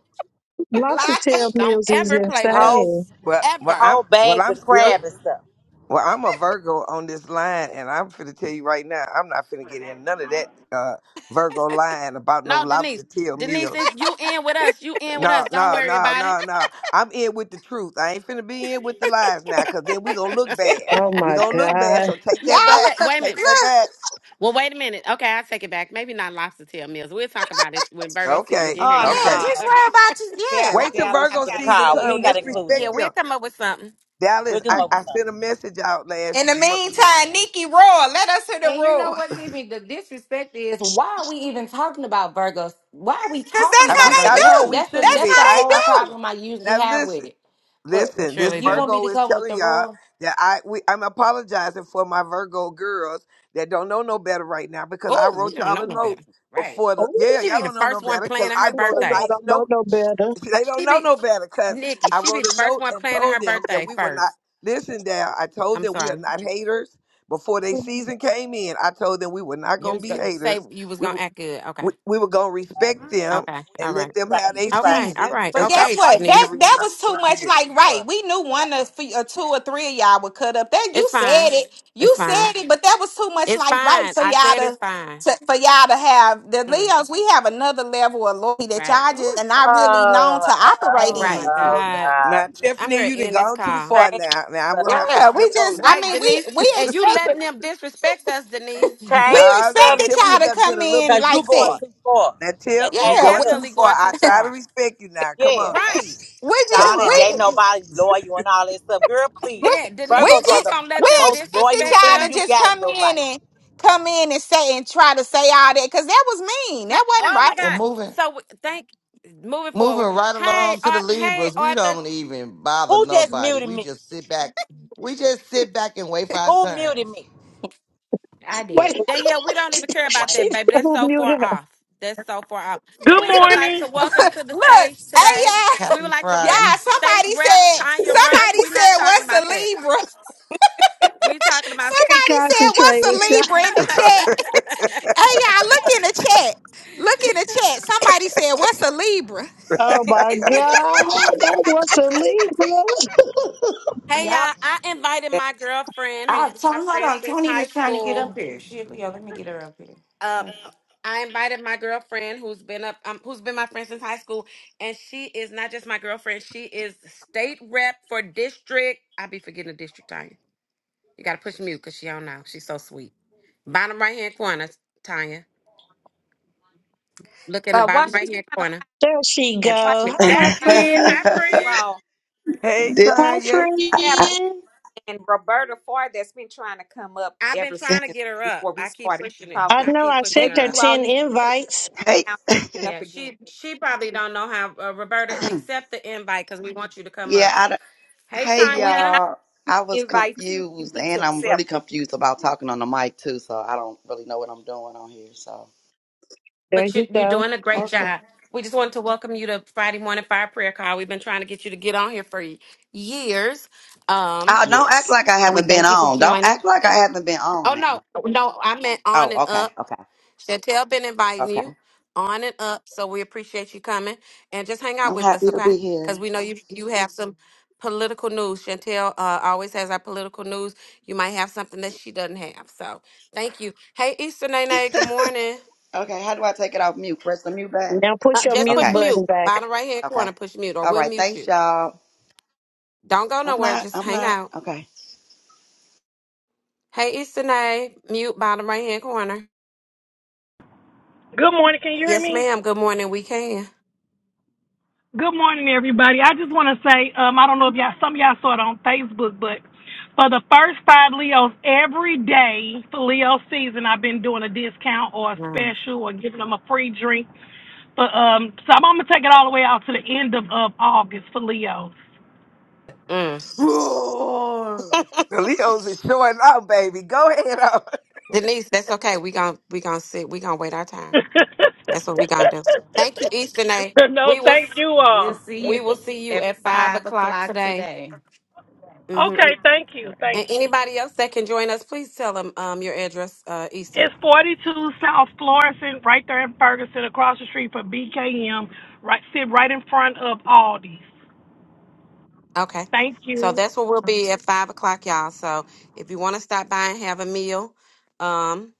Speaker 1: Lobster
Speaker 13: clock
Speaker 1: tail
Speaker 13: it.
Speaker 5: Don't
Speaker 1: meals is
Speaker 5: ever play with
Speaker 8: whole
Speaker 1: insane.
Speaker 5: us.
Speaker 9: well, well,
Speaker 5: Ever.
Speaker 9: I'm
Speaker 8: whole
Speaker 9: well.
Speaker 8: bags
Speaker 9: I'm
Speaker 8: of
Speaker 9: still
Speaker 8: crab and stuff
Speaker 9: well. I'm a Virgo on this line, and I'm finna tell you right now. I'm not finna get in none of that uh, Virgo line about no
Speaker 5: No, Denise.
Speaker 9: lobster tail
Speaker 5: Denise,
Speaker 9: meals.
Speaker 5: if you in with us. You in with
Speaker 9: No,
Speaker 5: us. Don't
Speaker 9: no,
Speaker 5: worry
Speaker 9: no,
Speaker 5: about it.
Speaker 9: no, no. I'm in with the truth. I ain't finna be in with the lies now, cause then we gonna look bad.
Speaker 1: Oh
Speaker 9: We
Speaker 1: my
Speaker 9: gonna look bad.
Speaker 1: god.
Speaker 9: So take
Speaker 13: Y'all
Speaker 9: that
Speaker 5: Okay,
Speaker 9: back.
Speaker 5: wait a
Speaker 13: look,
Speaker 9: Take
Speaker 5: minute.
Speaker 9: that
Speaker 13: look.
Speaker 9: back.
Speaker 5: Well, wait a minute. Okay, I'll take it back. Maybe not lobster tail meals. We'll talk about it when Virgo season
Speaker 9: Okay,
Speaker 5: get here,
Speaker 4: oh
Speaker 5: y'all.
Speaker 13: Yeah,
Speaker 9: okay.
Speaker 4: no,
Speaker 13: just
Speaker 5: (laughs)
Speaker 13: worry about you. Yeah.
Speaker 4: that
Speaker 9: Wait till
Speaker 4: Dallas, you
Speaker 9: Virgo
Speaker 8: after the
Speaker 4: got to
Speaker 9: season
Speaker 8: call. We
Speaker 4: stand
Speaker 9: come.
Speaker 8: ain't gotta
Speaker 9: Let's
Speaker 4: on that.
Speaker 8: include
Speaker 5: Okay.
Speaker 9: respect
Speaker 5: Yeah,
Speaker 8: them.
Speaker 5: we'll
Speaker 9: them.
Speaker 5: come up with something.
Speaker 8: We'll
Speaker 9: Dallas,
Speaker 8: come
Speaker 9: I,
Speaker 8: up with
Speaker 9: I sent a
Speaker 8: something.
Speaker 9: message out last
Speaker 13: In the
Speaker 9: mo- week.
Speaker 13: meantime, Nikki roar. Let us hear the
Speaker 6: And you know
Speaker 13: roar.
Speaker 6: what's even the disrespect is why are we even talking about Virgos? Why are we
Speaker 13: Cause
Speaker 6: talking
Speaker 13: that's
Speaker 9: I,
Speaker 13: how
Speaker 6: about
Speaker 9: we
Speaker 13: they
Speaker 6: Virgo?
Speaker 9: I
Speaker 6: That's
Speaker 9: know
Speaker 13: do.
Speaker 9: we
Speaker 6: that's the
Speaker 9: shouldn't
Speaker 13: That's
Speaker 6: that's
Speaker 9: be.
Speaker 13: how
Speaker 6: the
Speaker 9: I
Speaker 6: whole
Speaker 9: I, I
Speaker 13: they do.
Speaker 6: problem I usually
Speaker 9: now
Speaker 6: have
Speaker 9: listen.
Speaker 6: with it. But
Speaker 5: We
Speaker 9: Listen, this
Speaker 5: surely
Speaker 6: you
Speaker 5: do.
Speaker 6: want me
Speaker 9: Virgo
Speaker 6: to
Speaker 9: is
Speaker 6: come with
Speaker 9: telling
Speaker 6: the
Speaker 9: y'all
Speaker 6: roar?
Speaker 9: that I we, I'm apologizing for my Virgo girls that don't know no better right now because I
Speaker 5: Oh, you
Speaker 9: wrote
Speaker 5: don't
Speaker 9: y'all
Speaker 5: know
Speaker 9: a
Speaker 5: no
Speaker 9: note
Speaker 5: better.
Speaker 6: Right,
Speaker 9: before the
Speaker 1: Oh,
Speaker 9: yeah
Speaker 5: She
Speaker 9: y'all
Speaker 5: be the
Speaker 9: don't know no
Speaker 5: first one
Speaker 9: better because
Speaker 5: planning her
Speaker 9: I
Speaker 1: she
Speaker 9: wrote
Speaker 1: say
Speaker 9: a
Speaker 5: birthday.
Speaker 1: y'all
Speaker 9: nice
Speaker 1: don't know
Speaker 9: note.
Speaker 1: no better.
Speaker 9: (laughs) They don't
Speaker 5: She
Speaker 9: know
Speaker 5: be
Speaker 9: no better because
Speaker 5: Nikki.
Speaker 9: I
Speaker 5: She be
Speaker 9: wrote
Speaker 5: the
Speaker 9: a
Speaker 5: first
Speaker 9: note
Speaker 5: one
Speaker 9: and
Speaker 5: planning her
Speaker 9: told them that
Speaker 5: birthday
Speaker 9: we were not
Speaker 5: first.
Speaker 9: listen. Down, I told
Speaker 5: I'm
Speaker 9: them we are
Speaker 5: sorry.
Speaker 9: not haters. Before they season came in, I told them we were not
Speaker 5: You
Speaker 9: gonna
Speaker 5: was
Speaker 9: be
Speaker 5: gonna say
Speaker 9: haters.
Speaker 5: you was
Speaker 9: We
Speaker 5: gonna
Speaker 9: were
Speaker 5: act good. Okay.
Speaker 9: we, we were gonna respect them
Speaker 5: Okay.
Speaker 8: We,
Speaker 5: All
Speaker 9: and
Speaker 5: right.
Speaker 8: we
Speaker 9: let them have
Speaker 8: right.
Speaker 9: their
Speaker 8: You right.
Speaker 5: Okay. All
Speaker 9: season
Speaker 5: right.
Speaker 9: and
Speaker 13: But
Speaker 9: stop
Speaker 13: guess
Speaker 5: Okay,
Speaker 13: what?
Speaker 9: fighting
Speaker 13: That
Speaker 5: Denise.
Speaker 9: every
Speaker 13: that
Speaker 9: summer,
Speaker 13: was too
Speaker 9: every
Speaker 13: much.
Speaker 9: year.
Speaker 13: Like, right?
Speaker 8: Well,
Speaker 13: We knew
Speaker 8: okay.
Speaker 13: one or, or two or three of y'all would cut up. That you
Speaker 5: It's
Speaker 13: said
Speaker 5: fine.
Speaker 13: it. You
Speaker 5: It's fine.
Speaker 13: said it. But that was too much.
Speaker 5: It's
Speaker 13: Like, right?
Speaker 5: fine.
Speaker 13: So
Speaker 5: I
Speaker 13: y'all
Speaker 5: said it's
Speaker 13: to,
Speaker 5: fine.
Speaker 13: to for y'all to have the
Speaker 5: Mm.
Speaker 13: Leos. We have another level of loyalty that
Speaker 6: right,
Speaker 13: y'all just
Speaker 5: Ooh.
Speaker 13: are not really known to
Speaker 8: Oh,
Speaker 13: operate
Speaker 5: Oh my
Speaker 6: right,
Speaker 13: in.
Speaker 8: oh
Speaker 6: Tiffany.
Speaker 5: God.
Speaker 8: God.
Speaker 9: Now,
Speaker 5: I'm
Speaker 9: Tiffany,
Speaker 5: gonna
Speaker 9: you done
Speaker 5: end this
Speaker 9: gone too
Speaker 5: call.
Speaker 9: far
Speaker 8: Change
Speaker 9: now. Now,
Speaker 8: the
Speaker 9: I'm going to
Speaker 8: subject.
Speaker 9: have to
Speaker 13: Yeah, we
Speaker 9: flip
Speaker 13: just.
Speaker 9: on
Speaker 13: I
Speaker 9: you.
Speaker 5: Right,
Speaker 13: mean, we
Speaker 5: Denise?
Speaker 13: we
Speaker 5: And you
Speaker 13: expected
Speaker 5: letting them disrespect us, Denise.
Speaker 6: (laughs)
Speaker 13: we
Speaker 8: Change
Speaker 9: Now,
Speaker 8: the
Speaker 9: now,
Speaker 13: expected
Speaker 8: subject
Speaker 9: Tiffany
Speaker 13: y'all to
Speaker 9: just
Speaker 13: come
Speaker 9: went a little
Speaker 13: in
Speaker 8: because
Speaker 9: bit too
Speaker 8: you
Speaker 13: like
Speaker 8: going
Speaker 13: that.
Speaker 9: far.
Speaker 8: too far.
Speaker 9: Now,
Speaker 8: Now
Speaker 9: Tiff,
Speaker 5: She's
Speaker 9: you
Speaker 8: change the
Speaker 13: Yeah,
Speaker 9: going too
Speaker 8: subject.
Speaker 5: definitely
Speaker 9: far.
Speaker 5: going
Speaker 9: I
Speaker 5: too
Speaker 9: try to
Speaker 5: far.
Speaker 9: respect you now. Come
Speaker 8: Yeah,
Speaker 9: on.
Speaker 5: Right.
Speaker 13: We
Speaker 9: Come
Speaker 8: all
Speaker 13: just
Speaker 8: that
Speaker 9: on.
Speaker 8: ain't
Speaker 13: we
Speaker 8: nobody loyal and all that stuff. Girl, please.
Speaker 13: we
Speaker 5: Yeah,
Speaker 13: we
Speaker 5: Denise,
Speaker 8: Virgos are
Speaker 5: you
Speaker 8: the,
Speaker 13: just
Speaker 5: gonna
Speaker 8: the
Speaker 5: let
Speaker 13: we
Speaker 5: them
Speaker 8: most
Speaker 13: expected
Speaker 8: loyal
Speaker 5: disrespect
Speaker 13: y'all
Speaker 8: thing
Speaker 5: us?
Speaker 13: to
Speaker 8: you
Speaker 13: just
Speaker 8: got
Speaker 13: come
Speaker 8: in your
Speaker 13: in
Speaker 8: life.
Speaker 13: and come in and say and try to say all that because that was mean.
Speaker 5: Ha-
Speaker 13: That wasn't
Speaker 5: Oh my
Speaker 13: right.
Speaker 2: We're
Speaker 5: God.
Speaker 2: moving
Speaker 5: So w- thank moving forward.
Speaker 2: moving right
Speaker 5: Hey,
Speaker 2: along to the
Speaker 5: Ar- hey,
Speaker 2: Libras. We
Speaker 5: Arthur,
Speaker 2: don't even bother
Speaker 8: Who just
Speaker 2: nobody.
Speaker 8: muted
Speaker 2: We
Speaker 8: me?
Speaker 2: just sit back. We just sit back and wait for our
Speaker 8: Who
Speaker 2: turn.
Speaker 8: muted me?
Speaker 6: I
Speaker 1: Wait.
Speaker 6: did.
Speaker 5: Yeah, yeah, we don't even care about
Speaker 8: Wayne.
Speaker 5: that,
Speaker 1: She
Speaker 5: baby. That's
Speaker 1: double
Speaker 5: so far
Speaker 1: muted her.
Speaker 5: off. That's so far off.
Speaker 14: Good
Speaker 5: We would like
Speaker 14: morning.
Speaker 5: to welcome
Speaker 13: (laughs)
Speaker 5: to the
Speaker 13: Look,
Speaker 5: stage
Speaker 13: hey
Speaker 5: today.
Speaker 13: y'all,
Speaker 5: We would
Speaker 2: Happy
Speaker 5: like to rep,
Speaker 2: Friday.
Speaker 13: y'all.
Speaker 5: state
Speaker 13: Somebody
Speaker 5: rep
Speaker 13: said
Speaker 5: Tanya Rush.
Speaker 13: somebody
Speaker 5: We're not
Speaker 13: said
Speaker 5: talking
Speaker 13: what's
Speaker 5: about
Speaker 13: a
Speaker 5: that.
Speaker 13: Libra. (laughs)
Speaker 5: We talking about.
Speaker 1: Can't
Speaker 13: Somebody said what's
Speaker 1: concentrate with
Speaker 13: a
Speaker 1: y'all.
Speaker 13: Libra in the
Speaker 9: (laughs)
Speaker 13: chat. (laughs) hey y'all, look in the chat. Look in the chat. Somebody said what's a Libra.
Speaker 1: Oh my
Speaker 5: (laughs)
Speaker 1: God. That was a Libra.
Speaker 5: Hey
Speaker 4: Y'all,
Speaker 5: y'all, I invited my girlfriend who's
Speaker 6: I
Speaker 5: been my
Speaker 6: Tony, hold
Speaker 5: friend
Speaker 6: on.
Speaker 5: since
Speaker 6: Tony
Speaker 5: high
Speaker 6: was trying to get
Speaker 5: school.
Speaker 6: up here. Shit, yo, let me get her up here.
Speaker 5: Um,
Speaker 6: Her-
Speaker 5: I invited my girlfriend who's been up, um, who's been my friend since high school, and she is not just my girlfriend. She is state rep for district. I be forgetting the district. You gotta push mute because she don't know. She's so sweet. Bottom right hand corner, Tanya. Look in the
Speaker 4: uh, while
Speaker 5: bottom right
Speaker 4: she's
Speaker 5: hand
Speaker 4: trying to
Speaker 5: corner
Speaker 1: There she
Speaker 5: and
Speaker 4: watch
Speaker 5: push
Speaker 1: go.
Speaker 5: it.
Speaker 1: Hi,
Speaker 15: (laughs)
Speaker 5: There
Speaker 1: my
Speaker 5: she
Speaker 4: the
Speaker 5: is,
Speaker 1: friend.
Speaker 5: hi friend.
Speaker 4: ball,
Speaker 9: hey,
Speaker 15: this,
Speaker 1: Hi,
Speaker 4: you
Speaker 9: Tanya.
Speaker 1: friend.
Speaker 4: you have Gwen Roberta Ford that's been trying to come up
Speaker 5: I've been
Speaker 4: ever
Speaker 15: hey,
Speaker 5: trying to
Speaker 4: since
Speaker 5: get her up.
Speaker 4: before we
Speaker 5: I keep
Speaker 4: started
Speaker 5: pushing it.
Speaker 1: I
Speaker 4: talking.
Speaker 5: I
Speaker 1: know
Speaker 5: keep
Speaker 1: I
Speaker 5: pushing
Speaker 1: sent
Speaker 4: Maybe
Speaker 5: her
Speaker 1: her
Speaker 5: up.
Speaker 4: you all
Speaker 1: 10
Speaker 4: need to take
Speaker 1: invites.
Speaker 15: (clears throat)
Speaker 4: it down, pick it up
Speaker 5: Yeah,
Speaker 4: again.
Speaker 5: she she probably don't know how. Uh, Roberta, accept the invite because we want you to come
Speaker 15: yeah,
Speaker 5: up.
Speaker 15: I, don't-
Speaker 5: Hey,
Speaker 15: hey,
Speaker 4: And Gwen,
Speaker 5: Tanya.
Speaker 4: I
Speaker 15: y'all. I was
Speaker 4: invite too. You
Speaker 15: confused,
Speaker 4: need to
Speaker 15: and I'm really
Speaker 4: accept it.
Speaker 15: confused about talking on the mic too. So I don't really know what I'm doing on here. So
Speaker 1: There
Speaker 5: But you,
Speaker 1: you
Speaker 5: you're
Speaker 1: go.
Speaker 5: doing a great
Speaker 15: okay,
Speaker 5: job. We just wanted to welcome you to Friday morning fire prayer call. We've been trying to get you to get on here for years, um,
Speaker 15: uh, don't act
Speaker 1: Yes.
Speaker 15: like I
Speaker 5: and we
Speaker 15: haven't been
Speaker 5: thank you for
Speaker 15: on. Don't
Speaker 5: joining.
Speaker 15: act like I haven't been
Speaker 5: Oh
Speaker 15: on
Speaker 5: no,
Speaker 15: now.
Speaker 5: no, I meant on
Speaker 15: Oh,
Speaker 5: and
Speaker 15: okay,
Speaker 5: up.
Speaker 15: okay,
Speaker 5: Chantel been inviting
Speaker 15: okay.
Speaker 5: you on and up, so we appreciate you coming and just hang out
Speaker 15: I'm
Speaker 5: with us,
Speaker 15: happy to
Speaker 5: okay?
Speaker 15: be
Speaker 5: Because
Speaker 15: here.
Speaker 5: we know you you have some political news. Chantel uh, always has our political news. You might have something that she doesn't have, so thank you. Hey, Easter Nene, good morning.
Speaker 15: Okay, how do I take it off mute? Press the mute back.
Speaker 1: Now put
Speaker 5: Uh,
Speaker 1: your
Speaker 5: just
Speaker 1: mute
Speaker 5: push
Speaker 15: Okay,
Speaker 5: mute,
Speaker 1: button back.
Speaker 5: bottom right hand corner,
Speaker 15: okay.
Speaker 5: push mute, or
Speaker 15: All
Speaker 5: we'll
Speaker 15: right,
Speaker 5: mute
Speaker 15: thanks,
Speaker 5: you.
Speaker 15: y'all.
Speaker 5: Don't go
Speaker 15: I'm
Speaker 5: nowhere,
Speaker 15: not.
Speaker 5: just
Speaker 15: I'm
Speaker 5: hang
Speaker 15: not.
Speaker 5: out.
Speaker 15: Okay.
Speaker 5: Hey, Easter Nene, mute, bottom right hand corner.
Speaker 14: Good morning. Can you hear
Speaker 5: Yes,
Speaker 14: me?
Speaker 5: ma'am. Good morning. We can.
Speaker 14: Good morning, everybody. I just want to say, um, I don't know if y'all, some of y'all saw it on Facebook, but for the first five Leos, every day for Leo season, I've been doing a discount or a
Speaker 5: Mm.
Speaker 14: special or giving them a free drink. But um, so I'm gonna take it all the way out to the end of, of August for Leos.
Speaker 5: Mm.
Speaker 6: Roar!
Speaker 9: The
Speaker 5: (laughs)
Speaker 9: Leos is showing up, baby. Go ahead. On.
Speaker 5: Denise, that's okay. We gon' we gonna sit. We gonna wait our
Speaker 14: (laughs)
Speaker 5: turn.
Speaker 14: no,
Speaker 5: That's what we gonna do. Thank you, Eastern We will
Speaker 14: thank
Speaker 5: s-
Speaker 14: you
Speaker 6: We'll
Speaker 14: all.
Speaker 6: see
Speaker 5: we
Speaker 6: you
Speaker 5: will see you
Speaker 6: at
Speaker 5: at five
Speaker 6: five
Speaker 5: o'clock
Speaker 6: o'clock
Speaker 5: today.
Speaker 6: today.
Speaker 5: hmm
Speaker 14: Okay,
Speaker 5: And
Speaker 14: thank you, thank you.
Speaker 5: anybody else that can join us, please tell them um your address, uh, Easter.
Speaker 14: It's 42 South Florissant, right there in Ferguson, across the street from BKM, right, sit right in front of Aldi's.
Speaker 5: Okay.
Speaker 14: Thank
Speaker 5: So
Speaker 14: you.
Speaker 5: that's where we'll be at five o'clock, y'all. So if you want to stop by and have a meal, um,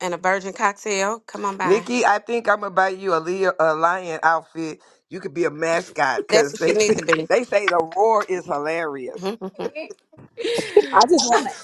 Speaker 5: and a virgin cocktail, come on
Speaker 9: (laughs)
Speaker 5: by.
Speaker 9: Nikki, I think I'm going to buy you a, Leo, a lion outfit. You could be a mascot
Speaker 5: That's
Speaker 9: because
Speaker 5: what you
Speaker 9: they
Speaker 5: need
Speaker 9: say,
Speaker 5: to be.
Speaker 9: (laughs) they say the roar is hilarious.
Speaker 5: (laughs)
Speaker 11: I just
Speaker 6: (laughs)
Speaker 11: want to.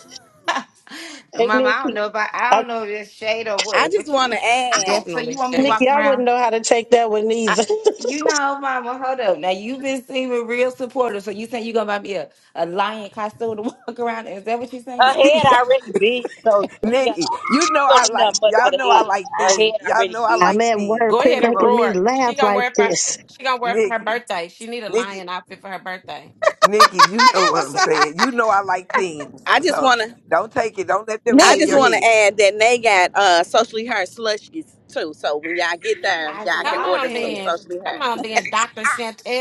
Speaker 1: Hey,
Speaker 6: Mama, I
Speaker 1: Nikki.
Speaker 6: don't know if I, I
Speaker 1: I,
Speaker 6: don't know if it's shade or
Speaker 11: I
Speaker 6: what,
Speaker 11: just
Speaker 6: but you,
Speaker 11: want to
Speaker 6: (laughs) I
Speaker 11: add.
Speaker 6: don't. So
Speaker 5: Definitely,
Speaker 6: you want me to walk
Speaker 1: Nikki,
Speaker 5: Shay.
Speaker 1: I wouldn't
Speaker 6: around?
Speaker 1: know how to take that one
Speaker 11: I,
Speaker 1: either.
Speaker 6: You know, Mama, hold up. Now you've been seeming real supportive, so you saying you gonna buy me a, a lion costume to (laughs) walk around? in? Is that what you're saying?
Speaker 8: Her
Speaker 9: (laughs)
Speaker 8: head already big, so she ain't got
Speaker 9: Nikki,
Speaker 8: to, she
Speaker 9: you know
Speaker 8: don't
Speaker 9: I
Speaker 8: need
Speaker 9: like,
Speaker 8: nothing much for
Speaker 9: y'all
Speaker 8: the
Speaker 9: know I
Speaker 8: head.
Speaker 9: like
Speaker 8: Her
Speaker 9: themes.
Speaker 8: head
Speaker 9: Y'all
Speaker 8: already
Speaker 9: know I
Speaker 1: (laughs) I'm
Speaker 8: big.
Speaker 9: like
Speaker 1: at
Speaker 9: themes.
Speaker 1: work.
Speaker 5: Go
Speaker 1: Quit
Speaker 5: ahead
Speaker 9: Come
Speaker 5: and
Speaker 9: on.
Speaker 1: making me
Speaker 5: roar. She
Speaker 1: laugh
Speaker 5: gonna
Speaker 1: like
Speaker 5: wear it for
Speaker 1: this.
Speaker 5: she gonna wear it for her
Speaker 9: Nikki,
Speaker 5: birthday. She need a
Speaker 9: Nikki,
Speaker 5: lion outfit for her birthday.
Speaker 6: Hmm.
Speaker 9: Nikki,
Speaker 13: (laughs)
Speaker 9: you know
Speaker 13: that
Speaker 9: what
Speaker 13: was
Speaker 9: I'm saying. You know I like themes.
Speaker 11: I just
Speaker 9: So
Speaker 11: want to.
Speaker 9: don't take it. Don't let
Speaker 13: (laughs)
Speaker 9: them
Speaker 11: I
Speaker 9: get in
Speaker 11: just
Speaker 9: your
Speaker 13: Nikki.
Speaker 11: want to
Speaker 9: head.
Speaker 11: add that they got uh socially hurt slushies too. So when y'all get there,
Speaker 6: I
Speaker 11: y'all can
Speaker 5: Come
Speaker 6: saw
Speaker 11: order
Speaker 5: on,
Speaker 11: some
Speaker 6: that.
Speaker 5: then.
Speaker 11: socially
Speaker 5: Come
Speaker 11: hurt.
Speaker 5: on, then, Doctor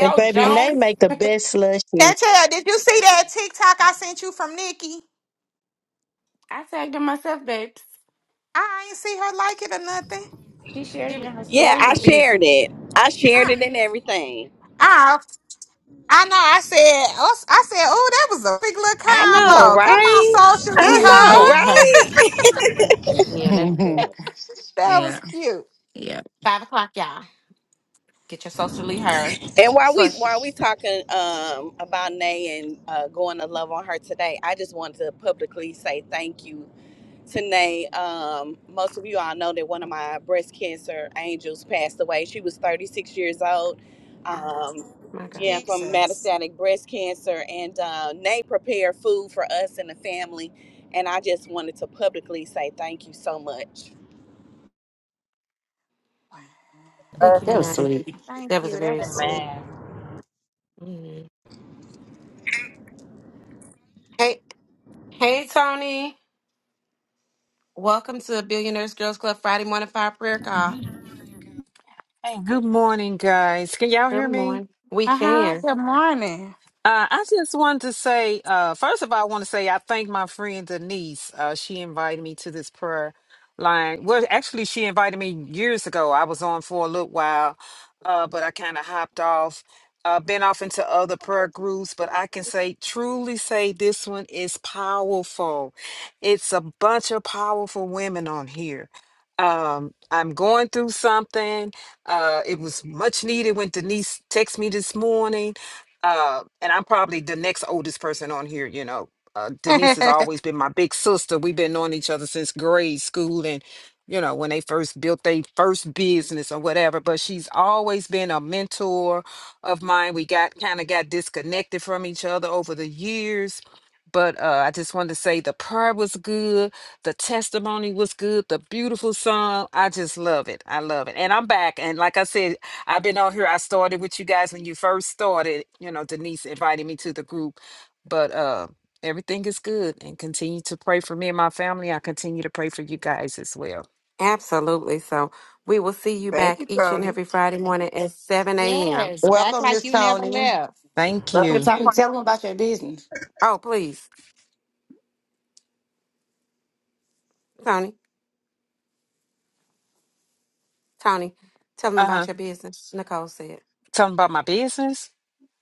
Speaker 1: And baby,
Speaker 6: (laughs)
Speaker 1: they
Speaker 5: Jones.
Speaker 1: make the best slushy.
Speaker 13: Chantel, did you see that TikTok I sent you from Nikki?
Speaker 6: I tagged her myself, babes.
Speaker 13: I ain't see her like it or nothing.
Speaker 6: She shared
Speaker 5: She
Speaker 6: it
Speaker 5: was
Speaker 6: in her
Speaker 11: Yeah,
Speaker 5: she
Speaker 6: story.
Speaker 11: I
Speaker 5: was busy.
Speaker 11: shared it. I shared
Speaker 13: Oh,
Speaker 11: it and everything.
Speaker 13: I, I know. I said, oh, I said, oh, that was a big little
Speaker 11: I
Speaker 6: Yeah.
Speaker 11: know,
Speaker 13: combo. Come on,
Speaker 11: right?
Speaker 13: socially,
Speaker 11: I
Speaker 6: (laughs)
Speaker 11: know,
Speaker 13: huh?
Speaker 11: right?
Speaker 5: Yeah, that's good.
Speaker 13: That was
Speaker 6: yeah. Yeah.
Speaker 13: cute.
Speaker 5: Five o'clock, y'all. Get your socially her
Speaker 11: And while we
Speaker 5: slushy.
Speaker 11: while we talking um about Nay and uh, going to love on her today, I just wanted to publicly say thank you Tanae, um, most of you all know that one of my breast cancer angels passed away. She was 36 years old. Um,
Speaker 5: My God.
Speaker 11: yeah, from metastatic breast cancer. And uh, Nate prepared food for us and the family. And I just wanted to publicly say thank you so much.
Speaker 5: Thank you,
Speaker 6: that was
Speaker 5: Nana.
Speaker 6: sweet.
Speaker 5: That was very sweet.
Speaker 8: Amen.
Speaker 5: Mhm. Hey, hey, Tony. Welcome to Billionaires Girls Club Friday morning fire prayer call.
Speaker 16: Hey, good morning, guys. Can y'all
Speaker 5: Good
Speaker 16: hear me?
Speaker 5: morning. We
Speaker 13: Uh huh.
Speaker 5: can.
Speaker 13: Good morning.
Speaker 16: Uh, I just wanted to say, uh, first of all, I want to say I thank my friend Denise. Uh, she invited me to this prayer line. Well, actually, she invited me years ago. I was on for a little while, uh, but I kind of hopped off. Uh, been off into other prayer groups, but I can say, truly say, this one is powerful. It's a bunch of powerful women on here. Um, I'm going through something. Uh, it was much needed when Denise texted me this morning uh, and I'm probably the next oldest person on here, you know. Uh,
Speaker 13: (laughs)
Speaker 16: Denise has always been my big sister. We've been knowing each other since grade school and, you know, when they first built their first business or whatever. But she's always been a mentor of mine. We got kind of got disconnected from each other over the years. But uh, I just wanted to say the prayer was good. The testimony was good. The beautiful song. I just love it. I love it. And I'm back. And like I said, I've been on here. I started with you guys when you first started. You know, Denise invited me to the group, but uh, everything is good. And continue to pray for me and my family. I continue to pray for you guys as well.
Speaker 5: Absolutely. So we will see you
Speaker 9: Thank you,
Speaker 5: back each and
Speaker 9: Tony.
Speaker 5: every Friday morning at 7 a.m.
Speaker 13: yes, back
Speaker 2: Welcome,
Speaker 13: like
Speaker 2: Miss
Speaker 13: you never
Speaker 2: Tony.
Speaker 13: left.
Speaker 16: Thank
Speaker 6: Welcome,
Speaker 8: We'll
Speaker 16: you.
Speaker 8: be
Speaker 6: talking. Tell
Speaker 8: praying
Speaker 6: them
Speaker 8: for
Speaker 6: about your business.
Speaker 5: Oh, please, Tony, Tony, tell them
Speaker 16: Uh
Speaker 5: about
Speaker 16: huh.
Speaker 5: your business. Nicole said.
Speaker 16: Talking about my business.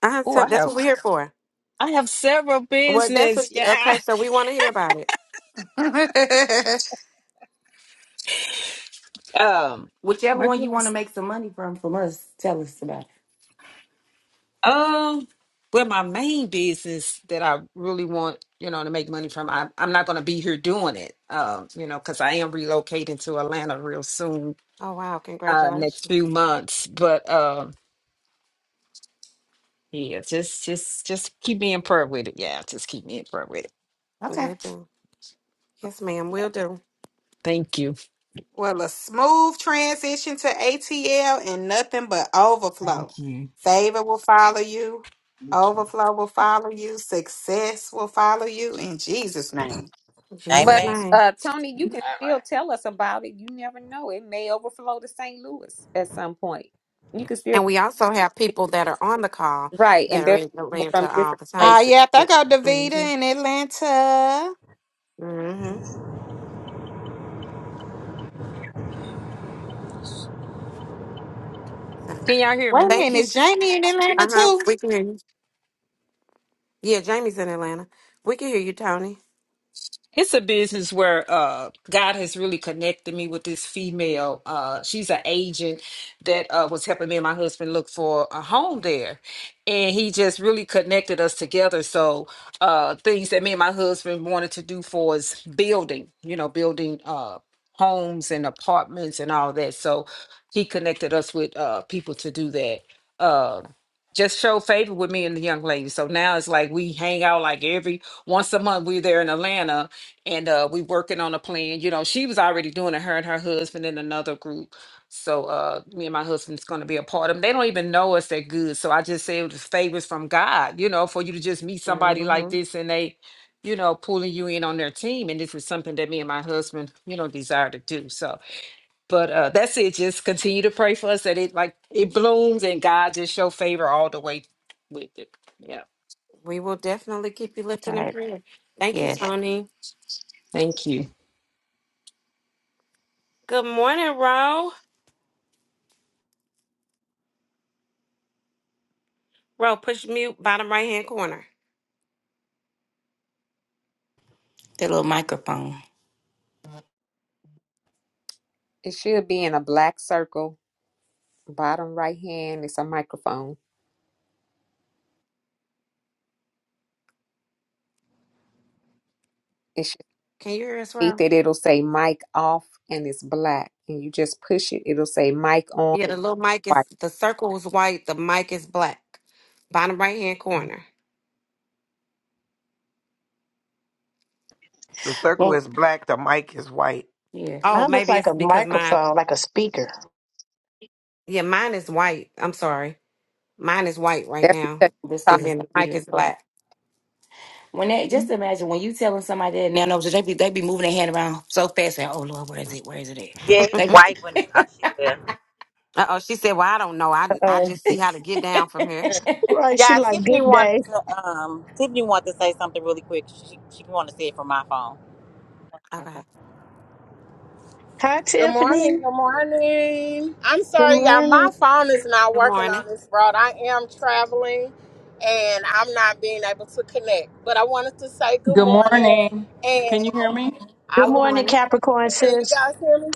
Speaker 5: Uh-huh,
Speaker 16: Oh,
Speaker 5: so
Speaker 16: I
Speaker 5: that's what
Speaker 16: have
Speaker 5: we're here (laughs) for.
Speaker 16: I have several
Speaker 5: Well, that's what,
Speaker 16: business.
Speaker 5: okay,
Speaker 16: Yeah.
Speaker 5: so we want to hear about it.
Speaker 13: (laughs)
Speaker 16: Um.
Speaker 6: Whichever
Speaker 16: What
Speaker 6: one you want to
Speaker 16: was?
Speaker 6: make some money from from us, tell us about it.
Speaker 16: Um. Well, my main business that I really want, you know, to make money from, I, I'm not going to be here doing it, um, you know, because I am relocating to Atlanta real soon
Speaker 5: Oh, wow.
Speaker 16: uh next
Speaker 5: Congratulations.
Speaker 16: few months. But um yeah, just just just keep me in prayer with it. Yeah, just keep me in prayer with it.
Speaker 6: Okay.
Speaker 5: Will do. Yes, ma'am. Will do.
Speaker 16: Thank you.
Speaker 13: well, a smooth transition to ATL and nothing but overflow.
Speaker 16: Thank you.
Speaker 13: Favor will follow you.
Speaker 16: Thank you.
Speaker 13: Overflow will follow you. Success will follow you in Jesus' name.
Speaker 5: In
Speaker 8: them.
Speaker 5: Jesus'
Speaker 8: Amen.
Speaker 4: But
Speaker 5: name.
Speaker 4: uh, Tony, you can
Speaker 16: All right.
Speaker 4: still tell us about it. You never know; it may overflow to St. Louis at some point. You can still
Speaker 5: And we also have people that are on the call
Speaker 4: right,
Speaker 5: that
Speaker 4: and
Speaker 5: are
Speaker 4: there's
Speaker 5: in
Speaker 4: people from
Speaker 5: Atlanta all
Speaker 4: different
Speaker 5: the time.
Speaker 13: Ah,
Speaker 4: places.
Speaker 13: yep,
Speaker 5: Yeah.
Speaker 13: I got
Speaker 5: hmm
Speaker 13: Davita in Atlanta.
Speaker 5: hmm So,
Speaker 16: Can y'all hear
Speaker 13: Wait
Speaker 16: me?
Speaker 13: a
Speaker 5: thank
Speaker 13: minute,
Speaker 5: you.
Speaker 13: is Jamie in Atlanta
Speaker 5: Uh huh.
Speaker 13: too?
Speaker 5: We can hear you. Yeah, Jamie's in Atlanta. We can hear you, Tony.
Speaker 16: It's a business where uh, God has really connected me with this female. Uh, she's an agent that uh, was helping me and my husband look for a home there. And he just really connected us together. So, uh, things that me and my husband wanted to do for us building, you know, building uh, homes and apartments and all that. So, he connected us with uh, people to do that. Uh, just show favor with me and the young lady. So now it's like we hang out like every once a month. We're there in Atlanta and uh we working on a plan you know she was already doing it her and her husband in another group so uh me and my husband's going to be a part of 'em. they don't even know us that good so i just say it was favors from god you know for you to just meet somebody like
Speaker 5: hmm
Speaker 16: this and they you know pulling you in on their team and this was something that me and my husband you know desire to do so but uh that's it just continue to pray for us that it like it blooms and god just show favor all the way with it yeah
Speaker 5: We will definitely keep you lifted
Speaker 6: All
Speaker 5: in
Speaker 6: right.
Speaker 5: prayer. Thank you,
Speaker 6: Yeah.
Speaker 5: Tony.
Speaker 16: thank you
Speaker 5: Good morning, Ro. Ro, push mute, bottom right hand corner.
Speaker 6: The little microphone.
Speaker 4: It should be in a black circle, bottom right hand. It's a microphone. It should
Speaker 5: Can you hear us,
Speaker 4: be
Speaker 5: Ro?
Speaker 4: that It'll say mic off, and it's black. And you just push it. It'll say mic on.
Speaker 5: Yeah, the little mic is
Speaker 4: White.
Speaker 5: the circle is white, the mic is black. Bottom right hand corner.
Speaker 9: The circle
Speaker 6: Well,
Speaker 9: is black, the mic is white.
Speaker 6: yeah.
Speaker 5: Oh,
Speaker 1: Mine look
Speaker 5: maybe
Speaker 1: like
Speaker 5: it's
Speaker 1: a
Speaker 5: because mine
Speaker 1: microphone, like a speaker.
Speaker 5: yeah, mine is white. I'm sorry. Mine is white right
Speaker 4: That's because.
Speaker 5: now.
Speaker 6: Just
Speaker 4: you're talking.
Speaker 5: And
Speaker 6: because it's
Speaker 5: then the mic is
Speaker 6: muted.
Speaker 5: black.
Speaker 6: When they just imagine when you telling somebody that now knows they be they be moving their hand around so fast and oh Lord, where is it? Where is it at?
Speaker 8: Yeah, it's
Speaker 6: They be-
Speaker 8: white when it's out she left.
Speaker 5: Uh oh, she said, Well, I don't know. I I just see how to get down from here.
Speaker 6: (laughs)
Speaker 1: Right, she
Speaker 8: Yeah,
Speaker 1: like
Speaker 8: Tiffany
Speaker 1: good
Speaker 8: wanted
Speaker 1: day.
Speaker 8: to. Um, Tiffany wanted to say something really quick. She she wanted to say it from my phone.
Speaker 5: Okay.
Speaker 6: Okay.
Speaker 1: Hi,
Speaker 8: Good
Speaker 1: Tiffany.
Speaker 8: morning. Good morning. I'm
Speaker 1: Good
Speaker 8: sorry, y'all.
Speaker 1: morning.
Speaker 8: My phone is not
Speaker 5: Good
Speaker 8: working
Speaker 5: morning.
Speaker 8: on this road. I am traveling and I'm not being able to connect. But I wanted to say good
Speaker 17: Good
Speaker 8: morning.
Speaker 17: morning. Can
Speaker 8: And
Speaker 17: you hear me?
Speaker 8: I
Speaker 1: Good
Speaker 5: Good
Speaker 8: wanted,
Speaker 1: morning,
Speaker 5: morning.
Speaker 1: Capricorn
Speaker 8: can you
Speaker 1: sis.
Speaker 8: guys hear me?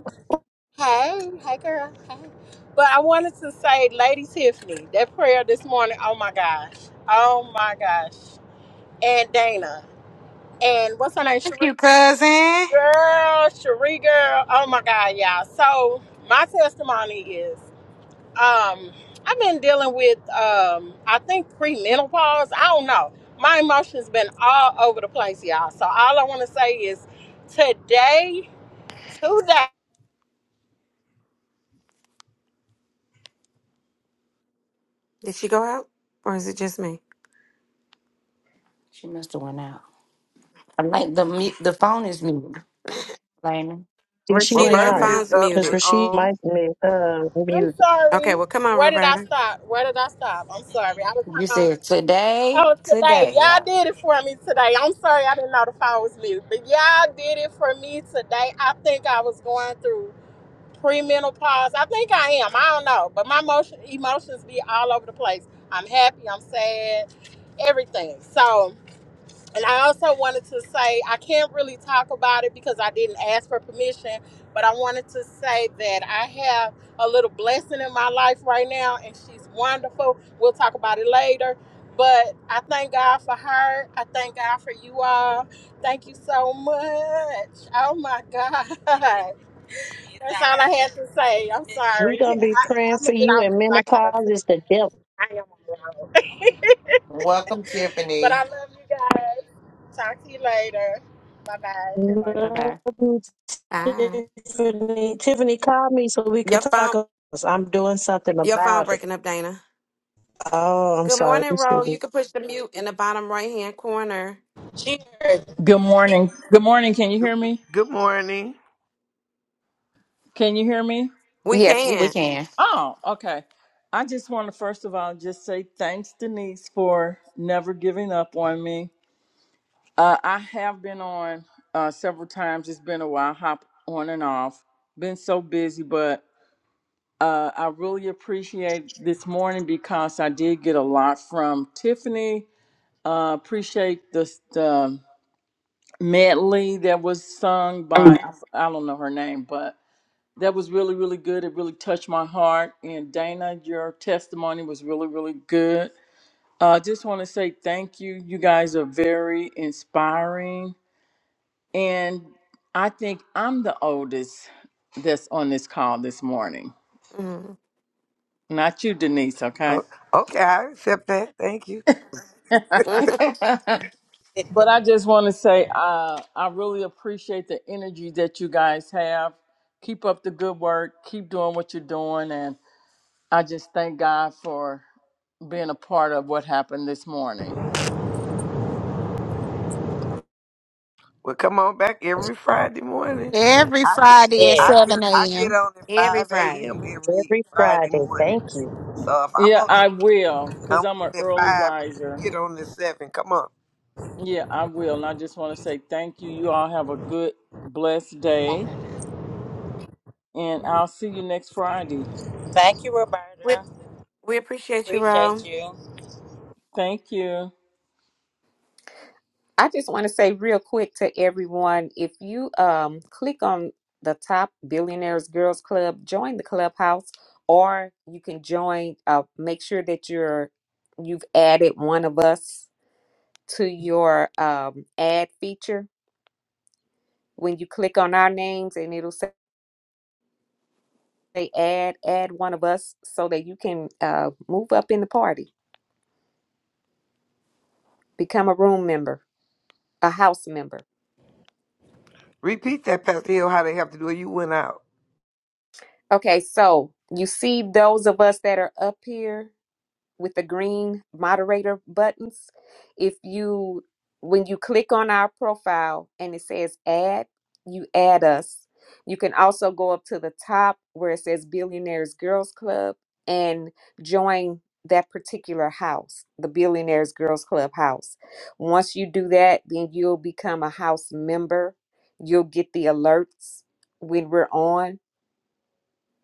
Speaker 8: Hey, hey, girl. Hey. But I wanted to say, Lady Tiffany, that prayer this morning, oh my gosh. Oh my gosh. And Dana. And what's her name?
Speaker 13: You
Speaker 8: Cherie?
Speaker 13: cousin.
Speaker 8: Girl, Cherie girl. Oh my God, y'all. So my testimony is um I've been dealing with um I think premenopause. I don't know. My emotions been all over the place, y'all. So all I wanna say is today, today,
Speaker 5: Did she go out? Or is it just me?
Speaker 6: She must have went out. I'm like the
Speaker 5: Okay.
Speaker 6: mu- the phone is muted. Lame.
Speaker 1: Yeah, she
Speaker 5: Rashida,
Speaker 1: went
Speaker 5: your
Speaker 9: Roberta
Speaker 1: out
Speaker 9: is
Speaker 5: phone's
Speaker 9: up
Speaker 1: because
Speaker 9: and
Speaker 5: muted.
Speaker 1: Rashid
Speaker 9: on.
Speaker 1: might be uh,
Speaker 8: I'm
Speaker 1: muted.
Speaker 5: Okay,
Speaker 8: sorry.
Speaker 5: well come on,
Speaker 8: Where did I
Speaker 5: Roberta.
Speaker 8: stop? Where did I stop? I'm sorry. I was
Speaker 6: You
Speaker 8: talking about
Speaker 6: said today,
Speaker 8: Oh, today.
Speaker 6: today,
Speaker 8: Y'all
Speaker 6: yeah.
Speaker 8: did it for me today. I'm sorry I didn't know the phone was muted, but y'all did it for me today. I think I was going through premenopause. I think I am. I don't know, but my emotion, emotions be all over the place. I'm happy. I'm sad. Everything. So, and I also wanted to say I can't really talk about it because I didn't ask for permission, but I wanted to say that I have a little blessing in my life right now, and she's wonderful. We'll talk about it later. But I thank God for her. I thank God for you all. Thank you so much. Oh my God. (laughs) That's all I had to say. I'm
Speaker 1: We
Speaker 8: sorry. I,
Speaker 1: gonna be
Speaker 8: I'm
Speaker 1: praying
Speaker 8: gonna
Speaker 1: for
Speaker 8: get
Speaker 1: you.
Speaker 8: off
Speaker 1: And
Speaker 8: because I gotta
Speaker 1: menopause
Speaker 8: see.
Speaker 1: is the devil.
Speaker 8: I am on the road.
Speaker 2: Welcome,
Speaker 8: But
Speaker 2: Tiffany.
Speaker 8: I love you guys. Talk to you later. Bye bye.
Speaker 6: Bye bye.
Speaker 1: Love
Speaker 5: Bye.
Speaker 1: you, Tiffany. Tiffany called me so we could
Speaker 5: Your
Speaker 1: talk.
Speaker 5: phone
Speaker 1: About this. I'm doing something
Speaker 5: your phone
Speaker 1: about it.
Speaker 5: breaking up, Dana.
Speaker 1: Oh, I'm
Speaker 5: Good
Speaker 1: sorry.
Speaker 5: morning,
Speaker 1: This is
Speaker 5: Ro. You can push the mute in the bottom right hand corner.
Speaker 8: See you later. Cheers.
Speaker 17: Good morning. Good morning. Can you hear me?
Speaker 9: Good morning.
Speaker 17: Can you hear me?
Speaker 5: We
Speaker 4: Yes, we.
Speaker 6: We
Speaker 5: can.
Speaker 6: can.
Speaker 17: Oh, okay. I just want to first of all just say thanks, Denise, for never giving up on me. Uh, I have been on uh, several times. It's been a while, hop on and off. Been so busy, but uh, I really appreciate this morning because I did get a lot from Tiffany. Uh, appreciate the, medley that was sung by I, f- I don't know her name, but that was really really good. It really touched my heart. And Dana, your testimony was really really good. I uh, just want to say thank you. You guys are very inspiring, and I think I'm the oldest that's on this call this morning.
Speaker 5: Mhm.
Speaker 17: Not you, Denise. Okay.
Speaker 9: Oh, okay, I accept that. Thank you.
Speaker 17: (laughs)
Speaker 6: (laughs)
Speaker 5: (laughs)
Speaker 17: But I just want to say, uh, I really appreciate the energy that you guys have. Keep up the good work. Keep doing what you're doing, and I just thank God for being a part of what happened this morning.
Speaker 9: Well, come on back every Friday morning.
Speaker 13: Every
Speaker 9: I get,
Speaker 13: Friday at
Speaker 8: Yes.
Speaker 9: I get,
Speaker 13: 7
Speaker 9: I
Speaker 13: a.m.
Speaker 9: get on at
Speaker 5: Every
Speaker 9: five
Speaker 5: Friday.
Speaker 9: a.m. every
Speaker 1: every
Speaker 9: Friday
Speaker 1: Friday.
Speaker 9: morning.
Speaker 1: Thank you.
Speaker 9: So if I'm
Speaker 17: Yeah,
Speaker 9: on at,
Speaker 17: I will,
Speaker 9: I'm
Speaker 17: cause I'm an
Speaker 9: on at
Speaker 17: early
Speaker 9: five, you
Speaker 17: riser.
Speaker 9: get on at seven. Come on.
Speaker 17: Yeah, I will, and I just want to say thank you. You all have a good, blessed day, and I'll see you next Friday.
Speaker 8: Thank you,
Speaker 5: We,
Speaker 8: Roberta.
Speaker 5: we appreciate you,
Speaker 8: Appreciate
Speaker 5: Ro.
Speaker 8: you.
Speaker 17: Thank you.
Speaker 4: I just want to say real quick to everyone, if you um click on the top Billionaires Girls Club, join the clubhouse, or you can join. Uh, make sure that you're you've added one of us to your um ad feature when you click on our names, and it'll say add add one of us so that you can uh move up in the party, become a room member, a house member.
Speaker 9: Repeat that, Pastor Hill, how they have to do it. You went out.
Speaker 4: Okay, so you see those of us that are up here with the green moderator buttons. If you, when you click on our profile and it says add, you add us. You can also go up to the top where it says Billionaires Girls Club and join that particular house, the Billionaires Girls Club house. Once you do that, then you'll become a house member. You'll get the alerts when we're on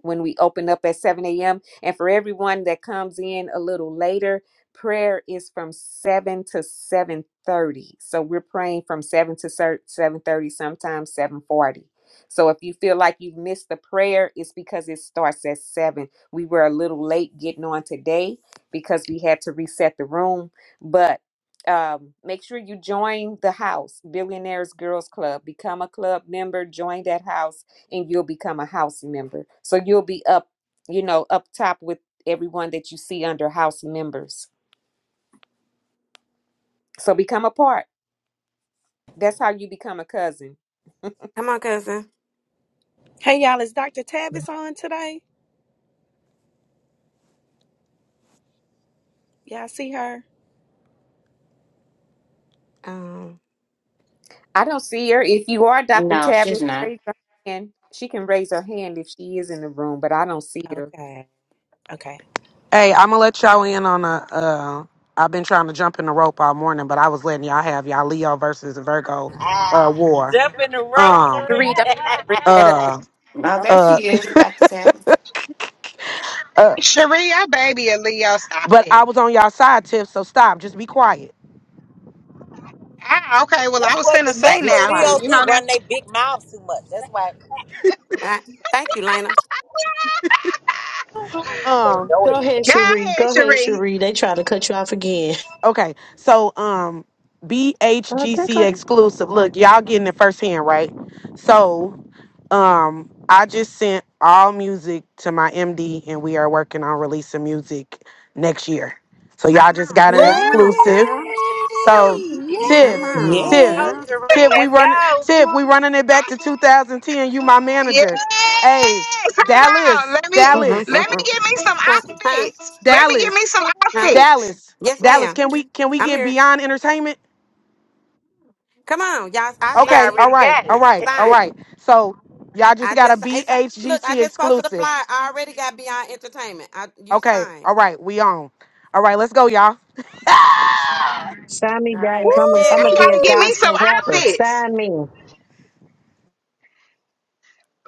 Speaker 4: when we open up at 7 a.m. And for everyone that comes in a little later, prayer is from 7 to 7:30. So we're praying from 7 to 7:30, sometimes 7:40. So if you feel like you've missed the prayer, it's because it starts at 7. We were a little late getting on today because we had to reset the room, but um, make sure you join the house, Billionaires Girls Club. Become a club member, join that house and you'll become a house member. So you'll be up, you know, up top with everyone that you see under house members. So become a part. That's how you become a cousin.
Speaker 5: Come on, cousin.
Speaker 11: Hey y'all, is Dr. Tavis on today? Y'all see her?
Speaker 5: Um,
Speaker 4: I don't see her. If you are Dr.
Speaker 6: no, she's
Speaker 4: Tavis,
Speaker 6: not.
Speaker 4: raise her hand. She can raise her hand if she is in the room, but I don't see her.
Speaker 11: Okay. Okay.
Speaker 7: Hey,
Speaker 8: Ah,
Speaker 7: uh, War.
Speaker 8: jump in the
Speaker 7: Um,
Speaker 8: rosary.
Speaker 4: Three,
Speaker 8: (laughs)
Speaker 4: don't even bring that up.
Speaker 8: that's
Speaker 7: uh,
Speaker 6: Now
Speaker 4: Don't
Speaker 6: there
Speaker 7: uh,
Speaker 4: even
Speaker 6: she
Speaker 4: bring
Speaker 6: is,
Speaker 4: it up.
Speaker 6: Dr. Tavis.
Speaker 7: uh.
Speaker 13: Cherie, I baby a Leo. Stop
Speaker 7: But I
Speaker 13: it.
Speaker 7: was on y'all side, Tiff. So stop. Just be quiet.
Speaker 13: Ah, okay. Well, I was
Speaker 8: what
Speaker 13: finna
Speaker 8: the,
Speaker 5: just
Speaker 13: say
Speaker 8: that's
Speaker 5: be
Speaker 8: what
Speaker 13: now,
Speaker 5: quiet.
Speaker 13: cause
Speaker 8: Leos
Speaker 13: you
Speaker 8: do.
Speaker 13: know that.
Speaker 8: Run their big mouths too much. That's why
Speaker 5: Uh, thank you, Lena.
Speaker 8: they
Speaker 7: Um.
Speaker 8: know
Speaker 1: Go ahead,
Speaker 13: Go
Speaker 8: everything.
Speaker 1: Cherie.
Speaker 13: ahead,
Speaker 1: Go ahead,
Speaker 13: Cherie.
Speaker 1: Cherie. They try to cut you off again.
Speaker 7: Okay. So um,
Speaker 1: I think I
Speaker 7: BHGC exclusive. Look, y'all getting it firsthand, right? So Um, I just sent all music to my MD, and we are working on releasing music next year. So y'all just got
Speaker 13: Woo!
Speaker 7: an
Speaker 11: Yay!
Speaker 5: Come on,
Speaker 7: exclusive.
Speaker 5: girl.
Speaker 7: So, Tiff,
Speaker 5: Come
Speaker 11: Yay!
Speaker 5: on,
Speaker 7: Tiff,
Speaker 10: Yay.
Speaker 5: girl.
Speaker 8: Rosary,
Speaker 7: Tiff, we
Speaker 8: let's
Speaker 7: run,
Speaker 8: go.
Speaker 7: Tiff, we running it back to 2010. You my
Speaker 13: Yes.
Speaker 7: manager. Hey,
Speaker 13: Hold on.
Speaker 7: Dallas,
Speaker 13: Let me
Speaker 5: (laughs) huh,
Speaker 7: Dallas,
Speaker 13: let me
Speaker 5: huh,
Speaker 13: get me some outfits. Let me get me
Speaker 7: Dallas,
Speaker 13: some
Speaker 5: huh.
Speaker 13: outfits.
Speaker 7: Dallas,
Speaker 5: Yes,
Speaker 7: Dallas.
Speaker 5: ma'am.
Speaker 7: Can we can we
Speaker 5: I'm
Speaker 7: get
Speaker 5: here.
Speaker 7: beyond entertainment?
Speaker 5: Come on, y'all. I
Speaker 8: She
Speaker 7: Okay,
Speaker 5: sign you.
Speaker 7: all
Speaker 8: already
Speaker 7: right,
Speaker 8: got
Speaker 7: all
Speaker 8: it.
Speaker 7: right, all
Speaker 5: Sign.
Speaker 7: right. So y'all just
Speaker 5: I
Speaker 7: got a
Speaker 5: just it's a, look. I
Speaker 7: BHGC
Speaker 5: just posted a
Speaker 7: exclusive.
Speaker 5: flyer. I already got Beyond Entertainment. I you
Speaker 7: Okay.
Speaker 5: signed.
Speaker 7: All right. We on. All right. Let's go, y'all.
Speaker 1: Sign me,
Speaker 5: All right,
Speaker 1: Dallas.
Speaker 5: let's
Speaker 1: I'm going
Speaker 5: get
Speaker 13: I
Speaker 1: to
Speaker 5: it.
Speaker 1: be a
Speaker 13: gotta get me
Speaker 8: Woo!
Speaker 13: some
Speaker 1: gospel rapper.
Speaker 13: outfits.
Speaker 1: Sign me.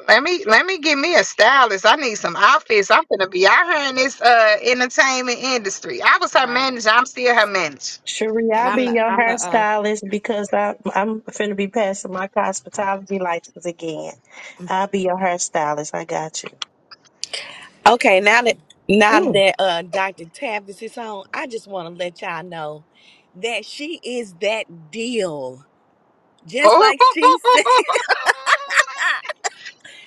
Speaker 13: Let me let me get me a stylist. I need some outfits. I'm gonna be out here in this uh entertainment industry. I was her
Speaker 5: Right.
Speaker 13: manager. I'm still her manager.
Speaker 1: Cherie,
Speaker 5: And
Speaker 1: I'll
Speaker 5: I'm
Speaker 1: be
Speaker 5: the
Speaker 1: your
Speaker 5: I'm the uh
Speaker 1: hairstylist because I, I'm finna be passing my cosmetology license again. I'll be your hairstylist. I got you.
Speaker 11: Okay, now that now
Speaker 10: Ooh.
Speaker 11: that uh Dr. Tavis is on, I just want to let y'all know that she is that deal. Just like she said,
Speaker 13: Oh, (laughs)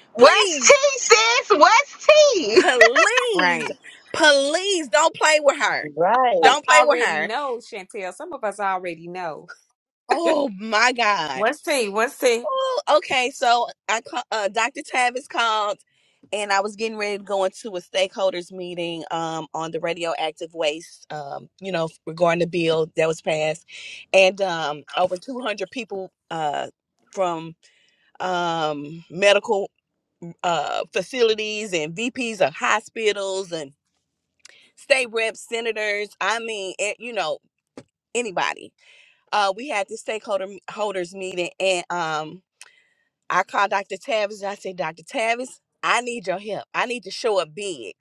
Speaker 11: (laughs)
Speaker 13: what's
Speaker 11: please,
Speaker 13: tea, sis? What's tea? (laughs)
Speaker 11: please,
Speaker 5: right.
Speaker 11: please don't play with her.
Speaker 4: Us
Speaker 1: Right.
Speaker 11: Don't play with
Speaker 4: already
Speaker 11: her.
Speaker 4: know, Chantel. Some of us already know.
Speaker 11: Oh my God.
Speaker 5: What's tea? What's tea?
Speaker 11: Oh, okay. So I ca- uh, Dr. Tavis called, and I was getting ready to go into a stakeholders meeting um, on the radioactive waste, um, you know, regarding the bill that was passed, and um, over 200 people uh, from um, medical uh, facilities and VPs of hospitals and state reps, senators. I mean, eh, you know, anybody. Uh, we had this stakeholder holders meeting, and um, I called Dr. Tavis and I said, Dr. Tavis, I need your help. I need to show up big.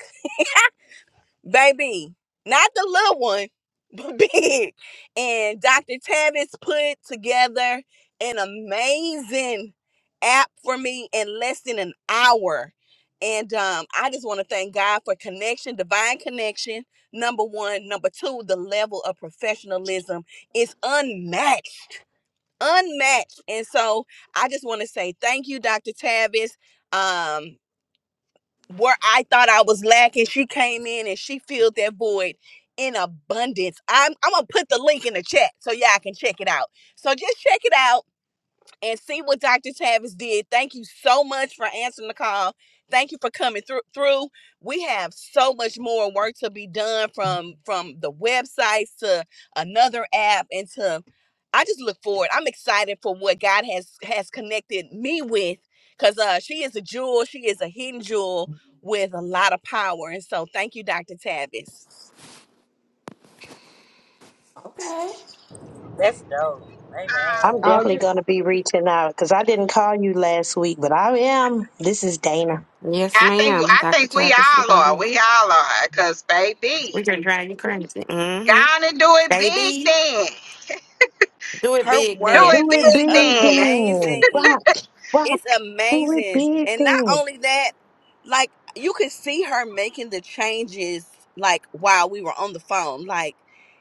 Speaker 11: Baby, not the little one, but (laughs) big. And Dr. Tavis put together an amazing app for me in less than an hour. And um, I just want to thank God for connection, divine connection. Number one. Number two, the level of professionalism is unmatched unmatched. And so I just want to say thank you, Dr. Tavis. Um, where I thought I was lacking, she came in and she filled that void in abundance. I'm I'm gonna put the link in the chat so y'all can check it out. So just check it out and see what Dr. Tavis did. Thank you so much for answering the call. Thank you for coming through through. We have so much more work to be done from from the websites to another app and to I just look forward. I'm excited for what God has has connected me with cuz uh she is a jewel, she is a hidden jewel with a lot of power. And so thank you Dr. Tavis.
Speaker 6: Okay.
Speaker 8: That's dope.
Speaker 13: Uh,
Speaker 1: I'm
Speaker 8: Amen.
Speaker 18: Oh,
Speaker 1: definitely
Speaker 18: you're
Speaker 1: going
Speaker 18: s-
Speaker 1: to be reaching out because I didn't call you last week, but I am. This is Dana.
Speaker 5: Yes,
Speaker 13: I think
Speaker 5: ma'am.
Speaker 13: I
Speaker 5: Dr.
Speaker 13: think we
Speaker 5: Tappas is
Speaker 13: all
Speaker 5: gonna
Speaker 13: are.
Speaker 5: be
Speaker 13: We all are. Cause baby,
Speaker 5: we can drive you crazy. Mm-hmm.
Speaker 13: gonna do it big
Speaker 5: Baby.
Speaker 13: then.
Speaker 5: Do it
Speaker 11: Her
Speaker 5: big
Speaker 13: Do
Speaker 11: work
Speaker 5: then.
Speaker 1: Do
Speaker 13: it
Speaker 11: is
Speaker 13: big
Speaker 1: it
Speaker 13: then.
Speaker 1: then.
Speaker 11: amazing.
Speaker 1: Wow, wow,
Speaker 11: It's
Speaker 1: do it
Speaker 11: amazing.
Speaker 1: big
Speaker 11: And not
Speaker 1: then.
Speaker 11: only that, like you could see her making the changes like while we were on the phone. Like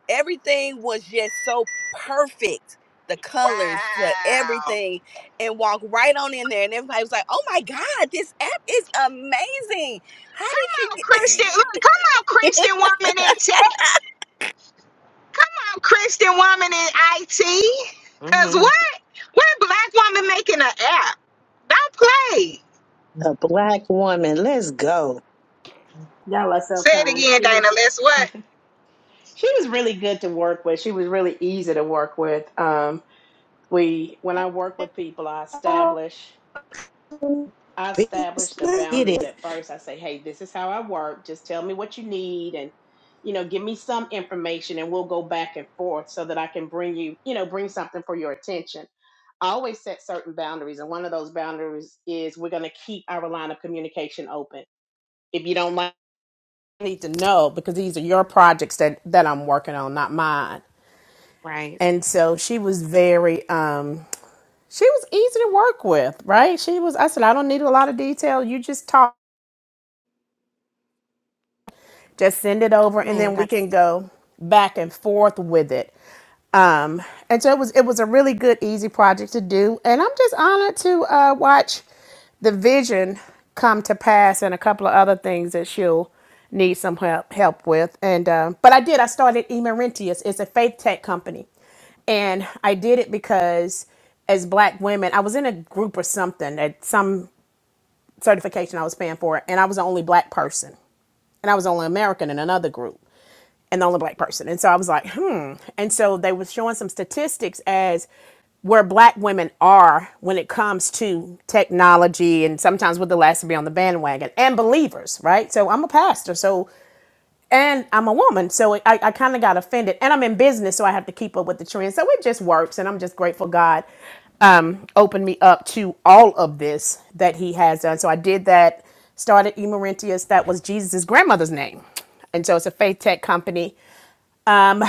Speaker 11: everything was just so perfect. The colors, the
Speaker 13: Wow.
Speaker 11: everything, and walk right on in there. And everybody was like, oh my God, this app is amazing. How
Speaker 13: Come
Speaker 11: did you
Speaker 13: on, Christian.
Speaker 11: get
Speaker 13: Look, come on, Christian woman in chat. I'm Christian woman in IT. Cause
Speaker 5: Mm-hmm.
Speaker 13: what? What black woman making an app? Don't play.
Speaker 1: A black woman. Let's go.
Speaker 18: y'all are so
Speaker 13: Say it
Speaker 18: kind.
Speaker 13: again,
Speaker 18: She
Speaker 13: Dana.
Speaker 18: was
Speaker 13: Let's
Speaker 18: (laughs)
Speaker 13: what?
Speaker 18: she was really good to work with. She was really easy to work with. Um, we when I work with people, I establish I
Speaker 1: Let's
Speaker 18: establish the
Speaker 1: get
Speaker 18: boundaries
Speaker 1: it.
Speaker 18: at first. I say, hey, this is how I work. Just tell me what you need, and you know, give me some information, and we'll go back and forth so that I can bring you, you know, bring something for your attention. I always set certain boundaries, and one of those boundaries is we're going to keep our line of communication open. If you don't like need to know because these are your projects that that I'm working on, not mine.
Speaker 5: Right.
Speaker 18: And so she was very um she was easy to work with, right? She was I said I don't need a lot of detail. You just talk, just send it over and
Speaker 5: Man,
Speaker 18: then we
Speaker 5: Dr.
Speaker 18: can go back and forth with it. Um and so it was it was a really good easy project to do and I'm just honored to uh watch the vision come to pass and a couple of other things that she'll need some help help with and uh, but i did i started emerentius it's a faith tech company and i did it because as black women i was in a group or something at some certification i was paying for and i was the only black person and i was the only american in another group and the only black person. And so I was like, hmm. And so they were showing some statistics as where black women are when it comes to technology and sometimes we're the last to be on the bandwagon and believers, right? So I'm a pastor, so and I'm a woman, so I, I kind of got offended. And I'm in business, so I have to keep up with the trends. So it just works, and I'm just grateful God um, opened me up to all of this that He has done. So I did that, started Emerentius, that was Jesus's grandmother's name. And so it's a faith tech company um,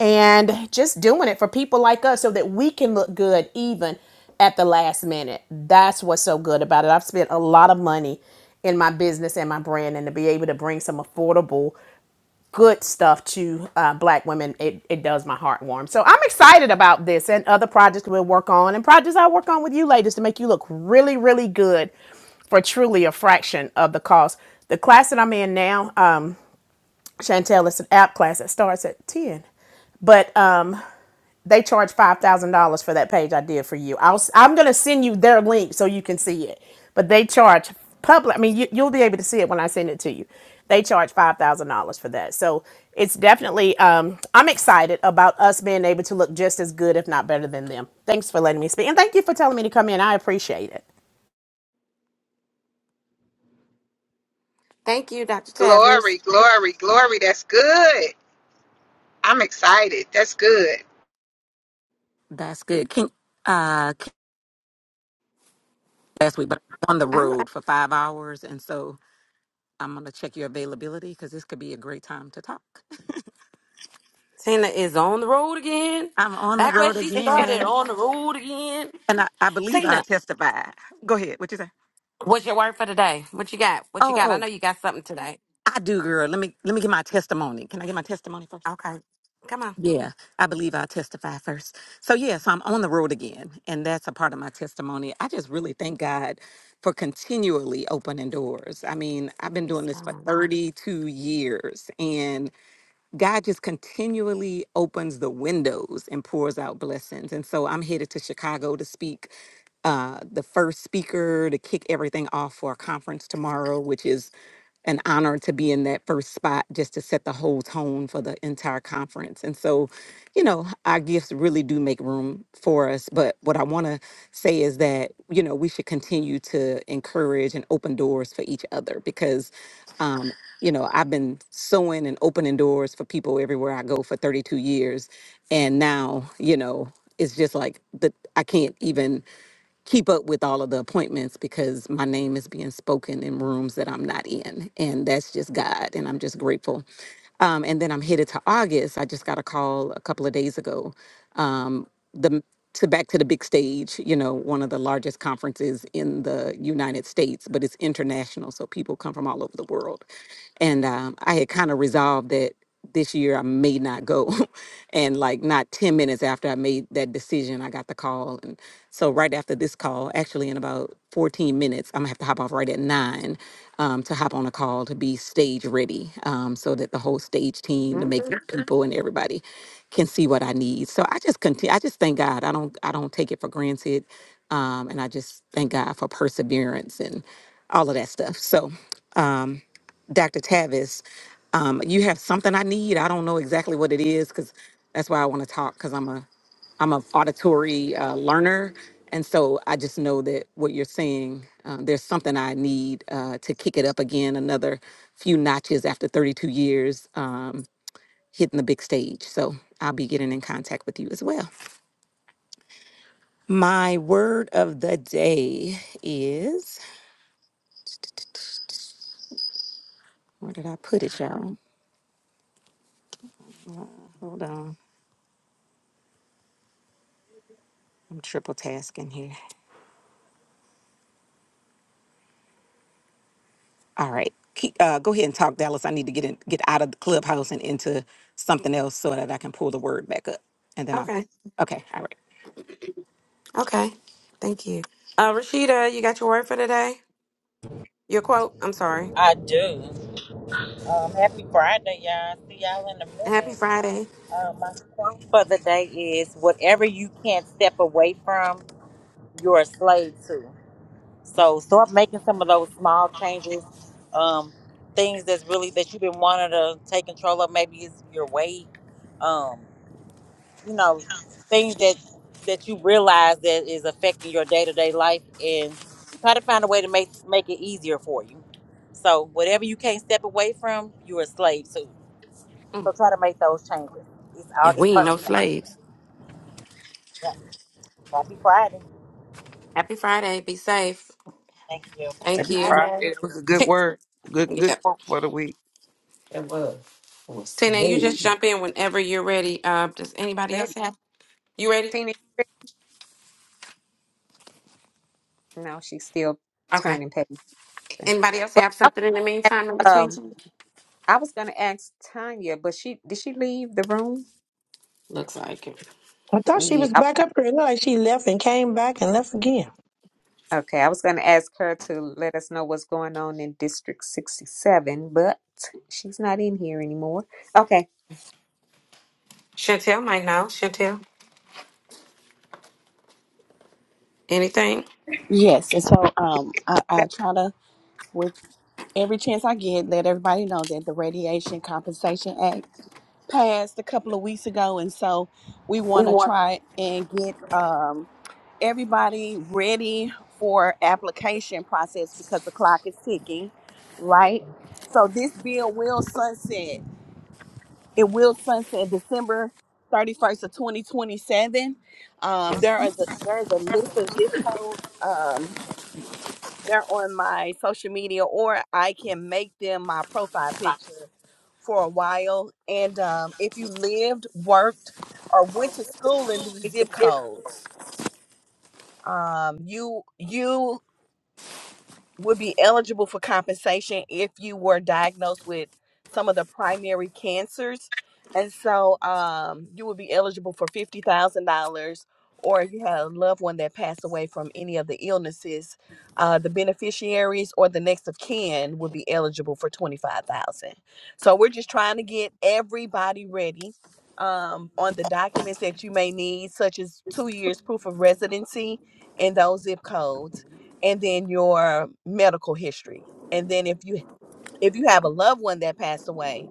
Speaker 18: and just doing it for people like us so that we can look good even at the last minute. That's what's so good about it. I've spent a lot of money in my business and my brand, and to be able to bring some affordable, good stuff to uh, Black women, it, it does my heart warm. So I'm excited about this and other projects we'll work on, and projects I'll work on with you ladies to make you look really, really good for truly a fraction of the cost. The class that I'm in now, um, Chantel, it's an app class that starts at 10. But they charge five thousand dollars for that page I did for you. I'll i I'm gonna send you their link so you can see it. But they charge public. I mean, you, you'll be able to see it when I send it to you. They charge five thousand dollars for that. So it's definitely. Um, I'm excited about us being able to look just as good, if not better, than them. Thanks for letting me speak, and thank you for telling me to come in. I appreciate it.
Speaker 5: Thank you, Dr. Tappas.
Speaker 13: Glory, glory, glory. That's good. I'm excited. That's good.
Speaker 10: That's good. Can uh last week, but I'm on the
Speaker 5: I, I,
Speaker 10: road for five hours, and so I'm gonna check your availability because this could be a great time to talk.
Speaker 5: Tina is on the road again.
Speaker 10: (laughs) I'm on the
Speaker 5: Back where
Speaker 10: road
Speaker 5: she started,
Speaker 10: again,
Speaker 5: on the road again.
Speaker 10: and I, I believe I
Speaker 5: Tina,
Speaker 10: testify. Go ahead. What you say?
Speaker 5: what's your word for today? What you got? What you
Speaker 10: Oh,
Speaker 5: got? I
Speaker 10: oh,
Speaker 5: know you got something today.
Speaker 10: I do, girl. Let me let me get my testimony. Can I get my testimony first?
Speaker 5: Okay, come on.
Speaker 10: Yeah, I believe I'll testify first. So yeah, so I'm on the road again, and that's a part of my testimony. I just really thank God for continually opening doors. I mean, I've been doing
Speaker 5: it's,
Speaker 10: this for
Speaker 5: um,
Speaker 10: 32 years, and God just continually opens the windows and pours out blessings. And so I'm headed to Chicago to speak. Uh, the first speaker to kick everything off for a conference tomorrow, which is an honor to be in that first spot just to set the whole tone for the entire conference. And so, you know, our gifts really do make room for us. But what I want to say is that, you know, we should continue to encourage and open doors for each other because um, you know, I've been sewing and opening doors for people everywhere I go for 32 years. And now, you know, it's just like the I can't even keep up with all of the appointments because my name is being spoken in rooms that I'm not in. And that's just God. And I'm just grateful um, and then I'm headed to August. I just got a call a couple of days ago. Um, the to back to the big stage, you know, one of the largest conferences in the United States, but it's international, so people come from all over the world. And um, I had kind of resolved that this year I may not go. (laughs) and like not 10 minutes after I made that decision, I got the call. And so right after this call, actually in about 14 minutes, I'm gonna have to hop off right at nine um, to hop on a call to be stage ready um, so that the whole stage team, the
Speaker 5: mhm.
Speaker 10: makeup Mhm. people, and everybody can see what I need. So I just continue. I just thank God. I don't. I don't take it for granted, um, and I just thank God for perseverance and all of that stuff. So. Um, Dr. Tavis, um, you have something I need. I don't know exactly what it is because that's why I want to talk because I'm a I'm a auditory uh, learner, and so I just know that what you're saying. Um, there's something I need uh, to kick it up again, another few notches after 32 years um, hitting the big stage. So I'll be getting in contact with you as well. My word of the day is where did I put it, y'all? Hold on, I'm triple tasking here. All right. Keep, uh, go ahead and talk, Dallas. I need to get in, get out of the clubhouse and into something else so that I can pull the word back up. And then I'll. Okay. All right.
Speaker 5: Okay. Thank you. Uh, Rashida, you got your word for today? Your quote? I'm sorry.
Speaker 8: I do. Um, happy Friday, y'all. See y'all in a
Speaker 5: Happy
Speaker 8: minute.
Speaker 5: Friday.
Speaker 8: Um, my quote for the day is whatever you can't step away from, you're a slave to. So start making some of those small changes. Um, things that's really that you've been wanting to take control of. Maybe it's your weight. Um, you know things that that you realize that is affecting your day-to-day life and try to find a way to make make it easier for you so whatever you can't step away from you're a slave to so try to make those changes it's
Speaker 5: And we
Speaker 8: august
Speaker 5: ain't
Speaker 8: 1st
Speaker 5: no
Speaker 8: you
Speaker 5: slaves.
Speaker 8: yeah. happy friday
Speaker 5: Happy Friday. Be safe.
Speaker 8: thank you
Speaker 6: Happy
Speaker 5: Thank
Speaker 9: Happy
Speaker 5: you.
Speaker 9: Friday.
Speaker 6: Friday.
Speaker 9: It was a good
Speaker 5: T-
Speaker 9: word. Good
Speaker 5: yeah.
Speaker 9: good quote for the week.
Speaker 6: It was. It was
Speaker 5: Tina, you
Speaker 6: smooth.
Speaker 5: just jump in whenever you're ready. Uh, does
Speaker 4: (laughs)
Speaker 5: anybody else
Speaker 4: Ready?
Speaker 5: have? You ready?
Speaker 4: Tina, you ready? no, she's still
Speaker 5: Okay.
Speaker 4: turning paper.
Speaker 5: Anybody else
Speaker 4: But
Speaker 5: have
Speaker 4: I was
Speaker 5: something in the
Speaker 4: at,
Speaker 5: meantime in between?
Speaker 4: um, I was going to ask Tanya, but she did she leave the room?
Speaker 5: Looks like it.
Speaker 1: I thought she
Speaker 4: Yeah.
Speaker 1: was
Speaker 4: I-
Speaker 1: back up here. It looked like she left and came back and left again.
Speaker 4: Okay. I was going to ask her to let us know what's going on in District 67, but she's not in here anymore. Okay.
Speaker 5: Chantel might know. Chantel, anything?
Speaker 11: (laughs) Yes, and so um, I, I try to, with every chance I get, let everybody know that the Radiation Compensation Act passed a couple of weeks ago, and so we
Speaker 5: We
Speaker 11: want to
Speaker 5: want
Speaker 11: try and get um, everybody ready for application process because the clock is ticking, right? So this bill will sunset. It will sunset December thirty first of twenty twenty seven. Um, there is a there is a list of zip codes. Um, they're on my social media or I can make them my profile picture for a while. And um, if you lived, worked, or went to school in these zip codes, um, you you would be eligible for compensation if you were diagnosed with some of the primary cancers. And so um, you would be eligible for $50,000, or if you had a loved one that passed away from any of the illnesses, uh, the beneficiaries or the next of kin would be eligible for 25000 So we're just trying to get everybody ready um, on the documents that you may need, such as two years proof of residency in those zip codes and then your medical history and then if you if you have a loved one that passed away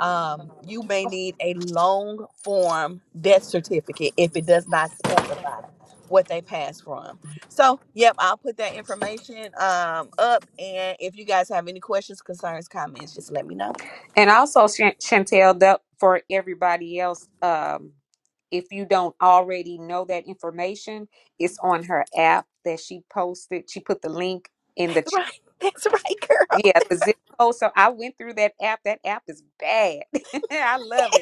Speaker 11: um, you may need a long form death certificate if it does not specify what they passed from so yep i'll put that information um, up and if you guys have any questions concerns comments just let me know
Speaker 4: And also, Chan- Chantel, that for everybody else, um, if you don't already know that information, it's on her app that she posted. She put the link in the
Speaker 11: that's
Speaker 4: chat.
Speaker 11: right (laughs) that's right girl (laughs)
Speaker 4: Yeah, the
Speaker 11: that's right.
Speaker 4: zip code. So I went through that app. That app is bad. (laughs) I love it.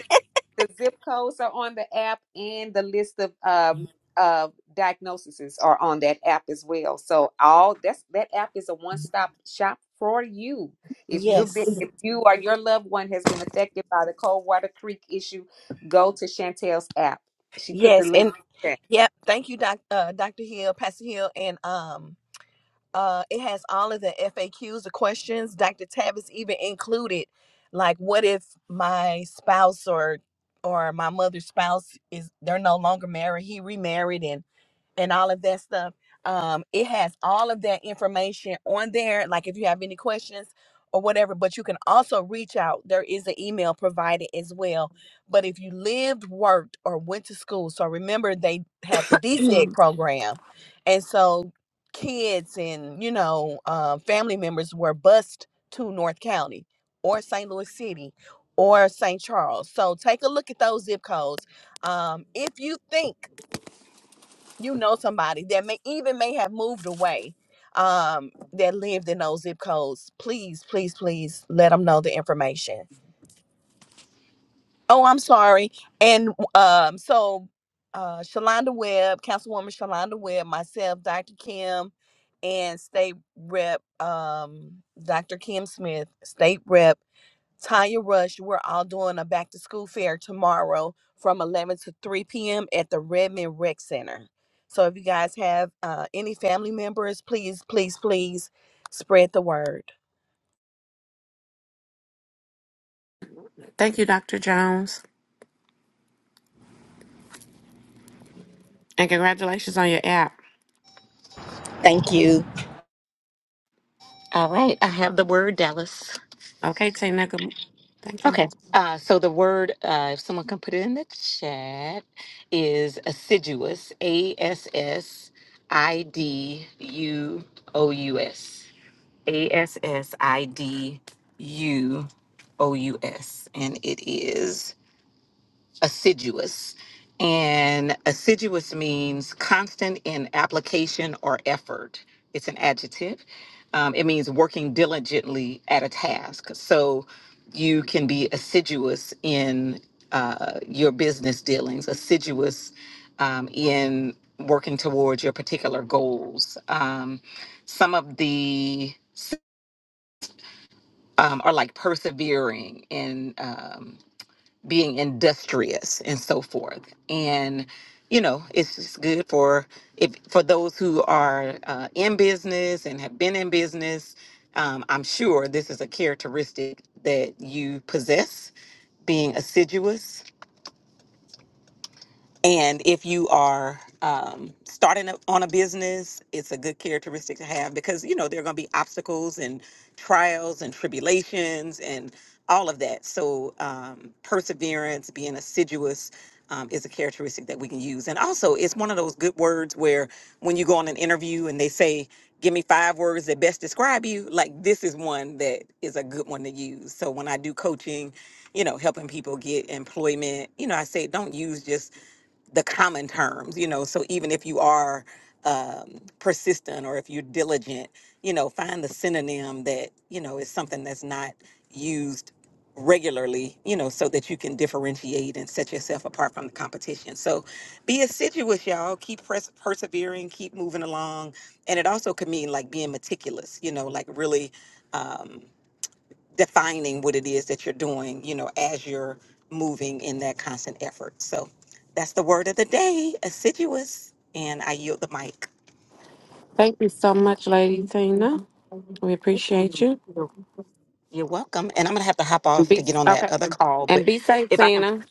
Speaker 4: The zip codes are on the app, and the list of um, of diagnoses are on that app as well. So all that's that app is a one stop shop for you. If you're been,
Speaker 11: yes
Speaker 4: if you or your loved one has been affected by the Coldwater Creek issue, go to Chantel's app. She put the
Speaker 11: yes
Speaker 4: link.
Speaker 11: and
Speaker 4: in the chat.
Speaker 11: yep thank you doc uh, dr hill pastor hill and um Uh, it has all of the FAQs, the questions. Dr. Tab even included, like what if my spouse or or my mother's spouse is they're no longer married, he remarried, and and all of that stuff. Um, it has all of that information on there. Like if you have any questions or whatever, but you can also reach out. There is an email provided as well. But if you lived, worked, or went to school, so remember they had the DSEC
Speaker 10: Mm,
Speaker 11: program, and so kids and you know um, family members were bused to North County or St. Louis City or St. Charles. So take a look at those zip codes. Um, if you think you know somebody that may even may have moved away um that lived in those zip codes please please please let them know the information oh i'm sorry and um so uh shalonda webb councilwoman shalonda webb myself dr kim and state rep um dr kim smith state rep Tanya Rush, we're all doing a back to school fair tomorrow from 11 to 3 p.m. at the Redmond Rec Center. So if you guys have uh, any family members, please, please, please spread the word.
Speaker 5: to thank you, Dr. Jones, and congratulations on your app.
Speaker 11: Thank you.
Speaker 10: All right, I have the word, Dallas.
Speaker 5: Okay, Tina. Good, thank you.
Speaker 10: Okay, uh, so the word, uh, if someone can put it in the chat, is assiduous. A S S I D U O U S. A S S I D U O U S. And it is. assiduous. And assiduous means constant in application or effort. It's an adjective. Um, it means working diligently at a task. So you can be assiduous in uh, your business dealings, assiduous um, in working towards your particular goals. Um, some of the um, are like persevering and um, being industrious and so forth and you know it's just good for if for those who are uh, in business and have been in business um, i'm sure this is a characteristic that you possess being assiduous and if you are um, starting a- on a business, it's a good characteristic to have because, you know, there are going to be obstacles and trials and tribulations and all of that. So, um, perseverance, being assiduous, um, is a characteristic that we can use. And also, it's one of those good words where when you go on an interview and they say, Give me five words that best describe you, like this is one that is a good one to use. So, when I do coaching, you know, helping people get employment, you know, I say, Don't use just the common terms, you know. So even if you are um, persistent or if you're diligent, you know, find the synonym that you know is something that's not used regularly, you know, so that you can differentiate and set yourself apart from the competition. So be assiduous, y'all. Keep pers- persevering, keep moving along, and it also could mean like being meticulous, you know, like really. Um, defining what it is that you're doing, you know, as you're moving in that constant effort. So that's the word of the day, assiduous. And I yield the mic.
Speaker 5: Thank you so much, Lady Tina. We appreciate you.
Speaker 10: You're welcome. And I'm going to have to hop off to
Speaker 5: Be
Speaker 10: get on that
Speaker 5: okay,
Speaker 10: other call.
Speaker 5: and
Speaker 10: But
Speaker 5: be safe,
Speaker 10: if I can
Speaker 5: Tina.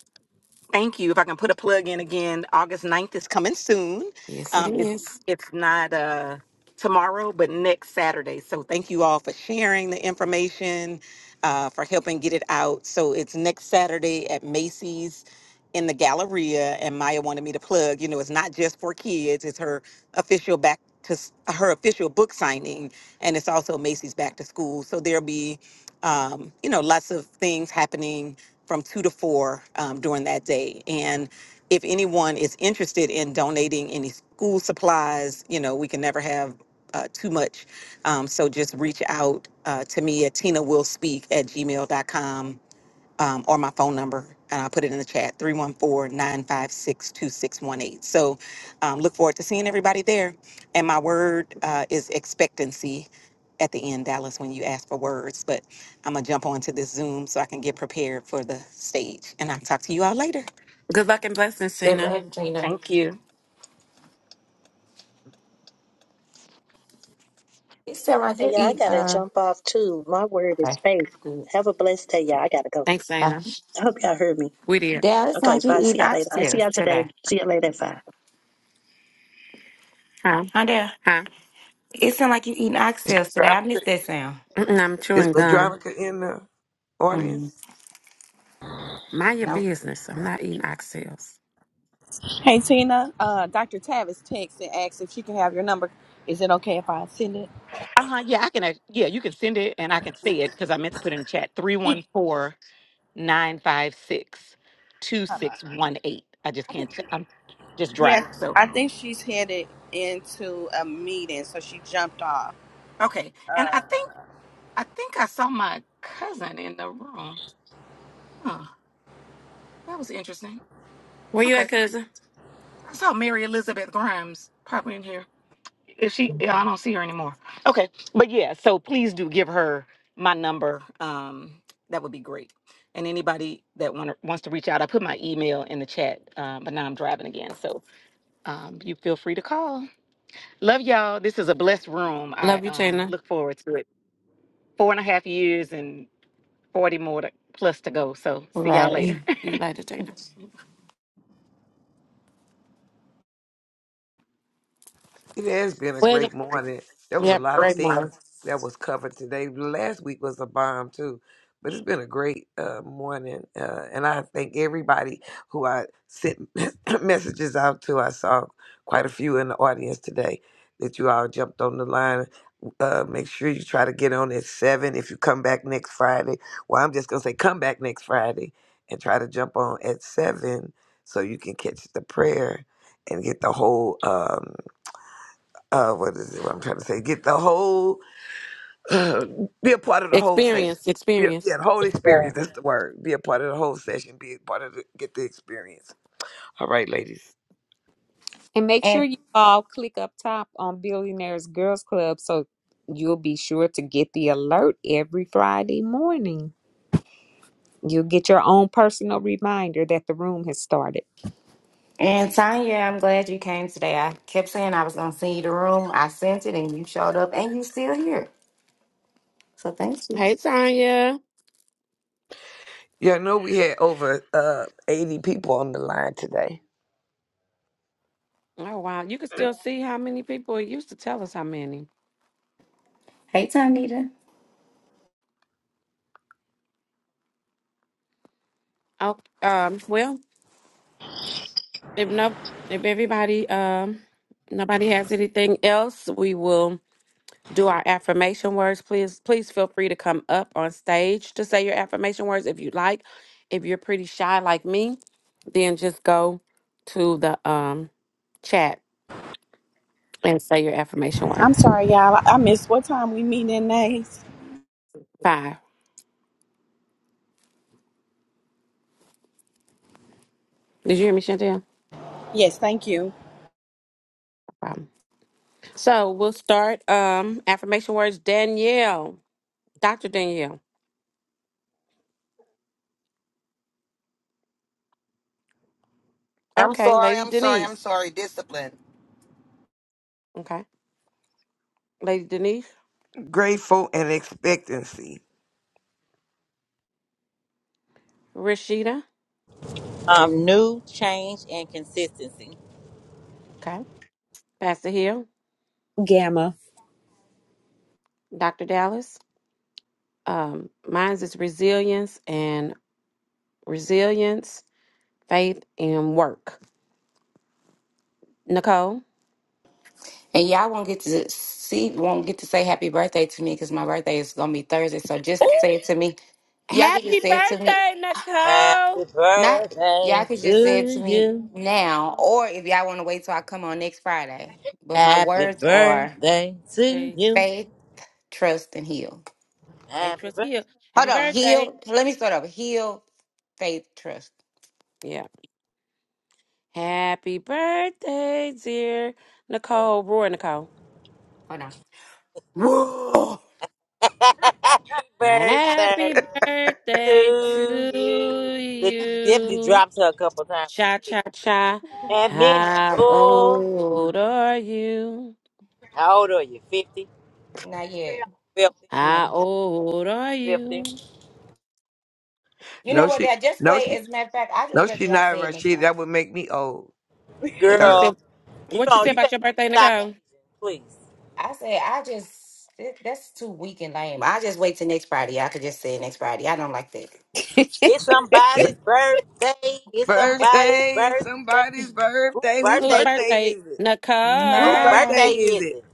Speaker 10: Thank you. If I can put a plug in again, August ninth is coming soon.
Speaker 5: Yes, it
Speaker 10: Um, it,
Speaker 5: is.
Speaker 10: it's not uh, tomorrow, but next Saturday. So thank you all for sharing the information, uh, for helping get it out. So it's next Saturday at Macy's in the Galleria. And Maya wanted me to plug, you know, it's not just for kids, it's her official back to s- her official book signing. And it's also Macy's back to school. So there'll be um, you know, lots of things happening from two to four um, during that day. And if anyone is interested in donating any school supplies, you know, we can never have uh, too much. Um, so just reach out uh, to me at tinawillspeak at gmail.com um, or my phone number, and I'll put it in the chat 314 956 2618. So um, look forward to seeing everybody there. And my word uh, is expectancy at the end, Dallas, when you ask for words. But I'm going to jump onto this Zoom so I can get prepared for the stage. And I'll talk to you all later.
Speaker 5: Good luck and blessings,
Speaker 6: Good
Speaker 5: Tina.
Speaker 6: morning, Gina. It's sound like
Speaker 1: Hey,
Speaker 6: you
Speaker 1: yeah, I
Speaker 6: eat
Speaker 1: gotta
Speaker 6: uh
Speaker 1: jump off too. My word is
Speaker 6: okay.
Speaker 1: faith.
Speaker 6: Good.
Speaker 1: Have a blessed day, y'all. I gotta go.
Speaker 5: Thanks,
Speaker 6: Uh,
Speaker 5: Tina.
Speaker 1: I hope y'all heard me.
Speaker 5: We did.
Speaker 6: Dad, it
Speaker 1: Okay,
Speaker 6: sounds like
Speaker 1: bye.
Speaker 6: you eat
Speaker 1: See y'all later. I'll see
Speaker 6: oxtails
Speaker 1: y'all today.
Speaker 6: today.
Speaker 1: See y'all later at five.
Speaker 5: Huh?
Speaker 6: Huh Dad?
Speaker 5: Huh?
Speaker 6: It sounds like you eating oxtails today. I miss
Speaker 9: Madronica,
Speaker 6: that sound.
Speaker 5: Mm-mm, I'm
Speaker 9: is
Speaker 5: chewing gum.
Speaker 9: Madronica in the audience?
Speaker 6: Mm.
Speaker 5: Mind your
Speaker 6: Nope.
Speaker 5: business. I'm not eating oxtails.
Speaker 11: Hey Tina, uh, Dr. Tavis texts and asks if she can have your number. Is it okay if I send it?
Speaker 10: Uh huh. Yeah, I can. uh, Yeah, you can send it and I can see it because I meant to put in the chat three one
Speaker 11: She-
Speaker 10: four 956 two
Speaker 11: Hold on.
Speaker 10: six one eight. I just
Speaker 11: I think-
Speaker 10: can't. I'm just driving.
Speaker 11: Yes,
Speaker 10: So,
Speaker 11: I think she's headed into a meeting, so she jumped off.
Speaker 10: okay. And I think. I think I saw my cousin in the room. Huh. That was interesting.
Speaker 5: Where you
Speaker 10: Okay.
Speaker 5: at, cousin?
Speaker 10: I saw Mary Elizabeth Grimes probably in here. Is she yeah, I don't see her anymore. Okay. But yeah, so please do give her my number. Um, that would be great. And anybody that want wants to reach out, I put my email in the chat, um, but now I'm driving again. So um, you feel free to call. Love y'all. This is a blessed room. I
Speaker 5: Love you,
Speaker 10: um,
Speaker 5: Tina.
Speaker 10: look forward to it. Four and a half years and 40 more to, plus to go. So see y'all later.
Speaker 6: Right.
Speaker 5: See you later, Tina.
Speaker 9: It has been a
Speaker 5: Where?
Speaker 9: great morning. There was a
Speaker 5: Yep,
Speaker 9: lot of
Speaker 5: great mom.
Speaker 9: things that was covered today. Last week was a bomb too, but it's been a great uh, morning, uh, and I thank everybody who I sent (laughs) (clears throat) messages out to. I saw quite a few in the audience today that you all jumped on the line. Uh, make sure you try to get on at seven if you come back next Friday. Well, I'm just gonna say come back next Friday and try to jump on at seven so you can catch the prayer and get the whole. Um, uh, what is it? What I'm trying to say? Get the whole, (sighs) uh, be a part of the whole session.
Speaker 5: Experience,
Speaker 9: Be a,
Speaker 5: experience.
Speaker 9: yeah, the whole
Speaker 8: Very-
Speaker 9: experience.
Speaker 8: much.
Speaker 9: That's the word. Be a part of the whole session. Be a part of the, get the experience. All right, ladies.
Speaker 4: And make
Speaker 6: And
Speaker 4: sure you all click up top on Billionaires Girls Club so you'll be sure to get the alert every Friday morning. You get your own personal reminder that the room has started.
Speaker 6: and Tanya, I'm glad you came today. I kept saying I was gonna send you the room. I sent it and you showed up and you still here. So thank you.
Speaker 5: Hey, Tanya.
Speaker 9: Yeah, I know we had over uh, 80 people on the line today.
Speaker 5: Oh wow, you can still see how many people it used to tell us how many.
Speaker 6: Hey Tanita.
Speaker 5: Oh, um, well, if no, if everybody, um, nobody has anything else, we will do our affirmation words. Please, please feel free to come up on stage to say your affirmation words if you like. If you're pretty shy like me, then just go to the um chat and say your affirmation
Speaker 11: I'm
Speaker 5: words.
Speaker 11: sorry, y'all. I I missed what time we meeting in Nays.
Speaker 5: Five. Did you hear me, Chantel? No
Speaker 11: Yes, thank you.
Speaker 5: Problem. so we'll start um affirmation words. Danielle. Dr. Danielle.
Speaker 2: I'm
Speaker 5: Okay,
Speaker 2: sorry,
Speaker 5: Lady
Speaker 2: I'm sorry, I'm
Speaker 5: Denise.
Speaker 2: sorry. Discipline.
Speaker 5: Okay. Lady Denise.
Speaker 9: Grateful and expectancy.
Speaker 5: Rashida.
Speaker 8: um new change and consistency
Speaker 5: Okay. Pastor Hill.
Speaker 4: Gamma.
Speaker 5: Dr. Dallas. Um, mine's is resilience and resilience, faith, and work. Nicole.
Speaker 6: And y'all won't get to see, won't get to say happy birthday to me because my birthday is gonna be Thursday. So just
Speaker 5: Ooh,
Speaker 6: say it to me. Y'all could just
Speaker 5: Happy
Speaker 6: say it to me.
Speaker 5: birthday, Nicole.
Speaker 8: happy
Speaker 6: Not y'all
Speaker 8: birthday
Speaker 6: could just say it to
Speaker 8: to
Speaker 6: me
Speaker 8: you
Speaker 6: now, or if y'all want to wait till I come on next Friday. But my
Speaker 8: happy
Speaker 6: words are
Speaker 8: birthday to
Speaker 5: Thanks.
Speaker 8: you
Speaker 6: faith, trust, and heal.
Speaker 5: Thank
Speaker 8: Happy
Speaker 5: Trustee Hill.
Speaker 6: Hold
Speaker 5: Happy
Speaker 6: on,
Speaker 5: birthday.
Speaker 6: heal. Let me start over. Heal, faith, trust.
Speaker 5: Yeah. Happy birthday, dear Nicole. Roy Nicole.
Speaker 6: Hold on. (gasps) Whoa.
Speaker 8: birthday. (laughs) happy birthday
Speaker 5: Happy birthday
Speaker 8: to you.
Speaker 5: to
Speaker 8: Denise definitely
Speaker 5: you.
Speaker 8: dropped her a couple times on
Speaker 5: Cha
Speaker 8: her
Speaker 5: cha cha.
Speaker 8: head. And many
Speaker 5: How
Speaker 8: more.
Speaker 5: old are you?
Speaker 8: How old are you? 50?
Speaker 6: Not yet.
Speaker 8: 50?
Speaker 6: Not
Speaker 5: How
Speaker 6: yet.
Speaker 5: old are
Speaker 8: 50?
Speaker 5: you?
Speaker 6: You
Speaker 9: No,
Speaker 6: know what?
Speaker 9: she,
Speaker 6: Dad? Just
Speaker 9: no,
Speaker 6: wait.
Speaker 9: she,
Speaker 6: As a matter of fact, I just
Speaker 9: no,
Speaker 6: rather
Speaker 9: she
Speaker 6: y'all
Speaker 9: not
Speaker 6: say it next
Speaker 9: Rashid.
Speaker 6: Friday.
Speaker 9: That would make me old.
Speaker 5: You
Speaker 9: Third.
Speaker 5: said
Speaker 8: Girl, you
Speaker 5: what you
Speaker 8: don't,
Speaker 5: said
Speaker 8: you
Speaker 5: about
Speaker 8: ain't,
Speaker 5: your
Speaker 8: you
Speaker 5: birthday,
Speaker 8: stop
Speaker 5: Nicole?
Speaker 8: aging, please.
Speaker 6: I said I just that- that's too weak and lame. I just wait till next Friday. I could just say next Friday. I don't like that.
Speaker 8: It's
Speaker 4: (laughs)
Speaker 8: somebody's birthday. It's somebody's
Speaker 9: Birthday. It's
Speaker 8: birthday.
Speaker 9: somebody's
Speaker 8: Who
Speaker 9: birthday. Whose
Speaker 8: birthday
Speaker 5: Whose
Speaker 8: is it?
Speaker 9: birthday
Speaker 5: birthday?
Speaker 9: is it? Whose
Speaker 8: Who
Speaker 5: Nicole.
Speaker 8: birthday
Speaker 9: birthday
Speaker 6: Mine,
Speaker 9: is
Speaker 8: is
Speaker 9: it?
Speaker 8: it?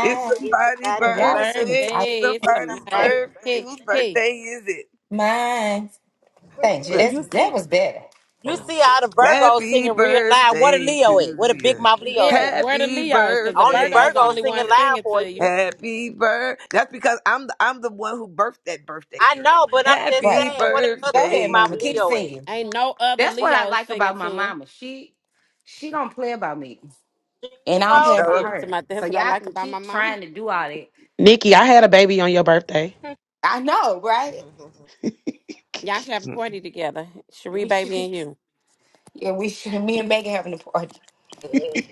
Speaker 9: It's
Speaker 8: It's
Speaker 9: somebody's
Speaker 8: somebody's
Speaker 6: Y'all was sitting
Speaker 9: birthday.
Speaker 6: tight.
Speaker 8: birthday.
Speaker 9: It's
Speaker 5: Birthday is
Speaker 8: It's
Speaker 9: somebody's
Speaker 5: somebody's.
Speaker 6: (laughs)
Speaker 8: somebody's
Speaker 9: birthday.
Speaker 5: Hey,
Speaker 9: Whose
Speaker 5: hey.
Speaker 8: birthday.
Speaker 9: birthday is it?
Speaker 6: Mine. Thank you.
Speaker 9: Look.
Speaker 8: And
Speaker 6: That's
Speaker 8: you
Speaker 6: that
Speaker 8: see,
Speaker 6: was better.
Speaker 8: you
Speaker 6: 'Cause-
Speaker 5: Oh,
Speaker 8: see all the
Speaker 5: this.
Speaker 8: Virgos
Speaker 9: Happy
Speaker 8: singing real loud. What a
Speaker 9: birthday
Speaker 8: Leo is.
Speaker 9: to
Speaker 8: What a big
Speaker 9: you.
Speaker 8: mouth Leo's
Speaker 5: Yeah,
Speaker 8: is.
Speaker 5: where the
Speaker 9: Happy
Speaker 5: Leos? Because the
Speaker 8: Only
Speaker 9: birthday
Speaker 5: Virgo's the
Speaker 9: to
Speaker 8: Virgo
Speaker 5: only one
Speaker 8: singing
Speaker 9: you.
Speaker 8: loud
Speaker 5: singing
Speaker 8: for
Speaker 5: to
Speaker 8: you.
Speaker 5: you.
Speaker 9: Happy birth. That's because I'm the I'm the one who birthed that birthday
Speaker 8: I
Speaker 9: girl.
Speaker 8: know, but I'm just
Speaker 6: Right.
Speaker 9: Happy
Speaker 8: saying, what that other
Speaker 6: Go
Speaker 8: big
Speaker 6: ahead,
Speaker 9: birthday
Speaker 8: mouth
Speaker 6: mama. Keep
Speaker 9: to
Speaker 8: Leo
Speaker 9: you.
Speaker 8: is?
Speaker 6: singing.
Speaker 5: Ain't no other
Speaker 6: That's what I
Speaker 5: Leo
Speaker 6: like
Speaker 5: singing
Speaker 6: about my
Speaker 5: to her.
Speaker 6: mama. She she don't play about me.
Speaker 8: She's
Speaker 6: And I
Speaker 9: She
Speaker 6: don't play
Speaker 8: supposed
Speaker 6: about
Speaker 9: showed.
Speaker 8: to.
Speaker 5: She's talking
Speaker 6: her.
Speaker 5: about
Speaker 6: So
Speaker 5: that's what I
Speaker 6: y'all
Speaker 5: like
Speaker 6: can
Speaker 5: about my
Speaker 6: keep
Speaker 5: mama.
Speaker 6: trying to do all that.
Speaker 7: Nikki, I
Speaker 6: You-
Speaker 7: had a baby on your birthday.
Speaker 6: I know, right?
Speaker 5: Y'all should have a party together. Cherie,
Speaker 6: We should
Speaker 5: baby,
Speaker 6: (laughs)
Speaker 5: and you.
Speaker 6: yeah, we should me and Megan having a party.
Speaker 8: (laughs)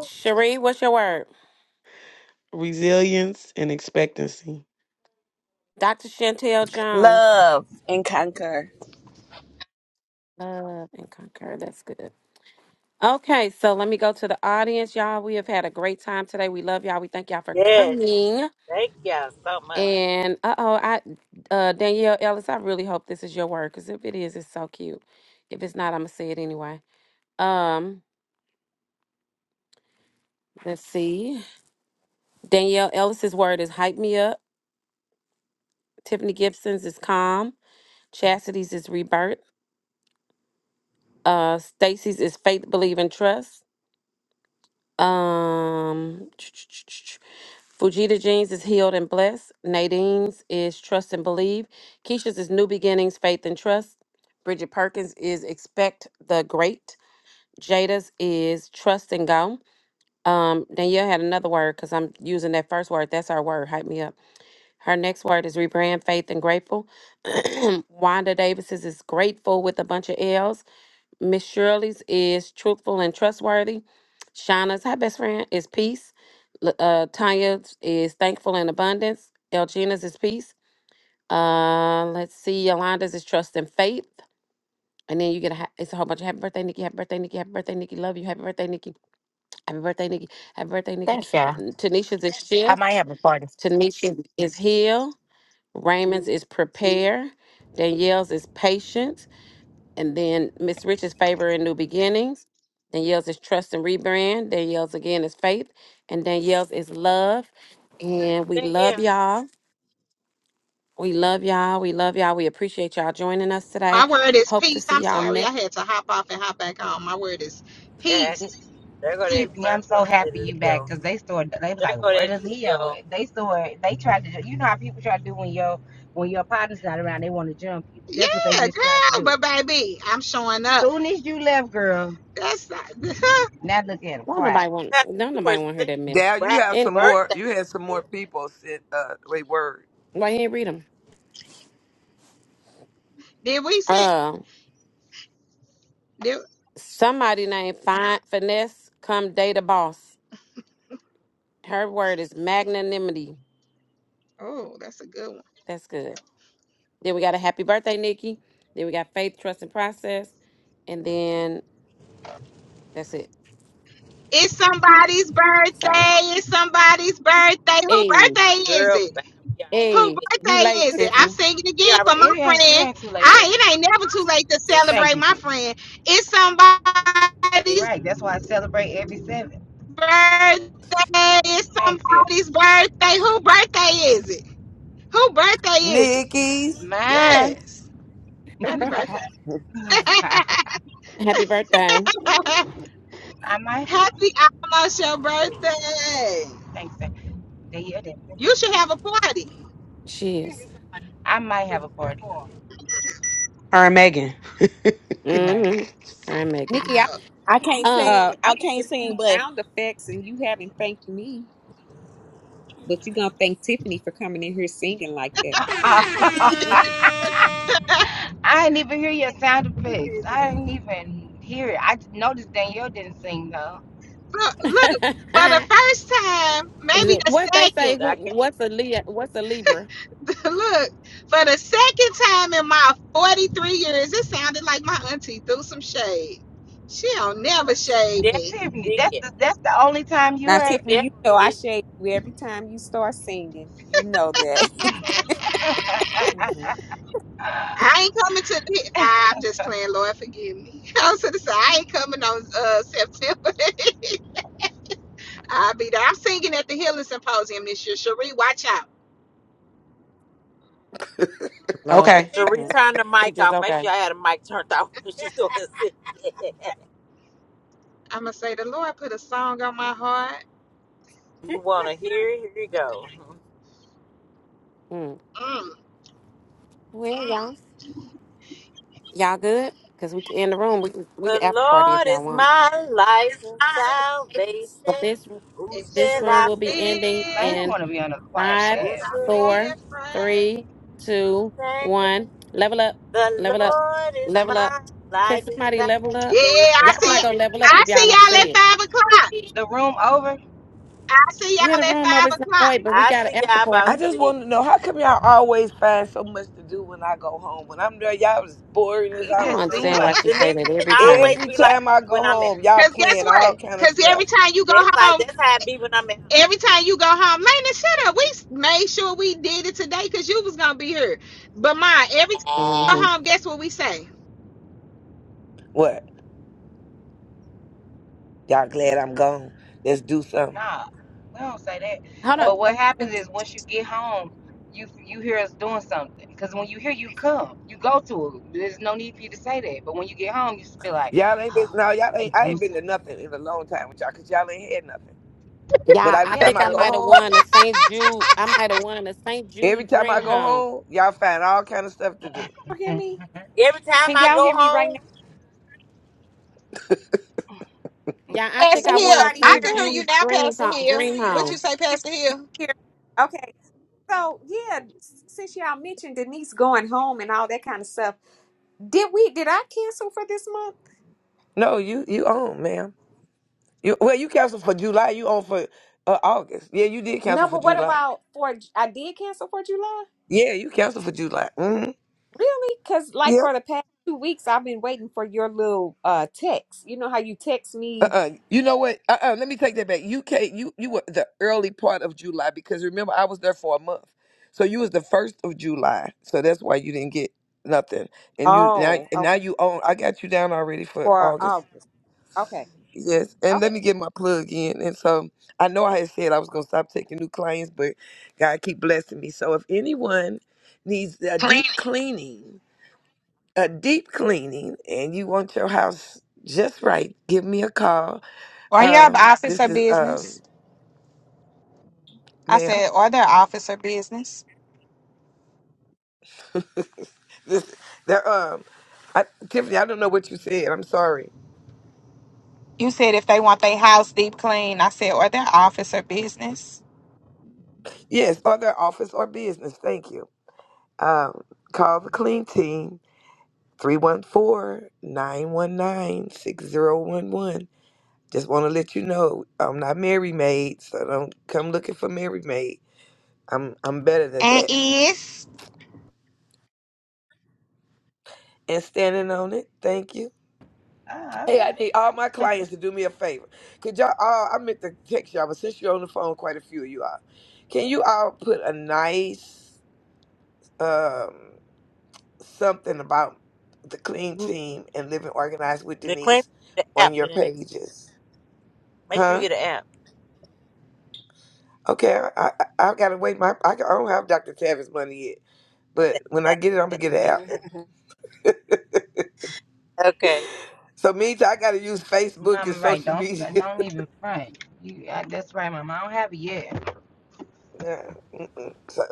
Speaker 5: Cherie, what's your word?
Speaker 7: Rejectancy.
Speaker 5: Dr. Chantel Jones.
Speaker 11: Love and conquer.
Speaker 5: Love and Conquer. That's good. Okay, so let me go to the audience, y'all. We have had a great time today. We love y'all. We thank y'all for
Speaker 8: Yes.
Speaker 5: coming.
Speaker 8: Thank y'all so much.
Speaker 5: And uh oh, I uh Danielle Ellis, I really hope this is your word because if it is, it's so cute. If it's not, I'm gonna say it anyway. Um, let's see. Danielle Ellis's word is hype me up. Tiffany Gibson's is calm. Chastity's is rebirth. Uh, Stacy's is faith, believe, and trust. Um, (tsk) Fujita Jeans is healed and blessed. Nadine's is trust and believe. Keisha's is new beginnings, faith and trust. Bridget Perkins is expect the great. Jada's is trust and go. Um, Danielle had another word because I'm using that first word. That's our word. Hype me up. Her next word is rebrand, faith, and grateful. (clears throat) Wanda Davis's is grateful with a bunch of L's. Miss Shirley's is truthful and trustworthy. Shauna's, hi best friend, is peace. L- Uh, Tanya's is thankful and abundance. Elgina's is peace. Uh, let's see, Yolanda's is trust and faith. And then you get a ha- it's a whole bunch of happy birthday, Nikki, happy birthday, Nikki, happy birthday, Nikki, love you, happy birthday, Nikki, happy birthday, Nikki, happy birthday, Nikki.
Speaker 6: Thanks, yeah.
Speaker 5: Mm, Tanisha's is
Speaker 6: I might
Speaker 5: shift.
Speaker 6: have a party.
Speaker 5: Tanisha is heal. Raymond's is prepare. Danielle's is patience and then Miss Rich's favor and new beginnings. Danielle's is trust and rebrand. Danielle's again is faith, and Danielle's is love. And we
Speaker 8: Thank you.
Speaker 5: love y'all. We love y'all. We love y'all. We appreciate y'all joining us today.
Speaker 13: My word is
Speaker 5: Hope to
Speaker 13: peace.
Speaker 5: see
Speaker 13: I'm
Speaker 5: y'all
Speaker 13: sorry. I
Speaker 5: next.
Speaker 13: had to hop off and hop back on. My word is
Speaker 8: Yeah.
Speaker 13: peace.
Speaker 8: There go that
Speaker 13: Peace.
Speaker 6: Tiffany, I'm so
Speaker 8: Virgo, that
Speaker 6: happy you back
Speaker 8: Leo.
Speaker 6: because they started. They was
Speaker 8: There
Speaker 6: like,
Speaker 8: go
Speaker 6: "Where
Speaker 8: that
Speaker 6: the Leo?"
Speaker 8: Leo.
Speaker 6: They started. They tried to. You know how people try to do when your when your partner's not around, they want to jump you. That's what they
Speaker 13: Yeah,
Speaker 6: just tried to
Speaker 13: girl,
Speaker 6: do.
Speaker 13: but baby, I'm showing up.
Speaker 6: Soon as you left, girl,
Speaker 13: That's not
Speaker 6: now look at him,
Speaker 5: Don't
Speaker 6: quiet.
Speaker 5: nobody want.
Speaker 8: Because
Speaker 5: Don't
Speaker 8: we were
Speaker 5: nobody want to hear that
Speaker 8: singing
Speaker 5: mess.
Speaker 9: Dad, you have
Speaker 8: happy
Speaker 5: And
Speaker 9: some
Speaker 8: birthday
Speaker 9: more. You had
Speaker 8: to
Speaker 9: some more
Speaker 8: you.
Speaker 9: people. Said, uh, wait, word.
Speaker 5: why you ain't read them?
Speaker 13: (laughs) did we see
Speaker 5: Uh,
Speaker 13: did,
Speaker 5: somebody named Fine Finesse come date a boss. Her word is magnanimity.
Speaker 13: oh, that's a good one.
Speaker 5: That's good. Then we got a happy birthday, Nikki. Then we got faith, trust, and process. and then that's it.
Speaker 13: It's somebody's
Speaker 5: So,
Speaker 13: birthday. It's somebody's birthday. Who
Speaker 5: hey,
Speaker 13: birthday is
Speaker 8: Girl,
Speaker 13: it?
Speaker 8: man, we already
Speaker 13: Who
Speaker 5: hey,
Speaker 8: did it.
Speaker 5: you
Speaker 13: birthday
Speaker 5: late,
Speaker 13: is it? I'm
Speaker 5: Tiffany?
Speaker 13: singing
Speaker 8: We
Speaker 13: again for
Speaker 8: already
Speaker 13: my
Speaker 8: did
Speaker 6: It ain't you
Speaker 8: it.
Speaker 13: friend.
Speaker 8: We
Speaker 6: ain't too
Speaker 8: already did
Speaker 6: late
Speaker 8: it.
Speaker 6: for.
Speaker 13: I it ain't never too late to
Speaker 8: Big mouth.
Speaker 6: Thank
Speaker 13: celebrate
Speaker 6: you,
Speaker 13: my
Speaker 8: Leo,
Speaker 6: Tiffany.
Speaker 13: friend. It's
Speaker 8: Big
Speaker 13: somebody's
Speaker 6: Right,
Speaker 8: mouth.
Speaker 6: that's why I celebrate every seven.
Speaker 13: birthday. It's
Speaker 6: Thanks, Tiffany.
Speaker 13: somebody's birthday. Who birthday is it? Who birthday is it?
Speaker 9: Nikki,
Speaker 6: Mine,
Speaker 13: Happy birthday.
Speaker 5: (laughs)
Speaker 6: (laughs) I,
Speaker 5: Happy birthday!
Speaker 6: I
Speaker 13: (laughs)
Speaker 6: might.
Speaker 13: Happy almost your birthday.
Speaker 6: Thanks, Tiff. They hear that.
Speaker 13: You should have a party.
Speaker 5: She is.
Speaker 6: I might have a party.
Speaker 7: Her and Megan.
Speaker 6: Right.
Speaker 5: Mm-hmm. Her and Megan.
Speaker 4: Nikki, I
Speaker 11: I can't
Speaker 5: Um,
Speaker 4: uh
Speaker 11: sing. I
Speaker 4: I've been
Speaker 11: can't
Speaker 4: giving you
Speaker 11: sing, but
Speaker 4: sound effects and you haven't thanked me, but you're gonna thank Tiffany for coming in here singing like that.
Speaker 6: (laughs)
Speaker 13: (laughs)
Speaker 6: I didn't even hear your sound effects. I didn't even hear it. I just noticed Danielle didn't sing though.
Speaker 13: look, look, for the
Speaker 5: (laughs)
Speaker 13: first time, maybe the
Speaker 5: what they
Speaker 13: second.
Speaker 5: say?
Speaker 8: So
Speaker 5: Who?
Speaker 8: I can,
Speaker 5: What's a Leo? What's a Libra?
Speaker 13: (laughs) look, for the second time in my 43 years, it sounded like my auntie threw some shade. She don't never
Speaker 8: she
Speaker 6: She
Speaker 13: shade
Speaker 6: did.
Speaker 13: me.
Speaker 8: definitely
Speaker 6: Tiffany, that's
Speaker 8: did.
Speaker 6: the that's the only time you
Speaker 4: Now,
Speaker 8: She
Speaker 6: heard.
Speaker 4: Tiffany, you
Speaker 8: definitely
Speaker 4: know I
Speaker 8: did.
Speaker 4: shade you every time you start singing. You know that.
Speaker 13: (laughs)
Speaker 6: (sighs)
Speaker 5: Mm-hmm.
Speaker 6: I
Speaker 13: I ain't coming to the. Nah, I'm just playing. Lord, forgive me. (laughs) I was gonna say I ain't coming on uh, September. (laughs) I'll be there. I'm singing at the Healing Symposium this year. Cherie, watch out.
Speaker 4: Oh,
Speaker 7: Okay.
Speaker 8: To
Speaker 5: hmm
Speaker 8: return the
Speaker 5: She
Speaker 8: mic
Speaker 5: just
Speaker 8: off. Make
Speaker 5: okay.
Speaker 8: sure I had a mic turned off when she's doing this.
Speaker 13: I'm gonna say the Lord put a song on my heart.
Speaker 8: (laughs) you want to hear? Here you go.
Speaker 5: Mm.
Speaker 13: Mm.
Speaker 5: Well, y'all, y'all good? Cause we can in the room. We can we
Speaker 8: The
Speaker 5: can after party if
Speaker 8: Lord
Speaker 5: y'all
Speaker 8: is
Speaker 5: want.
Speaker 8: my life and
Speaker 5: But
Speaker 8: salvation.
Speaker 5: this
Speaker 8: Who
Speaker 13: And should
Speaker 5: this
Speaker 8: shall
Speaker 5: room
Speaker 8: I
Speaker 5: will
Speaker 13: I
Speaker 8: fear?
Speaker 5: be ending
Speaker 13: feel
Speaker 6: don't
Speaker 5: in
Speaker 6: want to be on the choir
Speaker 13: Should
Speaker 5: Five,
Speaker 8: Who
Speaker 6: bad.
Speaker 13: I
Speaker 8: should I
Speaker 13: be
Speaker 5: four,
Speaker 13: afraid?
Speaker 5: three, two,
Speaker 8: thank?
Speaker 5: one. Level up.
Speaker 8: The
Speaker 5: Level up.
Speaker 8: Lord is
Speaker 5: Level up.
Speaker 8: my
Speaker 5: Can
Speaker 8: life
Speaker 5: somebody
Speaker 8: and
Speaker 5: level up?
Speaker 13: Yeah,
Speaker 8: salvation.
Speaker 13: I
Speaker 5: Y'all
Speaker 8: Come on,
Speaker 13: see.
Speaker 5: not gonna
Speaker 8: Teresa.
Speaker 5: level up
Speaker 13: I
Speaker 5: if y'all
Speaker 13: see
Speaker 5: don't
Speaker 13: y'all at
Speaker 5: say
Speaker 13: five o'clock.
Speaker 5: it.
Speaker 6: The room over.
Speaker 13: I see
Speaker 5: Yeah, the
Speaker 13: y'all at
Speaker 5: room
Speaker 13: five
Speaker 5: always not oh,
Speaker 13: o'clock.
Speaker 5: wait, but we
Speaker 8: I
Speaker 5: got an
Speaker 8: see
Speaker 5: after
Speaker 8: y'all about
Speaker 5: party.
Speaker 9: I just
Speaker 8: six.
Speaker 9: want to know how come y'all always find so much to do when I go home? When I'm there, y'all is boring as
Speaker 6: It
Speaker 5: I
Speaker 9: I
Speaker 5: don't
Speaker 9: don't
Speaker 6: just
Speaker 9: know
Speaker 6: seemed
Speaker 5: understand
Speaker 9: what.
Speaker 5: why
Speaker 6: like
Speaker 5: she
Speaker 6: that.
Speaker 8: Denise,
Speaker 5: say that
Speaker 8: it
Speaker 5: every time.
Speaker 8: always
Speaker 9: Every
Speaker 8: be like
Speaker 9: time
Speaker 8: that
Speaker 9: I
Speaker 8: when
Speaker 9: go
Speaker 8: I'm at
Speaker 9: home, y'all
Speaker 13: Cause
Speaker 8: home.
Speaker 13: guess
Speaker 9: playing
Speaker 13: what?
Speaker 9: all kind of
Speaker 13: Cause every
Speaker 9: stuff.
Speaker 13: time you go
Speaker 8: That's like
Speaker 13: home,
Speaker 8: that's how it be when I'm at
Speaker 13: every time you go home, Lena, shut up. We s- made sure we did it today because you was gonna be here. But mine, every time you go
Speaker 8: home.
Speaker 5: hmm
Speaker 13: home, guess what we say?
Speaker 9: What? Y'all glad I'm gone? Let's do something.
Speaker 6: Nah, we don't say that.
Speaker 5: Hold on.
Speaker 6: But what happens is once you get home, you you hear us doing something. Cause when you hear, you come, you go to it. There's no need for you to say that. But when you get home, you just feel like,
Speaker 9: Y'all ain't been
Speaker 6: oh,
Speaker 9: no, y'all
Speaker 6: they
Speaker 9: ain't. I
Speaker 6: doing
Speaker 9: ain't been to
Speaker 6: something.
Speaker 9: nothing in a long time with y'all because y'all ain't had nothing. But
Speaker 5: Yeah,
Speaker 9: every
Speaker 5: I
Speaker 6: Yeah.
Speaker 9: time
Speaker 5: think
Speaker 9: I
Speaker 5: I
Speaker 6: So.
Speaker 9: go
Speaker 5: might have
Speaker 9: home,
Speaker 5: won a St. Jude. I might have won a St.
Speaker 9: every
Speaker 5: Jude
Speaker 9: time I
Speaker 5: dream
Speaker 9: go
Speaker 5: home.
Speaker 9: home, y'all find all kind of stuff to do.
Speaker 4: y'all hear
Speaker 6: (laughs)
Speaker 4: me?
Speaker 8: Every time
Speaker 4: Can
Speaker 8: I
Speaker 4: y'all
Speaker 8: go
Speaker 4: hear me right now?
Speaker 8: home.
Speaker 5: Yeah, I think
Speaker 4: Can
Speaker 13: Pastor
Speaker 5: I
Speaker 13: Hill,
Speaker 5: won a
Speaker 4: anybody
Speaker 13: I
Speaker 4: hear
Speaker 5: St.
Speaker 13: can
Speaker 4: me?
Speaker 13: hear you
Speaker 5: Jude
Speaker 13: now,
Speaker 5: dream
Speaker 13: Pastor
Speaker 5: home.
Speaker 13: Hill.
Speaker 5: Dream
Speaker 13: What you
Speaker 5: home.
Speaker 13: say, Pastor
Speaker 4: You
Speaker 13: Hill?
Speaker 4: hear me? Okay. So yeah, s- since y'all mentioned Denise going home and all that kind of stuff, did we did I cancel for this month?
Speaker 9: No, you you on, ma'am. You well, you canceled for July. You on for uh, August. Yeah, you did
Speaker 4: No,
Speaker 9: cancel for
Speaker 4: but what
Speaker 9: July.
Speaker 4: about for? I did cancel for July.
Speaker 9: Yeah, you canceled for July. Mm-hmm.
Speaker 4: Really? Because like
Speaker 9: Yep.
Speaker 4: for the past two weeks, I've been waiting for your little uh text. You know how you text me?
Speaker 9: Uh-uh. You know what? Uh-uh. Let me take that back. You came. You you were the early part of July because remember I was there for a month, so you was the first of July. So that's why you didn't get nothing. And you now
Speaker 4: Oh,
Speaker 9: and now
Speaker 4: okay.
Speaker 9: you own. I got you down already for
Speaker 4: For
Speaker 9: August.
Speaker 4: August. Okay.
Speaker 9: Yes. And
Speaker 4: Okay.
Speaker 9: let me get my plug in. And so I know I had said I was gonna stop taking new clients, but God keep blessing me. So if anyone needs a
Speaker 13: Clean.
Speaker 9: deep cleaning a deep cleaning and you want your house just right, give me a call.
Speaker 13: Are y'all the
Speaker 9: Um,
Speaker 13: office
Speaker 9: this
Speaker 13: or
Speaker 9: is
Speaker 13: business?
Speaker 9: um,
Speaker 13: I
Speaker 9: ma'am.
Speaker 13: said, are there office or business?
Speaker 9: This there um, I, Tiffany. I don't know what you said. I'm sorry.
Speaker 13: You said if they want their house deep clean. I said, or their office or business.
Speaker 9: Yes, or their office or business. Thank you. Um, call the clean team three one four nine one nine six zero one one. Just want to let you know I'm not Mary Maid, so don't come looking for Mary Maid. I'm I'm better than
Speaker 13: And
Speaker 9: that.
Speaker 13: is.
Speaker 9: And standing on it. Thank you.
Speaker 6: oh,
Speaker 9: Hey,
Speaker 6: okay.
Speaker 9: I need all my clients to do me a favor. Could y'all all, I meant to text y'all, but since you're on the phone, quite a few of you are. Can you all put a nice um, something about the clean team and living organized with
Speaker 8: The claim
Speaker 9: Denise
Speaker 8: the app,
Speaker 9: on your
Speaker 8: Denise.
Speaker 9: pages?
Speaker 8: Make sure you
Speaker 9: Huh?
Speaker 8: get an
Speaker 9: Okay, I, I, I gotta wait. My I, can- I don't have Dr. Tavis money yet, but when I get it, I'm gonna get it out.
Speaker 8: app. (laughs) okay.
Speaker 9: So meantime, I gotta use Facebook and
Speaker 6: Mama, right?
Speaker 9: social
Speaker 6: Don't
Speaker 9: media.
Speaker 6: don't even front. You, uh, that's right, Mama. I don't have it yet.
Speaker 9: (laughs) nah, mm-mm. so,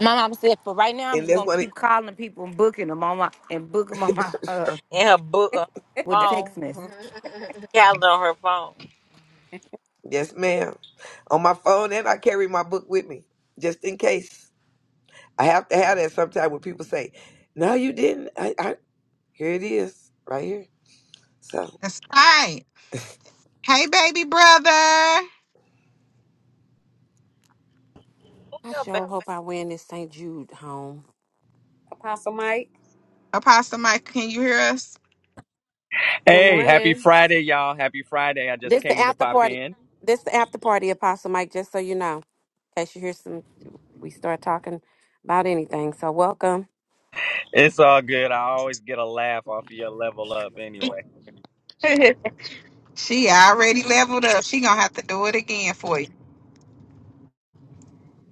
Speaker 6: My mom said, for right now, I'm
Speaker 9: and
Speaker 6: just
Speaker 9: that's
Speaker 6: gonna
Speaker 9: one.
Speaker 6: keep calling people and booking them on my and booking them on my uh
Speaker 8: And her book, uh,
Speaker 6: with the text
Speaker 8: phone,
Speaker 6: message.
Speaker 8: (laughs) calendar on her phone.
Speaker 9: Yes, ma'am. On my phone, and I carry my book with me just in case. I have to have that sometime when people say, "No, you didn't." I, I here it is, right here. So
Speaker 13: That's right. Hey, baby brother.
Speaker 8: Look
Speaker 5: I
Speaker 8: how bad-
Speaker 5: sure hope I win this St. Jude home.
Speaker 4: Apostle Mike.
Speaker 13: Apostle Mike, can you hear us?
Speaker 5: Good
Speaker 19: Hey, happy
Speaker 5: morning.
Speaker 19: Friday, y'all. Happy Friday. I just
Speaker 5: This the
Speaker 19: came to
Speaker 5: after
Speaker 19: pop
Speaker 5: party.
Speaker 19: in.
Speaker 5: This the after party, Apostle Mike. Just so you know, in case you hear some, we start talking about anything. So welcome.
Speaker 19: It's all good. I always get a laugh off of your level up anyway.
Speaker 13: She already leveled up. She gonna have to do it again for you.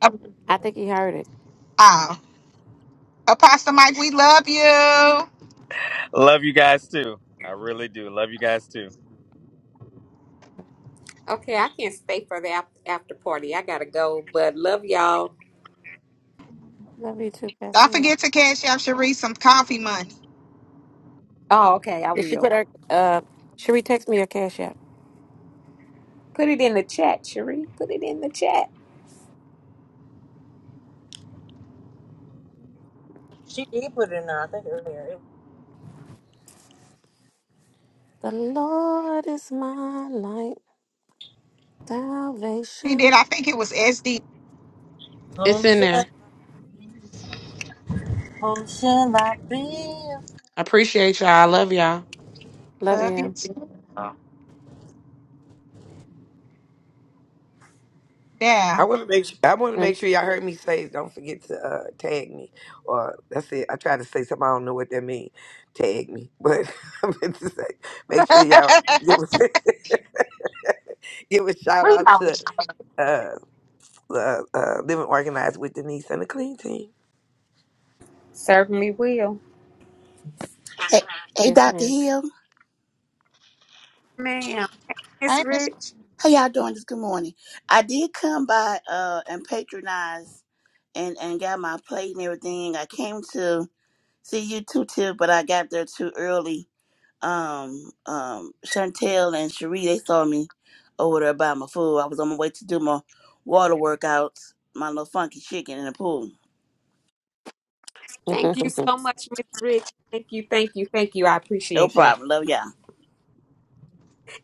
Speaker 13: Uh,
Speaker 5: I think he heard it.
Speaker 13: uh, Apostle Mike, we love you.
Speaker 19: Love you guys too. I really do. Love you guys too.
Speaker 4: Okay, I can't stay for the after, after party. I gotta go. But love y'all.
Speaker 5: Love you too,
Speaker 13: Don't
Speaker 5: Pastor.
Speaker 13: forget to cash out Sharice some coffee money.
Speaker 4: Oh, okay. I
Speaker 5: Did she
Speaker 4: will
Speaker 5: put her? Uh, Sheree, text me your cash app.
Speaker 4: put it in the chat, Cherie. Put it in the chat.
Speaker 8: She did put it in there, I think earlier. It
Speaker 5: The Lord is my light, salvation.
Speaker 8: was,
Speaker 7: It's
Speaker 8: Home
Speaker 7: in
Speaker 8: shall,
Speaker 7: there.
Speaker 8: home shall I be?
Speaker 7: I appreciate y'all. I love y'all.
Speaker 5: Love you.
Speaker 9: I want to make sure, I want to make
Speaker 5: Mm,
Speaker 9: sure y'all heard me say. Don't forget to uh, tag me, or that's it. I try to say something I don't know what that means. Tag me, but (laughs) I meant to say, make sure y'all give a (laughs) give a shout out to uh, uh, uh, Living Organized with Denise and the Clean Team.
Speaker 4: Certainly will,
Speaker 20: Hey, hey,
Speaker 5: yes,
Speaker 20: Dr.
Speaker 5: ma'am.
Speaker 20: Hill.
Speaker 4: ma'am. Miss Rich.
Speaker 20: How y'all doing this good morning? I did come by uh and patronize and and got my plate and everything. I came to see you too, too, but I got there too early. Um, um, Chantel and Cherie, they saw me over there by my food. I was on my way to do my water workouts, my little funky chicken in the pool.
Speaker 4: Thank you
Speaker 5: (laughs)
Speaker 4: so much, Miss Rich. Thank you. Thank you. Thank you. I
Speaker 20: No
Speaker 4: appreciate that.
Speaker 20: problem. Love y'all.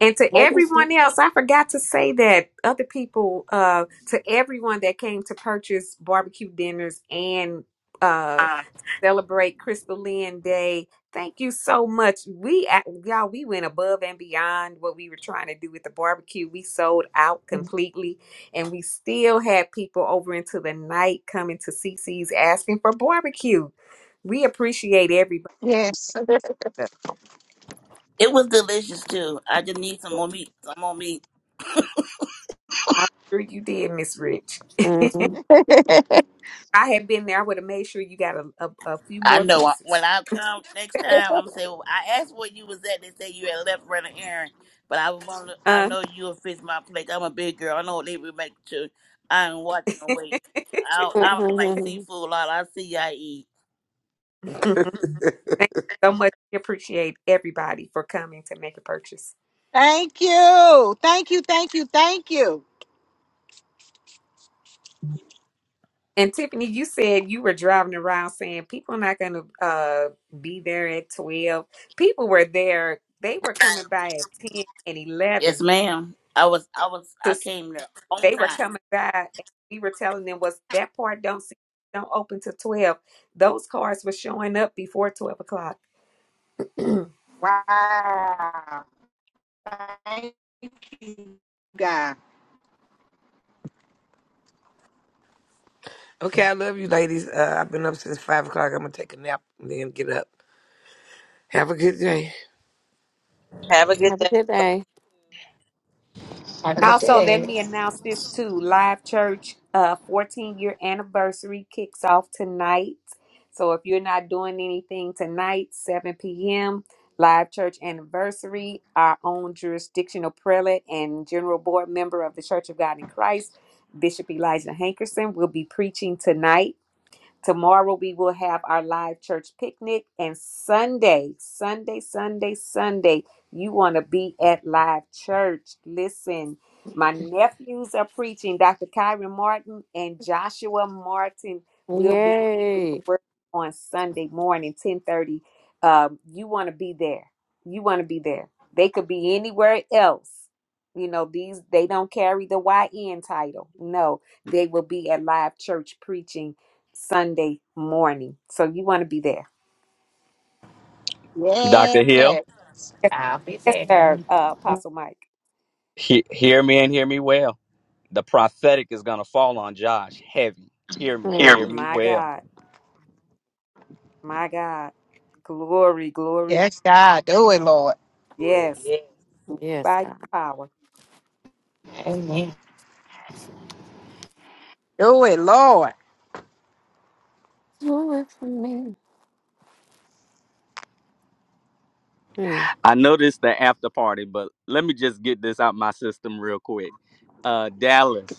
Speaker 4: And to
Speaker 5: Wait, listen.
Speaker 4: everyone else, I forgot to say that other people, uh, to everyone that came to purchase barbecue dinners and uh,
Speaker 5: Ah.
Speaker 4: celebrate Crystal Lynn Day, thank you so much. We, ac- y'all, we went above and beyond what we were trying to do with the barbecue. We sold out completely, and we still had people over into the night coming to CC's asking for barbecue. We appreciate everybody.
Speaker 13: Yes.
Speaker 20: It was delicious too. I just need some more meat. Some more meat.
Speaker 4: I'm sure you did, Miss Rich. (laughs)
Speaker 5: Mm-hmm.
Speaker 4: I had been there, I would have made sure you got a, a, a few
Speaker 20: I
Speaker 4: more
Speaker 20: know I, when
Speaker 4: pieces.
Speaker 20: I come next time, I'm say well, I asked where you was at. They said you had left running errand, but I want to. I
Speaker 4: Uh,
Speaker 20: know you'll fix my plate. I'm a big girl. I know they will make sure I ain't watching no weight.
Speaker 4: (laughs)
Speaker 20: I I
Speaker 4: thank
Speaker 20: like seafood
Speaker 5: Mm-hmm.
Speaker 20: a lot. I see I eat.
Speaker 4: you
Speaker 9: (laughs)
Speaker 4: so much. We appreciate everybody for coming to make a purchase.
Speaker 13: (laughs) thank you. Thank you. Thank you. Thank you.
Speaker 4: And Tiffany, you said you were driving around saying people are not going to uh, be there at 12. People were there. They were coming by at 10 and
Speaker 20: Yes,
Speaker 4: 11.
Speaker 20: ma'am. I was I was
Speaker 4: So
Speaker 20: I
Speaker 4: s-
Speaker 20: came there on
Speaker 4: they were
Speaker 20: time.
Speaker 4: coming by and we were telling them was that part don't see, don't open till 12. Those cars were showing up before 12 o'clock. (clears throat)
Speaker 9: Okay, I love you, ladies. Uh, I've been up since five o'clock. I'm gonna take a nap and then get up. Have a good day.
Speaker 8: Have a good
Speaker 5: Have a
Speaker 8: day.
Speaker 5: good
Speaker 8: Love
Speaker 5: day.
Speaker 6: Have a
Speaker 4: And
Speaker 6: good
Speaker 4: Also, let
Speaker 6: day.
Speaker 4: me announce this too. Live Church uh 14 year anniversary kicks off tonight. So if you're not doing anything tonight, 7 p.m. Live Church anniversary, our own jurisdictional prelate and general board member of the Church of God in Christ, Bishop Elijah Hankerson, will be preaching tonight. Tomorrow we will have our live church picnic and Sunday, Sunday, Sunday, Sunday, you want to be at live church. Listen, my nephews are preaching. Dr. Kyron Martin and Joshua Martin will be doing the
Speaker 5: Yay.
Speaker 4: word on Sunday morning, 1030. Um, you want to be there. You want to be there. They could be anywhere else. You know, these they don't carry the YN title. No, they will be at live church preaching Sunday morning. So you want to be there.
Speaker 19: Dr. Hill,
Speaker 13: Yes.
Speaker 4: Yes,
Speaker 6: I'll be
Speaker 4: yes,
Speaker 6: there.
Speaker 4: sir, uh, Apostle Mike.
Speaker 19: he- hear me and hear me well. The prophetic is going to fall on Josh heavy. Hear me and
Speaker 5: Mm,
Speaker 19: hear me
Speaker 4: My
Speaker 19: well.
Speaker 4: God, my God. Glory, glory.
Speaker 13: Yes, God. Do it, Lord.
Speaker 8: you.
Speaker 4: Yes,
Speaker 8: Yeah.
Speaker 5: yes,
Speaker 4: by your
Speaker 5: God.
Speaker 4: power.
Speaker 6: Amen.
Speaker 13: Do it, Lord.
Speaker 5: Do it for me. Mm.
Speaker 19: I know this the after party, but let me just get this out my system real quick. Uh, Dallas.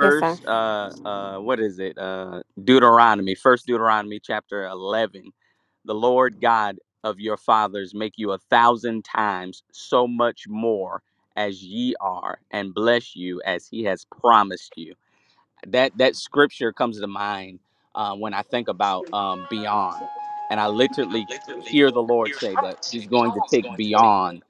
Speaker 5: Yes, sir.
Speaker 19: uh, uh, what is it? Uh, Deuteronomy. First Deuteronomy, chapter eleven. The Lord God of your fathers make you a thousand times so much more as ye are, and bless you as He has promised you that that scripture comes to mind uh, when I think about um, beyond, and I literally hear the Lord say that He's going to take beyond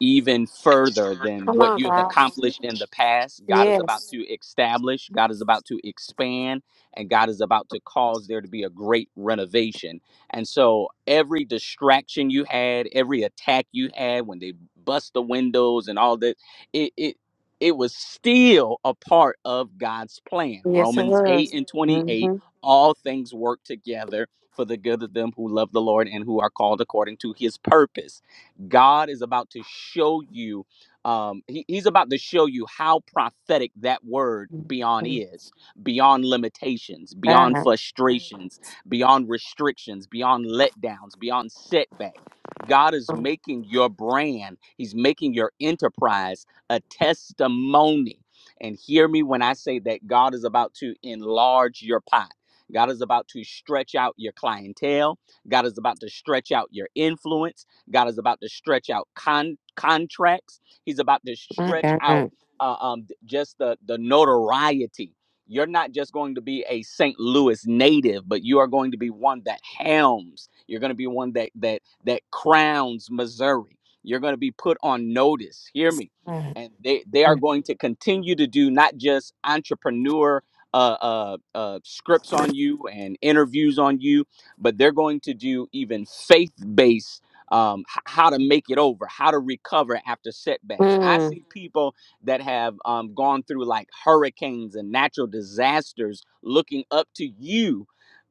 Speaker 19: even further than
Speaker 5: Come
Speaker 19: what
Speaker 5: on,
Speaker 19: you have
Speaker 5: God.
Speaker 19: accomplished in the past. God is about
Speaker 5: Yes.
Speaker 19: to establish, God is about to expand, and God is about to cause there to be a great renovation. And so every distraction you had, every attack you had when they bust the windows and all that, it it it was still a part of God's plan.
Speaker 5: Yes, it
Speaker 19: Romans 8
Speaker 5: was.
Speaker 19: and 28
Speaker 5: Mm-hmm.
Speaker 19: all things work together for the good of them who love the Lord and who are called according to his purpose. God is about to show you, um, he- he's about to show you how prophetic that word beyond
Speaker 5: Mm-hmm.
Speaker 19: is, beyond limitations, beyond
Speaker 5: God.
Speaker 19: frustrations, beyond restrictions, beyond letdowns, beyond setback. God is
Speaker 5: Oh,
Speaker 19: making your brand, he's making your enterprise a testimony. And hear me when I say that God is about to enlarge your pot. God is about to stretch out your clientele. God is about to stretch out your influence. God is about to stretch out con- contracts. He's about to
Speaker 5: my
Speaker 19: stretch
Speaker 5: God.
Speaker 19: out uh, um, just the, the notoriety. You're not just going to be a St. Louis native, but you are going to be one that helms. You're going to be one that that that crowns Missouri. You're going to be put on notice. Hear me
Speaker 5: God.
Speaker 19: and they they are going to continue to do not just entrepreneur uh, uh, uh, scripts on you and interviews on you, but they're going to do even faith based um, h- how to make it over, how to recover after setbacks. I
Speaker 5: Mm.
Speaker 19: see people that have um, gone through like hurricanes and natural disasters looking up to you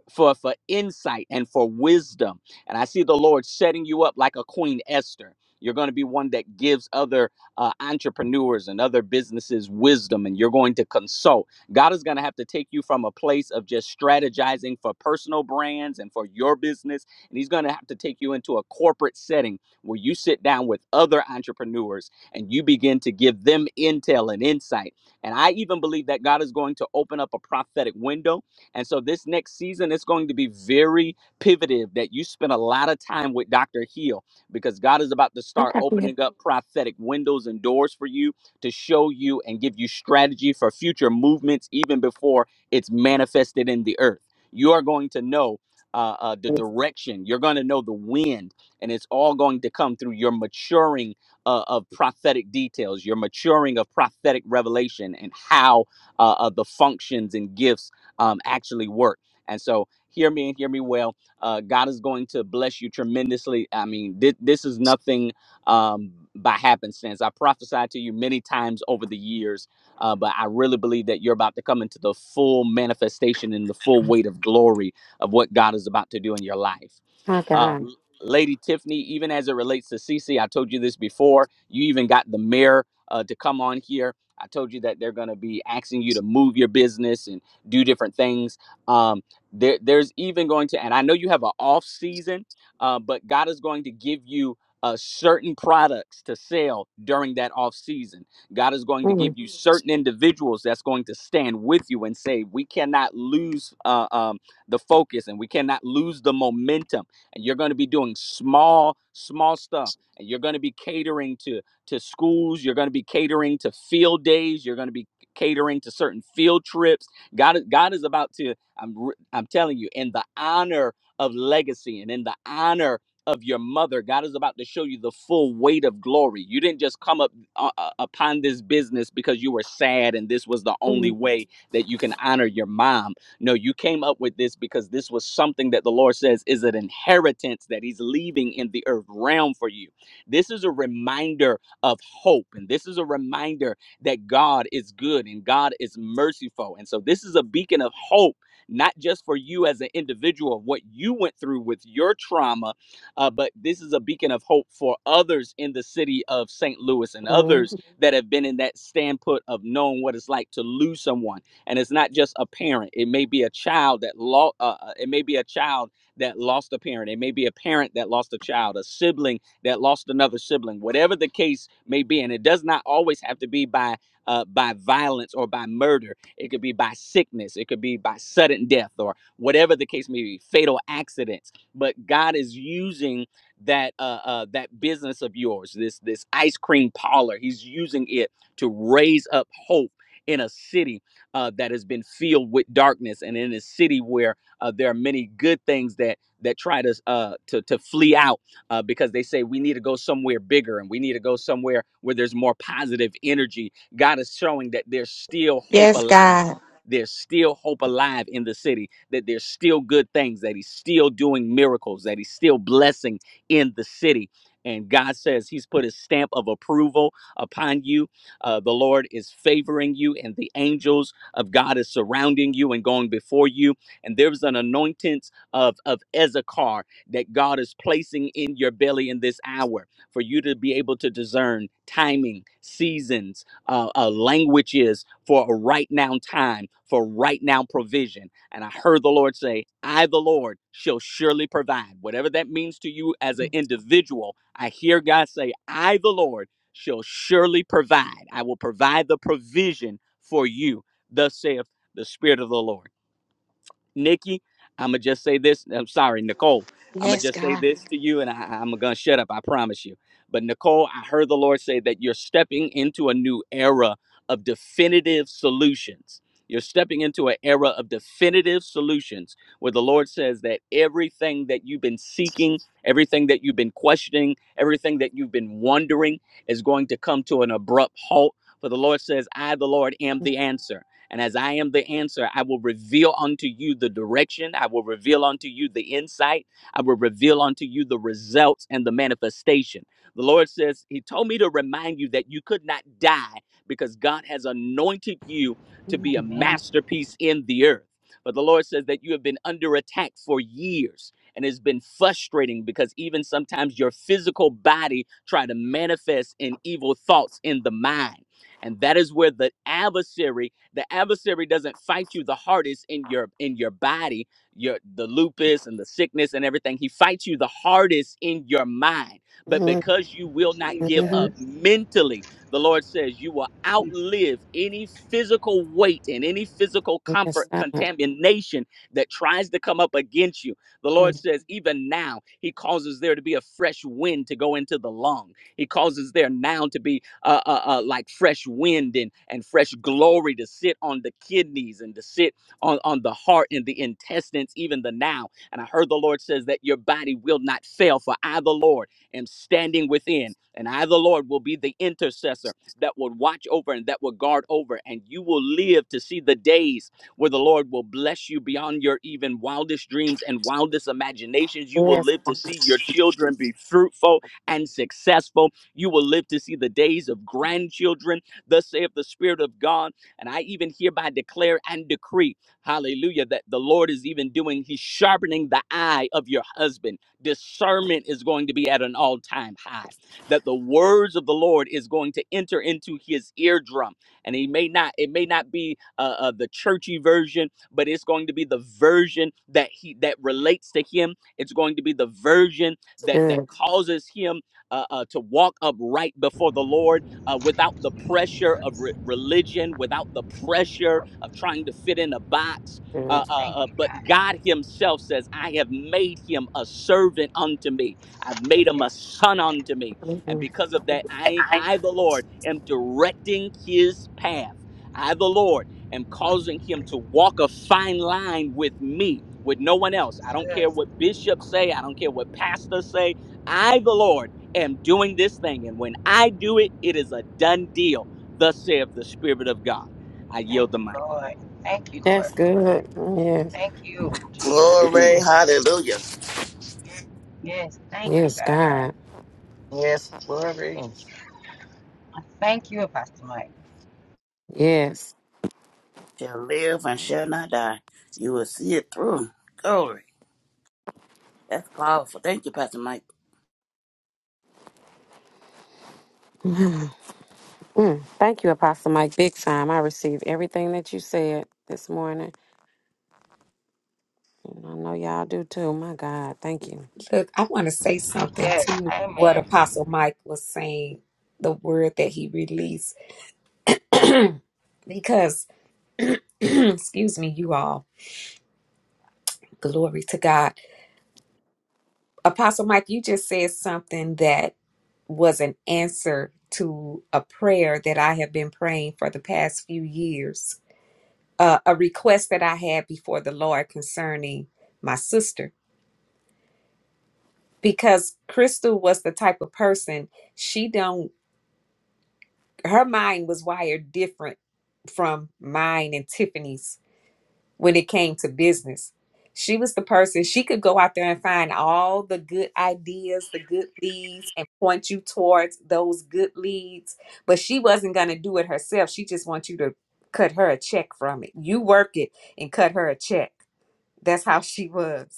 Speaker 19: for for insight and for wisdom and i see the lord setting you up like a queen esther you're going to be one that gives other uh, entrepreneurs and other businesses wisdom and you're going to consult god is going to have to take you from a place of just strategizing for personal brands and for your business and he's going to have to take you into a corporate setting where you sit down with other entrepreneurs and you begin to give them intel and insight and i even believe that god is going to open up a prophetic window and so this next season it's going to be very pivotive that you spend a lot of time with Dr. Heal because God is about to
Speaker 5: How can I
Speaker 19: start
Speaker 5: got to get
Speaker 19: opening up prophetic windows and doors for you to show you and give you strategy for future movements even before it's manifested in the earth. You are going to know uh, uh, the
Speaker 5: this?
Speaker 19: direction, you're going to know the wind, and it's all going to come through your maturing uh, of prophetic details, your maturing of prophetic revelation, and how uh, uh, the functions and gifts um, actually work. And so, hear me and hear me well. Uh, God is going to bless you tremendously. I mean, thi- this is nothing um, by happenstance. I prophesied to you many times over the years, uh, but I really believe that you're about to come into the full manifestation and the full weight of glory of what God is about to do in your life.
Speaker 5: My God.
Speaker 19: Um, Lady Tiffany, even as it relates to Cece, I told you this before. You even got the mayor uh, to come on here. I told you that they're going to be asking you to move your business, and do different things. Um, there, there's even going to, and I know you have an off season, uh, but God is going to give you uh, certain products to sell during that off season. God is going to give
Speaker 5: Mm.
Speaker 19: you certain individuals that's going to stand with you and say, we cannot lose uh, um, the focus and we cannot lose the momentum. And you're going to be doing small, small stuff. And you're going to be catering to to schools. You're going to be catering to field days. You're going to be catering to certain field trips God, is- God is about to. I'm, I'm telling you, in the honor of legacy and in the honor of your mother, God is about to show you the full weight of glory. You didn't just come up uh, uh, upon this business because you were sad and this was the only
Speaker 5: Mm.
Speaker 19: way that you can honor your mom. No, you came up with this because this was something that the Lord says is an inheritance that He's leaving in the earth realm for you. This is a reminder of hope, and this is a reminder that God is good and God is merciful. And so this is a beacon of hope, not just for you as an individual of what you went through with your trauma, uh, but this is a beacon of hope for others in the city of St. Louis and others
Speaker 5: Mm.
Speaker 19: that have been in that standpoint of knowing what it's like to lose someone. And it's not just a parent; it may be a child that lost. Uh, uh, it may be a child that lost a parent. It may be a parent that lost a child, a sibling that lost another sibling, whatever the case may be. And it does not always have to be by uh, by violence or by murder. It could be by sickness. It could be by sudden death or whatever the case may be, fatal accidents. But God is using that uh, uh, that business of yours, this this ice cream parlor. He's using it to raise up hope in a city uh, that has been filled with darkness, and in a city where uh, there are many good things that that try to uh, to to flee out uh, because they say we need to go somewhere bigger and we need to go somewhere where there's more positive energy. God is showing that there's still hope
Speaker 13: Yes,
Speaker 19: alive.
Speaker 13: God.
Speaker 19: There's still hope alive in the city, that there's still good things, that He's still doing miracles, that He's still blessing in the city. And God says He's put His stamp of approval upon you. Uh, the Lord is favoring you, and the angels of God is surrounding you and going before you. And there's an anointing of, of Ezekar that God is placing in your belly in this hour for you to be able to discern timing, seasons, uh, uh, languages for a right now time, for right now provision. And I heard the Lord say, I, the Lord, shall surely provide. Whatever that means to you as an individual, I hear God say, I, the Lord, shall surely provide. I will provide the provision for you. Thus saith the Spirit of the Lord. Nikki, I'm gonna just say this. I'm sorry, Nicole. I'm gonna just say this to you, and I, I'm gonna shut up. I promise you. But Nicole, I heard the Lord say that you're stepping into a new era of definitive solutions. You're stepping into an era of definitive solutions where the Lord says that everything that you've been seeking, everything that you've been questioning, everything that you've been wondering is going to come to an abrupt halt. For the Lord says, I, the Lord, am the answer. And as I am the answer, I will reveal unto you the direction. I will reveal unto you the insight. I will reveal unto you the results and the manifestation. The Lord says, He told me to remind you that you could not die because God has anointed you to
Speaker 5: Mm.
Speaker 19: be a
Speaker 6: Amen.
Speaker 19: masterpiece in the earth. But the Lord says that you have been under attack for years. And it's been frustrating because even sometimes your physical body try to manifest in evil thoughts in the mind and that is where the adversary the adversary doesn't fight you the hardest in your in your body your the lupus and the sickness and everything he fights you the hardest in your mind but
Speaker 5: Mm.
Speaker 19: because you will not give up
Speaker 5: Mhm.
Speaker 6: Jesus,
Speaker 19: mentally the lord says you will
Speaker 6: Jesus,
Speaker 19: outlive any physical weight and any physical compro-
Speaker 5: Yes, God.
Speaker 19: contamination that tries to come up against you the lord
Speaker 5: Mm.
Speaker 19: says even now he causes there to be a fresh wind to go into the lung he causes there now to be uh, uh, uh, like fresh wind and, and fresh glory to sit on the kidneys and to sit on, on the heart and the intestines, even the now. And I heard the Lord says that your body will not fail, for I, the Lord, am standing within, and I, the Lord, will be the intercessor that will watch over and that will guard over, and you will live to see the days where the Lord will bless you beyond your even wildest dreams and wildest imaginations. You will
Speaker 5: Yes,
Speaker 19: live to
Speaker 5: God.
Speaker 19: see your children be fruitful and successful you will live to see the days of grandchildren. Thus saith the Spirit of God. And I even hereby declare and decree, hallelujah, that the Lord is even doing, He's sharpening the eye of your husband. Discernment is going to be at an all time high. That the words of the Lord is going to enter into his eardrum. And he may not, it may not be uh, uh, the churchy version, but it's going to be the version that he that relates to him. It's going to be the version that that
Speaker 5: good,
Speaker 19: causes him uh, uh, to walk upright before the Lord uh, without the pressure of
Speaker 6: Jesus.
Speaker 19: re- religion, without the pressure of trying to fit in a box.
Speaker 5: good.
Speaker 19: Uh, uh,
Speaker 6: Thank
Speaker 19: uh,
Speaker 6: you,
Speaker 19: but God Himself says, I have made him a servant unto me. I've made him a
Speaker 6: Jesus.
Speaker 19: son unto me. And
Speaker 5: Mhm.
Speaker 19: because of that, I, I the Lord, am directing his path. I, the Lord, am causing him to walk a fine line with me, with no one else. I don't care
Speaker 6: Jesus.
Speaker 19: what bishops say. I don't care what pastors say. I, the Lord, am doing this thing, and when I do it, it is a done deal. Thus saith the Spirit of God. I yield
Speaker 6: Thank
Speaker 19: the
Speaker 6: you,
Speaker 19: mic.
Speaker 6: Lord. Thank you,
Speaker 5: That's
Speaker 6: Lord.
Speaker 5: good. Yes,
Speaker 6: Thank you, Jesus.
Speaker 20: Glory,
Speaker 5: (clears throat)
Speaker 20: hallelujah.
Speaker 6: Yes, thank you,
Speaker 5: yes,
Speaker 6: God.
Speaker 5: God,
Speaker 2: Yes, glory.
Speaker 6: I thank you, Pastor Mike.
Speaker 5: yes.
Speaker 20: Shall live and shall not die. You will see it through. Glory. That's powerful. Thank you, Pastor Mike.
Speaker 5: Mm-hmm. Mm. Thank you, Apostle Mike. Big time. I received everything that you said this morning. And I know y'all do too. My God, thank you.
Speaker 4: Look, I want to say something
Speaker 6: Yes,
Speaker 4: to what
Speaker 6: Amen.
Speaker 4: Apostle Mike was saying, the word that he released, (clears throat) because, (clears throat) excuse me, you all, glory to God. Apostle Mike, you just said something that was an answer to a prayer that I have been praying for the past few years. uh, a request that I had before the Lord concerning my sister because Crystal was the type of person she don't her mind was wired different from mine and Tiffany's when it came to business. She was the person she could go out there and find all the good ideas, the good leads, and point you towards those good leads. But she wasn't going to do it herself. She just wants you to cut her a check from it. You work it and cut her a check. That's how she was.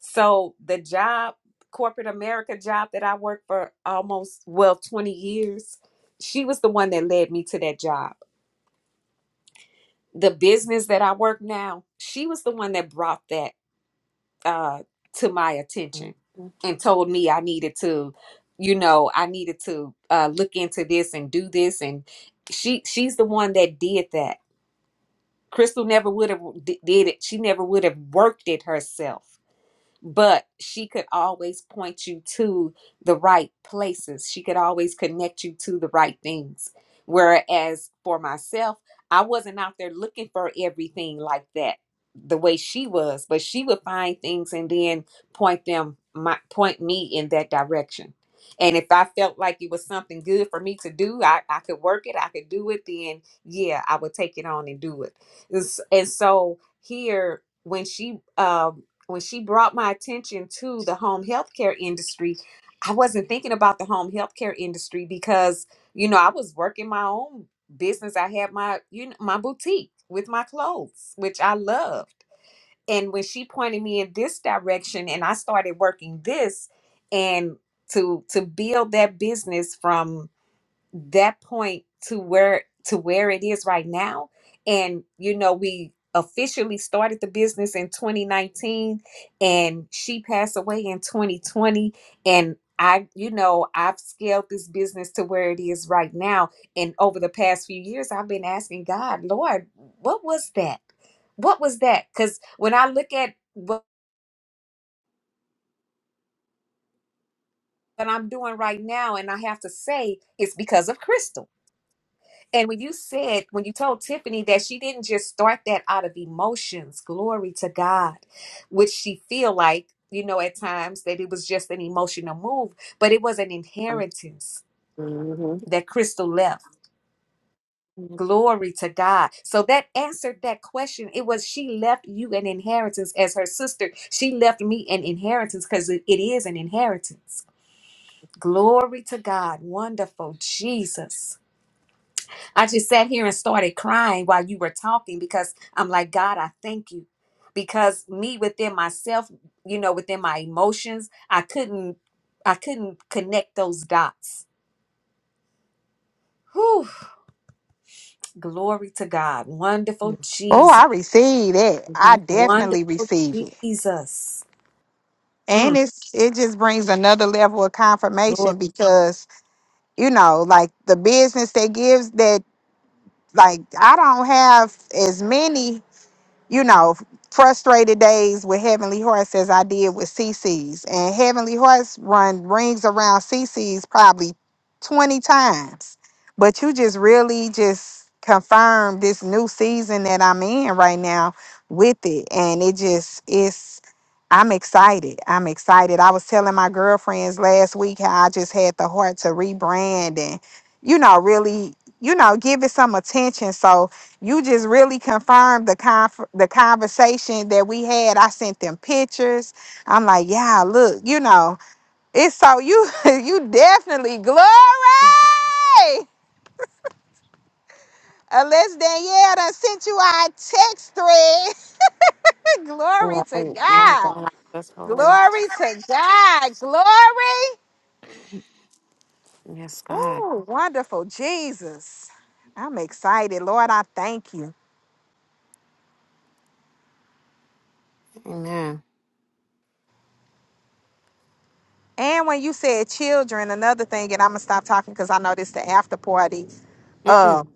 Speaker 4: So the job, corporate America job that I worked for almost well 20 years, she was the one that led me to that job. The business that I work now, she was the one that brought that uh to my attention
Speaker 5: Mhm.
Speaker 4: and told me I needed to, you know, I needed to uh look into this and do this and she she's the one that did that. Crystal never would have d- did it. She never would have worked it herself but she could always point you to the right places. She could always connect you to the right things. Whereas for myself, I wasn't out there looking for everything like that the way she was, but she would find things and then point them my point me in that direction. And if I felt like it was something good for me to do, I, I could work it, I could do it, then yeah, I would take it on and do it. And s- and so here when she um when she brought my attention to the home healthcare industry, I wasn't thinking about the home healthcare industry because you know I was working my own business. I had my you know my boutique with my clothes, which I loved. And when she pointed me in this direction, and I started working this, and to to build that business from that point to where to where it is right now and you know we officially started the business in 2019 and she passed away in 2020 and I you know I've scaled this business to where it is right now and over the past few years I've been asking God Lord what was that what was that cuz when I look at what, what I'm doing right now and I have to say it's because of Crystal And when you said, when you told Tiffany that she didn't just start that out of emotions, glory to God, which she feel like, you know, at times that it was just an emotional move, but it was an inheritance
Speaker 5: Mhm.
Speaker 4: that Crystal left. Glory to God. So that answered that question. It was she left you an inheritance as her sister. She left me an inheritance because it it is an inheritance. Glory to God. Wonderful Jesus. I just sat here and started crying while you were talking because I'm like, God, I thank you. Because me within myself, you know, within my emotions, I couldn't I couldn't connect those dots. Whew, glory to God. Wonderful
Speaker 5: Mhm.
Speaker 13: Oh,
Speaker 4: Jesus.
Speaker 13: I receive it. I definitely
Speaker 4: Wonderful
Speaker 13: receive it.
Speaker 4: Jesus.
Speaker 13: And
Speaker 4: Mm,
Speaker 13: it's it just brings another level of confirmation
Speaker 4: Lord,
Speaker 13: because, you know, like the business that gives that like I don't have as many you know, frustrated days with Heavenly Horse as I did with CC's. And Heavenly Horse run rings around CC's probably 20 times. But you just really just confirm this new season that I'm in right now with it. And it just it's I'm excited. I'm excited. I was telling my girlfriends last week how I just had the heart to rebrand and, you know, really, you know, give it some attention. So you just really confirmed the conf- the conversation that we had. I sent them pictures. I'm like, yeah, look, you know, it's so you (laughs) you definitely glory. Unless Danielle done sent you our text thread. (laughs) glory to
Speaker 5: Right, my
Speaker 13: God.
Speaker 5: God, that's hilarious.
Speaker 13: Glory to God. Glory.
Speaker 5: Yes, God,
Speaker 13: Ooh, wonderful Jesus. I'm excited. Lord, I thank you.
Speaker 5: Amen.
Speaker 13: And when you said children, another thing, and I'm gonna stop talking because I know this the after party. um
Speaker 5: Mm-mm.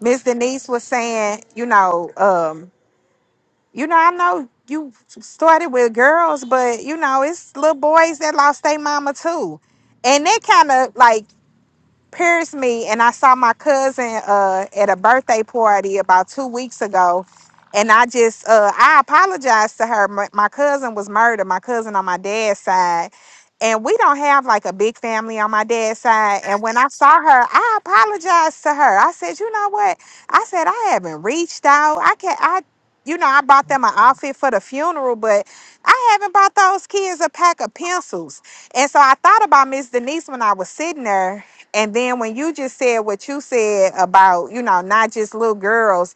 Speaker 13: Miss Denise was saying, you know, um, you know, I know you started with girls, but you know, it's little boys that lost their mama too. And that kind of like pierced me and I saw my cousin uh at a birthday party about two weeks ago and I just uh I apologized to her. My, my cousin was murdered, my cousin on my dad's side. And we don't have like a big family on my dad's side. And when I saw her, I apologized to her. I said, you know what? I said, I haven't reached out. I can't I you know, I bought them an outfit for the funeral, but I haven't bought those kids a pack of pencils. And so I thought about Miss Denise when I was sitting there and then when you just said what you said about, you know, not just little girls,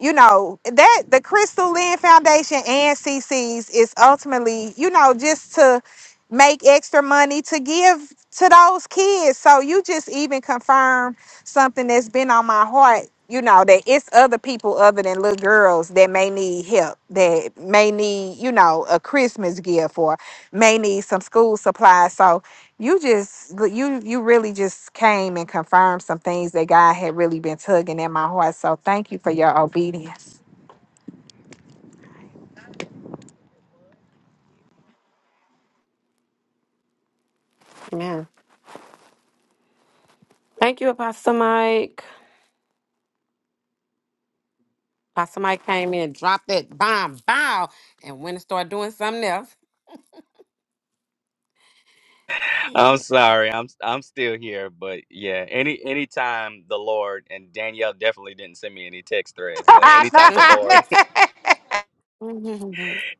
Speaker 13: you know, that the Crystal Lynn Foundation and CC's is ultimately, you know, just to make extra money to give to those kids. So you just even confirm something that's been on my heart, you know, that it's other people other than little girls that may need help, that may need, you know, a Christmas gift or may need some school supplies. So you just look, you you really just came and confirmed some things that God had really been tugging at my heart. So thank you for your obedience.
Speaker 5: Yeah. Thank you, Apostle Mike. Apostle Mike came in, dropped that bomb, bow, and went and started doing something else.
Speaker 19: I'm sorry. I'm I'm still here, but yeah, any anytime the Lord and Danielle definitely didn't send me any text threads,
Speaker 13: (laughs)
Speaker 19: but anytime the
Speaker 5: (laughs)
Speaker 19: Lord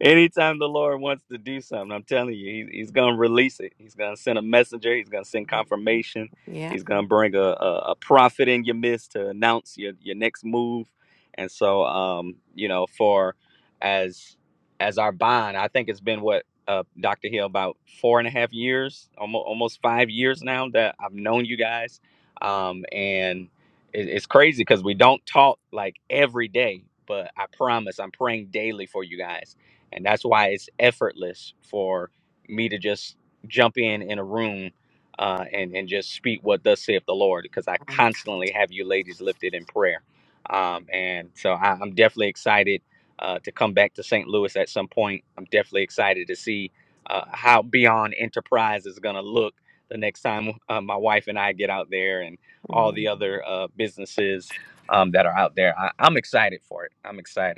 Speaker 19: Anytime the Lord wants to do something, I'm telling you, he, he's going to release it. He's going to send a messenger. He's going to send confirmation.
Speaker 5: yeah.
Speaker 19: He's going to bring a, a, a prophet in your midst to announce your, your next move. And so, um, you know, for as as our bond, I think it's been what uh, Dr. Hill about four and a half years, almost almost five years now that I've known you guys, um, and it, it's crazy because we don't talk like every day. But I promise, I'm praying daily for you guys and that's why it's effortless for me to just jump in in a room uh, and and just speak what thus saith the Lord, because I constantly have you ladies lifted in prayer, um, and so I, I'm definitely excited uh, to come back to St. Louis at some point. I'm definitely excited to see uh, how Beyond Enterprise is going to look the next time uh, my wife and I get out there, and all
Speaker 5: Mhm.
Speaker 19: the other uh, businesses um, that are out there. I, I'm excited for it. I'm excited.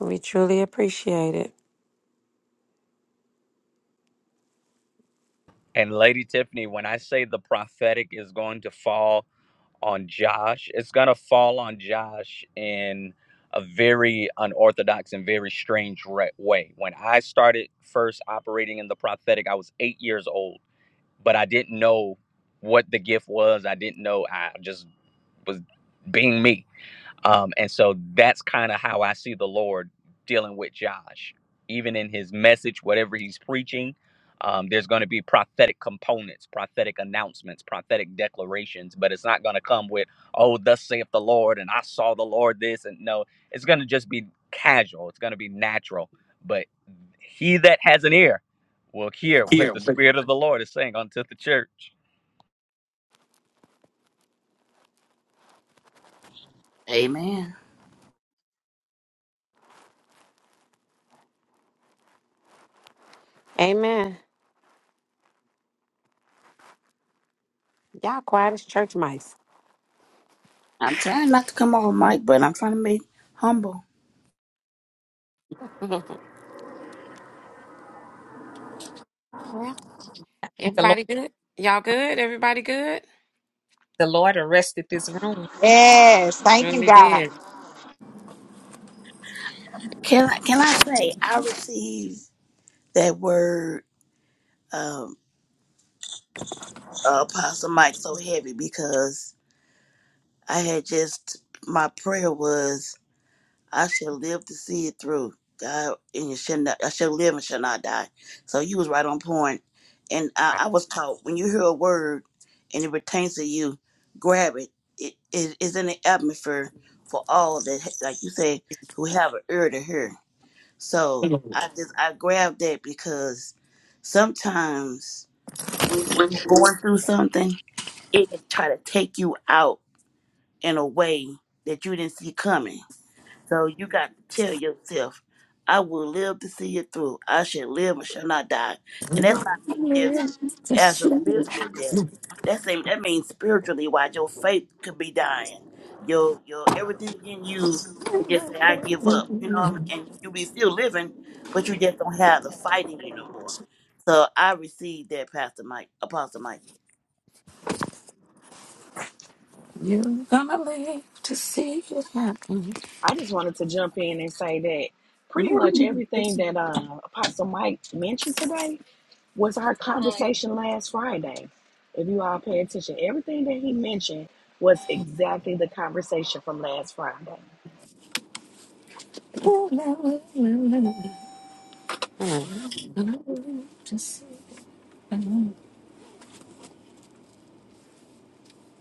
Speaker 5: We truly appreciate it.
Speaker 19: And Lady Tiffany, when I say the prophetic is going to fall on Josh, it's going to fall on Josh in a very unorthodox and very strange re- way. When I started first operating in the prophetic, I was eight years old, but I didn't know what the gift was. I didn't know. I just was being me um, and so that's kind of how I see the Lord dealing with Josh. Even in his message, whatever he's preaching, um, there's going to be prophetic components, prophetic announcements, prophetic declarations, but it's not going to come with, oh, thus saith the Lord, and I saw the Lord this. And no, it's going to just be casual, it's going to be natural. But he that has an ear will hear what the Spirit of the Lord is saying unto the church.
Speaker 20: Amen.
Speaker 5: Amen. Y'all quiet as church mice.
Speaker 20: I'm trying not to come off mic, but I'm trying to be humble.
Speaker 5: (laughs)
Speaker 4: The Lord,
Speaker 5: Everybody good? Y'all good? Everybody good?
Speaker 4: the Lord arrested this room.
Speaker 13: yes, thank you,
Speaker 5: Surely
Speaker 13: God.
Speaker 5: did.
Speaker 20: Can I can I say I received that word um uh, Apostle Mike so heavy because I had just my prayer was I shall live to see it through. God and you should not I shall live and shall not die. So you was right on point. And I, I was taught when you hear a word and it pertains to you, grab it. It is in the atmosphere for all that like you say, who have an ear to hear. So I just I grabbed that because sometimes when you're going through something, it can try to take you out in a way that you didn't see coming. So you got to tell yourself, I will live to see it through. I shall live and shall not die. And that's not mean just actual physical death. That's same that means spiritually why your faith could be dying. Your your everything in you could just say, I give up, you know, and you be still living, but you just don't have the fight in you no more. So I received that, Pastor Mike, Apostle Mike.
Speaker 10: You're gonna live to see it happen.
Speaker 11: I just wanted to jump in and say that pretty much everything that uh, Apostle Mike mentioned today was our conversation last Friday. If you all pay attention, everything that he mentioned was exactly the conversation from last Friday.
Speaker 5: Hmm.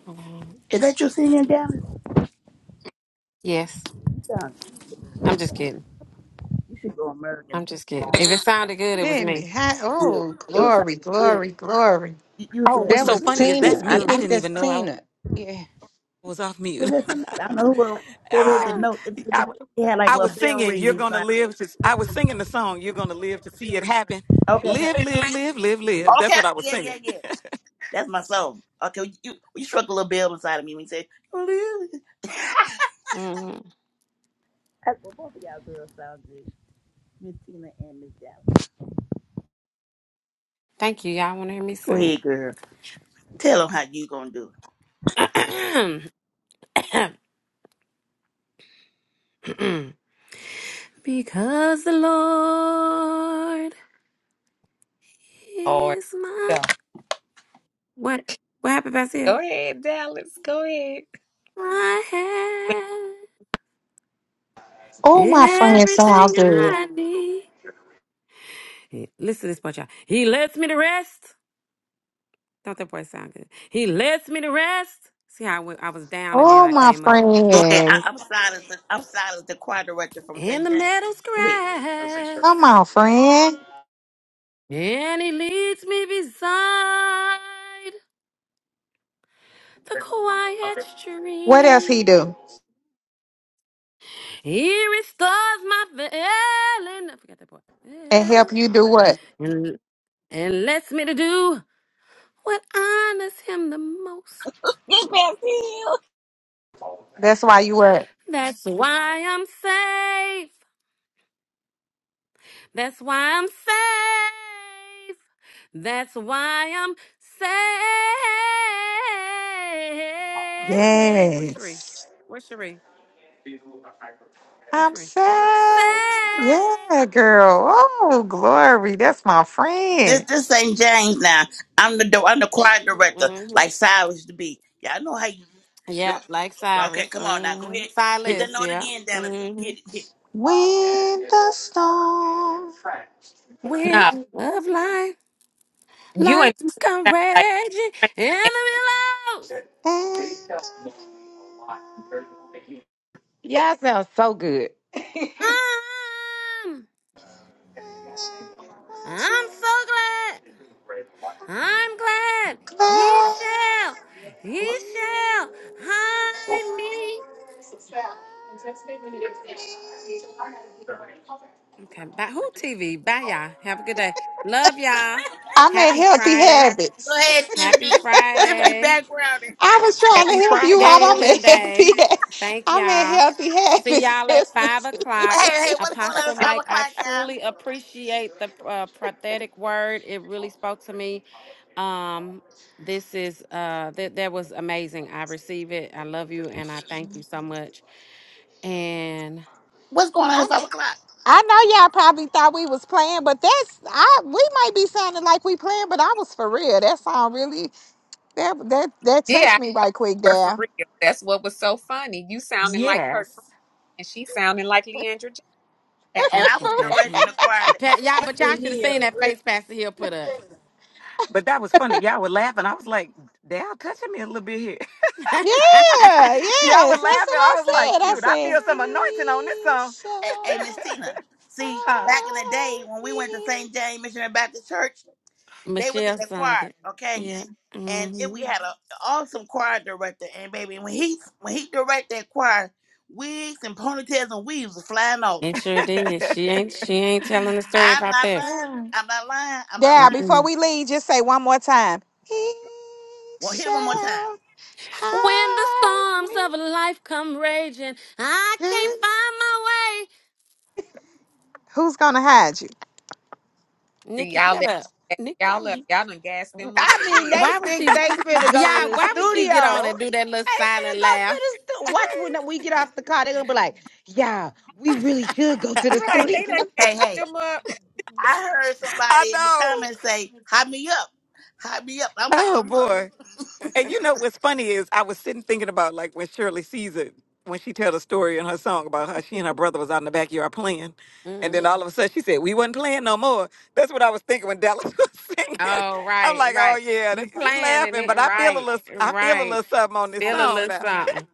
Speaker 5: Mhm.
Speaker 20: Is that your singing down?
Speaker 5: Yes.
Speaker 20: You
Speaker 5: I'm just kidding.
Speaker 20: should go American.
Speaker 5: I'm just kidding. If it
Speaker 20: Yeah.
Speaker 5: sounded good, it was me.
Speaker 13: Goodness, ha- Oh,
Speaker 20: It was sound
Speaker 13: glory,
Speaker 20: good.
Speaker 13: glory, glory.
Speaker 20: You, you
Speaker 10: Oh,
Speaker 20: said,
Speaker 6: That
Speaker 20: I'm a
Speaker 6: was
Speaker 20: little bit
Speaker 6: Tina. I
Speaker 20: sure.
Speaker 6: think that's Tina. Yeah.
Speaker 20: Was
Speaker 10: mute. (laughs)
Speaker 20: there somebody? I don't know who, was who over here did
Speaker 10: Ah,
Speaker 20: know. It, it,
Speaker 10: I,
Speaker 20: it had like a
Speaker 10: I was
Speaker 20: little bell
Speaker 10: singing,
Speaker 20: ring
Speaker 10: You're gonna
Speaker 20: inside.
Speaker 10: live to, I was singing the song, You're gonna live to see it happen.
Speaker 20: Okay.
Speaker 10: Live, live,
Speaker 20: That,
Speaker 10: live, live, live.
Speaker 20: okay.
Speaker 10: That's what I was
Speaker 20: Yeah,
Speaker 10: singing.
Speaker 20: yeah, yeah. That's my soul. Okay. You, you struck a little bell inside of me when you said, "Oh, really?" (laughs)
Speaker 5: hmm
Speaker 20: That's what both of y'all girls sound good. Miss Tina and Miss Dallas.
Speaker 5: Thank you. Y'all want to hear me
Speaker 20: Go
Speaker 5: sing?
Speaker 20: ahead, girl. Tell them how you gonna do it.
Speaker 5: (clears throat) because the Lord
Speaker 4: Lord,
Speaker 5: is
Speaker 4: go,
Speaker 5: my what? What happened, Basil?
Speaker 4: go ahead, Dallas. Go ahead.
Speaker 5: My head.
Speaker 13: Oh, my friend,
Speaker 5: Everything
Speaker 13: sound good.
Speaker 5: I need. Listen to this part, y'all. He lets me to rest. Don't that boy sound good. He lets me to rest. See how I went- I was down and then
Speaker 13: Oh,
Speaker 5: I
Speaker 13: my
Speaker 5: came up.
Speaker 20: Go ahead. I,
Speaker 13: friend.
Speaker 20: I'm silent. I'm silent. The choir director from
Speaker 5: In the
Speaker 20: St. James.
Speaker 5: meadow's
Speaker 20: Go ahead.
Speaker 13: Come
Speaker 5: grass.
Speaker 13: on, friend.
Speaker 5: And he leads me beside the quiet
Speaker 13: What else
Speaker 5: stream.
Speaker 13: he do?
Speaker 5: He restores my feeling. I forgot that part.
Speaker 13: And
Speaker 5: Yeah.
Speaker 13: help you do what?
Speaker 5: And, and lets me to do what honors him the most.
Speaker 11: This past you.
Speaker 13: That's why you work.
Speaker 5: That's why I'm safe. That's why I'm safe. That's why I'm safe. Where's Sheree?
Speaker 13: Yes.
Speaker 5: Where's Sheree? Where's
Speaker 13: I'm
Speaker 5: Sheree? Safe.
Speaker 13: sad. Yeah, girl. Oh, glory. That's my
Speaker 20: This
Speaker 13: friend.
Speaker 20: this ain't James now. I'm the do- I'm the choir director,
Speaker 5: hmm
Speaker 20: like Cyrus used to be. Y'all know how you. do
Speaker 5: Yeah,
Speaker 20: it.
Speaker 5: like
Speaker 20: Okay,
Speaker 5: Cyrus.
Speaker 20: come on now, go
Speaker 5: hmm
Speaker 20: ahead. Hit that
Speaker 5: Silas,
Speaker 20: note
Speaker 5: yeah.
Speaker 20: again, Dallas.
Speaker 5: hmm
Speaker 20: Hit it, hit it.
Speaker 13: When the storm
Speaker 5: Wind
Speaker 4: No,
Speaker 5: of life,
Speaker 4: you
Speaker 5: life
Speaker 4: and
Speaker 5: is come
Speaker 4: Dallas sound
Speaker 5: raging,
Speaker 4: like
Speaker 5: and the billows.
Speaker 6: Y'all sound so good. (laughs) I
Speaker 5: Um, I'm so glad. I'm glad he
Speaker 13: cloud.
Speaker 5: shall, he shall hide me. Okay, bye. Who TV? Bye, y'all. Have a good day. Love y'all.
Speaker 13: I'm at
Speaker 5: Happy
Speaker 13: Healthy
Speaker 5: Friday.
Speaker 20: Go
Speaker 13: Habits.
Speaker 20: ahead,
Speaker 5: Happy
Speaker 20: Tiffany. Tiffany
Speaker 5: Friday.
Speaker 20: backgrounding.
Speaker 13: I was trying to
Speaker 10: Happy
Speaker 13: help you out.
Speaker 5: Have a
Speaker 13: I'm
Speaker 10: Friday.
Speaker 5: good
Speaker 13: at Healthy
Speaker 5: day.
Speaker 13: Ha-
Speaker 5: Thank
Speaker 13: I'm at
Speaker 5: y'all.
Speaker 13: Healthy
Speaker 5: See
Speaker 13: Habits,
Speaker 5: y'all
Speaker 13: (laughs)
Speaker 5: at five
Speaker 13: sister.
Speaker 5: o'clock.
Speaker 20: Hey, hey, what's going on
Speaker 5: Apostle
Speaker 20: at five
Speaker 5: Mike, I
Speaker 20: o'clock, y'all?
Speaker 5: truly appreciate the uh, prophetic word. It really spoke to me Um, this is uh that that was amazing. I receive it. I love you and I thank you so much. And
Speaker 20: What's going on
Speaker 13: I,
Speaker 20: at five o'clock?
Speaker 13: I know y'all probably thought we was playing, but that's I we might be sounding like we playing, but I was for real. That song really that that that
Speaker 4: Frank.
Speaker 13: touched me right quick
Speaker 4: But for
Speaker 13: there.
Speaker 4: real, that's what was so funny. You sounding like Kirk
Speaker 10: Yes.
Speaker 4: Franklin, and she sounding like Leandra Jackson.
Speaker 20: And, and I
Speaker 5: thank you,
Speaker 20: was
Speaker 13: (laughs)
Speaker 5: Pastor
Speaker 20: directing
Speaker 5: Hill.
Speaker 20: the choir. that-
Speaker 5: Pa- y'all, but y'all
Speaker 8: The
Speaker 5: should have seen that
Speaker 8: hill.
Speaker 5: face Pastor Hill put up.
Speaker 10: But that was funny. Y'all were laughing. I was like, Dad, touching me a little bit here.
Speaker 5: (laughs)
Speaker 13: Yeah,
Speaker 10: (laughs) Y'all were
Speaker 13: yes, that's what
Speaker 10: laughing. I
Speaker 13: I
Speaker 10: was like,
Speaker 13: said. I
Speaker 10: shoot, I
Speaker 13: said,
Speaker 10: feel some anointing on this
Speaker 13: He
Speaker 10: song.
Speaker 20: Hey, hey, Miss
Speaker 13: shall
Speaker 20: Tina. See,
Speaker 10: Huh?
Speaker 20: back in the day
Speaker 13: hide
Speaker 20: when we went to
Speaker 13: me.
Speaker 20: St. James Missionary Baptist Church, they was in
Speaker 5: Michelle
Speaker 20: the choir.
Speaker 5: Saget.
Speaker 20: Okay,
Speaker 5: Yeah.
Speaker 20: and then we
Speaker 5: Mm-hmm.
Speaker 20: had an awesome choir director. And baby, when he when he directed that choir, wigs and ponytails and weaves was flying off.
Speaker 5: It sure did. She ain't she ain't telling the story
Speaker 20: I'm
Speaker 5: about
Speaker 20: not
Speaker 5: that.
Speaker 20: lying. I'm not lying. I'm not
Speaker 13: Dad,
Speaker 20: lying.
Speaker 13: before
Speaker 5: Mm-mm.
Speaker 13: we leave, just say one more time. He
Speaker 20: Well, hit it one more time.
Speaker 13: shall
Speaker 5: When the
Speaker 13: hide
Speaker 5: storms
Speaker 13: me.
Speaker 5: of life come raging, I can't
Speaker 13: Good.
Speaker 5: find my way.
Speaker 13: Who's gonna hide you?
Speaker 5: Nikki,
Speaker 4: Y'all
Speaker 5: shut
Speaker 4: let
Speaker 5: up. Nick, why
Speaker 4: y'all
Speaker 5: would
Speaker 4: up.
Speaker 5: you?
Speaker 4: Y'all done gas them up for
Speaker 6: mean,
Speaker 4: real.
Speaker 6: they
Speaker 5: Why would
Speaker 6: think
Speaker 5: she?
Speaker 6: they finna go
Speaker 5: Yeah,
Speaker 6: to the
Speaker 5: why would she get on
Speaker 6: studio.
Speaker 5: and do that little
Speaker 6: They
Speaker 5: silent
Speaker 6: finna go to
Speaker 5: laugh?
Speaker 6: the studio. Watch when we get off the car, they gonna be like, yeah, we really should go to the
Speaker 4: (laughs) right.
Speaker 6: studio.
Speaker 4: They done
Speaker 6: (laughs)
Speaker 4: gas
Speaker 20: Hey, hey.
Speaker 4: them up.
Speaker 20: I heard
Speaker 10: (laughs) I
Speaker 20: somebody in the
Speaker 10: know.
Speaker 20: comments say, "Hop me up, hop me up." I'm hopping
Speaker 10: Oh
Speaker 20: them up.
Speaker 10: boy. And you know what's funny is I was sitting thinking about like when Shirley sees it when she tell the story in her song about how she and her brother was out in the backyard playing, and
Speaker 5: Mm.
Speaker 10: then all of a sudden she said we wasn't playing no more. That's what I was thinking when Dallas (laughs) was singing.
Speaker 5: Oh,
Speaker 10: I'm
Speaker 5: right,
Speaker 10: like, oh
Speaker 5: right.
Speaker 10: yeah, they,
Speaker 5: You
Speaker 10: she
Speaker 5: playing and
Speaker 10: laughing, but
Speaker 5: it
Speaker 10: I feel a
Speaker 5: right,
Speaker 10: little, I feel a
Speaker 5: right.
Speaker 10: little something on this
Speaker 5: Still a
Speaker 10: song
Speaker 5: little
Speaker 10: now.
Speaker 5: something.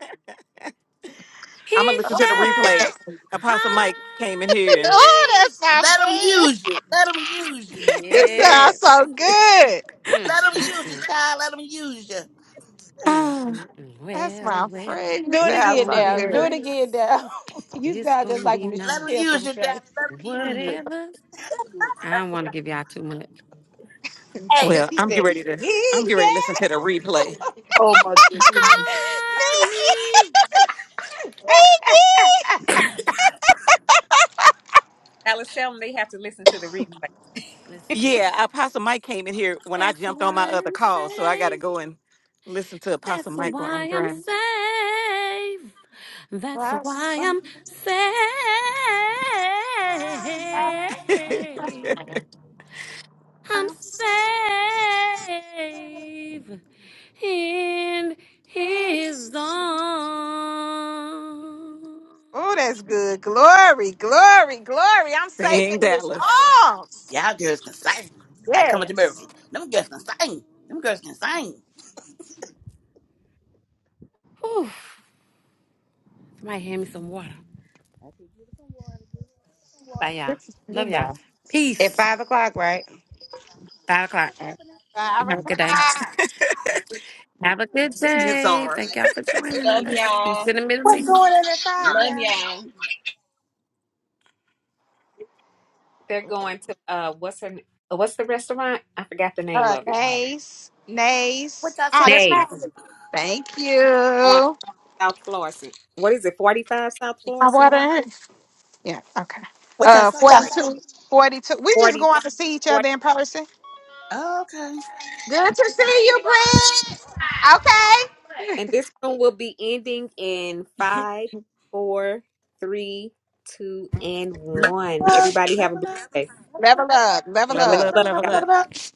Speaker 10: I'm
Speaker 5: He
Speaker 10: gonna
Speaker 13: (laughs)
Speaker 10: listen to the
Speaker 20: Eh, eh,
Speaker 10: replay.
Speaker 5: shall
Speaker 10: Apostle Mike came in
Speaker 5: hide
Speaker 10: here
Speaker 13: oh, that's
Speaker 5: me.
Speaker 13: my
Speaker 20: Let them
Speaker 13: friend.
Speaker 20: use you. Let them use you.
Speaker 10: and
Speaker 13: You
Speaker 10: (laughs)
Speaker 13: sound
Speaker 5: Yes.
Speaker 13: so good.
Speaker 5: Mm,
Speaker 20: Let them
Speaker 5: mm,
Speaker 20: use you,
Speaker 5: mm,
Speaker 20: child. Let them use you.
Speaker 5: mm, mm, mm.
Speaker 13: That's
Speaker 5: Well,
Speaker 13: my
Speaker 5: well,
Speaker 13: friend. You
Speaker 6: Do it
Speaker 5: it's
Speaker 13: sound
Speaker 6: again
Speaker 5: gonna
Speaker 13: so
Speaker 5: be
Speaker 6: now.
Speaker 13: good.
Speaker 6: Do it
Speaker 5: nice.
Speaker 6: again now. (laughs) you
Speaker 5: It's
Speaker 6: sound just
Speaker 5: gonna
Speaker 6: like
Speaker 5: be
Speaker 20: Let them
Speaker 6: Michelle
Speaker 5: nice.
Speaker 20: use
Speaker 6: from
Speaker 20: you,
Speaker 6: church.
Speaker 20: daddy. Let them use you.
Speaker 5: Whatever. I don't want to give y'all too much.
Speaker 20: Hey.
Speaker 10: well,
Speaker 6: She
Speaker 10: I'm getting
Speaker 6: said,
Speaker 10: ready to, I'm
Speaker 6: he
Speaker 10: getting ready to listen to the replay.
Speaker 20: Oh my goodness.
Speaker 13: (laughs)
Speaker 5: Hide
Speaker 13: Nikki!
Speaker 5: me.
Speaker 13: (laughs)
Speaker 6: (laughs) said.
Speaker 13: Nikki!
Speaker 4: I was telling them they have to listen to the
Speaker 5: Listen to
Speaker 4: replay.
Speaker 5: the reverse.
Speaker 10: Yeah, Apostle Mike came in here when I
Speaker 5: That's
Speaker 10: jumped on my
Speaker 5: why
Speaker 10: other
Speaker 5: I'm
Speaker 10: call, so I got to
Speaker 5: safe.
Speaker 10: go and listen to Apostle
Speaker 5: That's
Speaker 10: Mike while I'm
Speaker 5: why I'm
Speaker 10: driving.
Speaker 5: safe. That's why I'm safe. I'm safe in his arms.
Speaker 13: Oh, that's good. Glory, glory, glory. I'm safe
Speaker 10: Sing,
Speaker 13: in his
Speaker 10: Dallas
Speaker 13: arms.
Speaker 20: Y'all girls can sing. Like coming to America.
Speaker 13: Yes.
Speaker 20: Them girls can sing. Them girls can sing.
Speaker 5: Whew. Somebody hand me some water.
Speaker 20: I can give her some water, give her some-
Speaker 5: Bye,
Speaker 20: water."
Speaker 5: y'all. Love y'all.
Speaker 6: Goodbye. At
Speaker 5: Peace.
Speaker 6: five o'clock, right?
Speaker 5: Five o'clock.
Speaker 20: What's happening?
Speaker 13: Uh,
Speaker 5: Have a good day. Have a good
Speaker 10: in his
Speaker 5: day.
Speaker 10: arm.
Speaker 5: Thank y'all for joining
Speaker 11: Love
Speaker 5: us. Peace
Speaker 11: y'all.
Speaker 5: in the
Speaker 20: What's
Speaker 5: middle.
Speaker 20: going on at five,
Speaker 11: Love
Speaker 20: y'all?
Speaker 11: y'all.
Speaker 4: (laughs) They're going to uh what's her uh, what's the restaurant? I forgot the name
Speaker 13: uh,
Speaker 4: of it.
Speaker 13: nays, nays.
Speaker 20: What y'all
Speaker 13: Oh, that's my.
Speaker 4: Nay.
Speaker 20: celebrating?
Speaker 13: Thank
Speaker 4: On
Speaker 13: you.
Speaker 4: South Florissant. What is it? Forty five South
Speaker 13: My
Speaker 4: Florissant?
Speaker 13: water. Yeah, okay.
Speaker 20: What y'all
Speaker 13: Uh,
Speaker 20: celebrating?
Speaker 13: 42, 42. We just
Speaker 4: 40,
Speaker 13: going to see each
Speaker 4: 45
Speaker 13: other in person.
Speaker 20: Okay.
Speaker 13: Good to see you, Brent. Okay.
Speaker 4: And this one will be ending in five, four, three, two, and one.
Speaker 20: Well,
Speaker 4: Everybody have a
Speaker 20: level
Speaker 4: blessed
Speaker 20: up,
Speaker 4: day.
Speaker 20: level
Speaker 13: Level
Speaker 20: up,
Speaker 13: up, level
Speaker 20: level
Speaker 4: Level
Speaker 10: Level
Speaker 20: up,
Speaker 13: up.
Speaker 10: up,
Speaker 4: up,
Speaker 20: level up,
Speaker 4: y'all.
Speaker 10: level up.
Speaker 20: level up.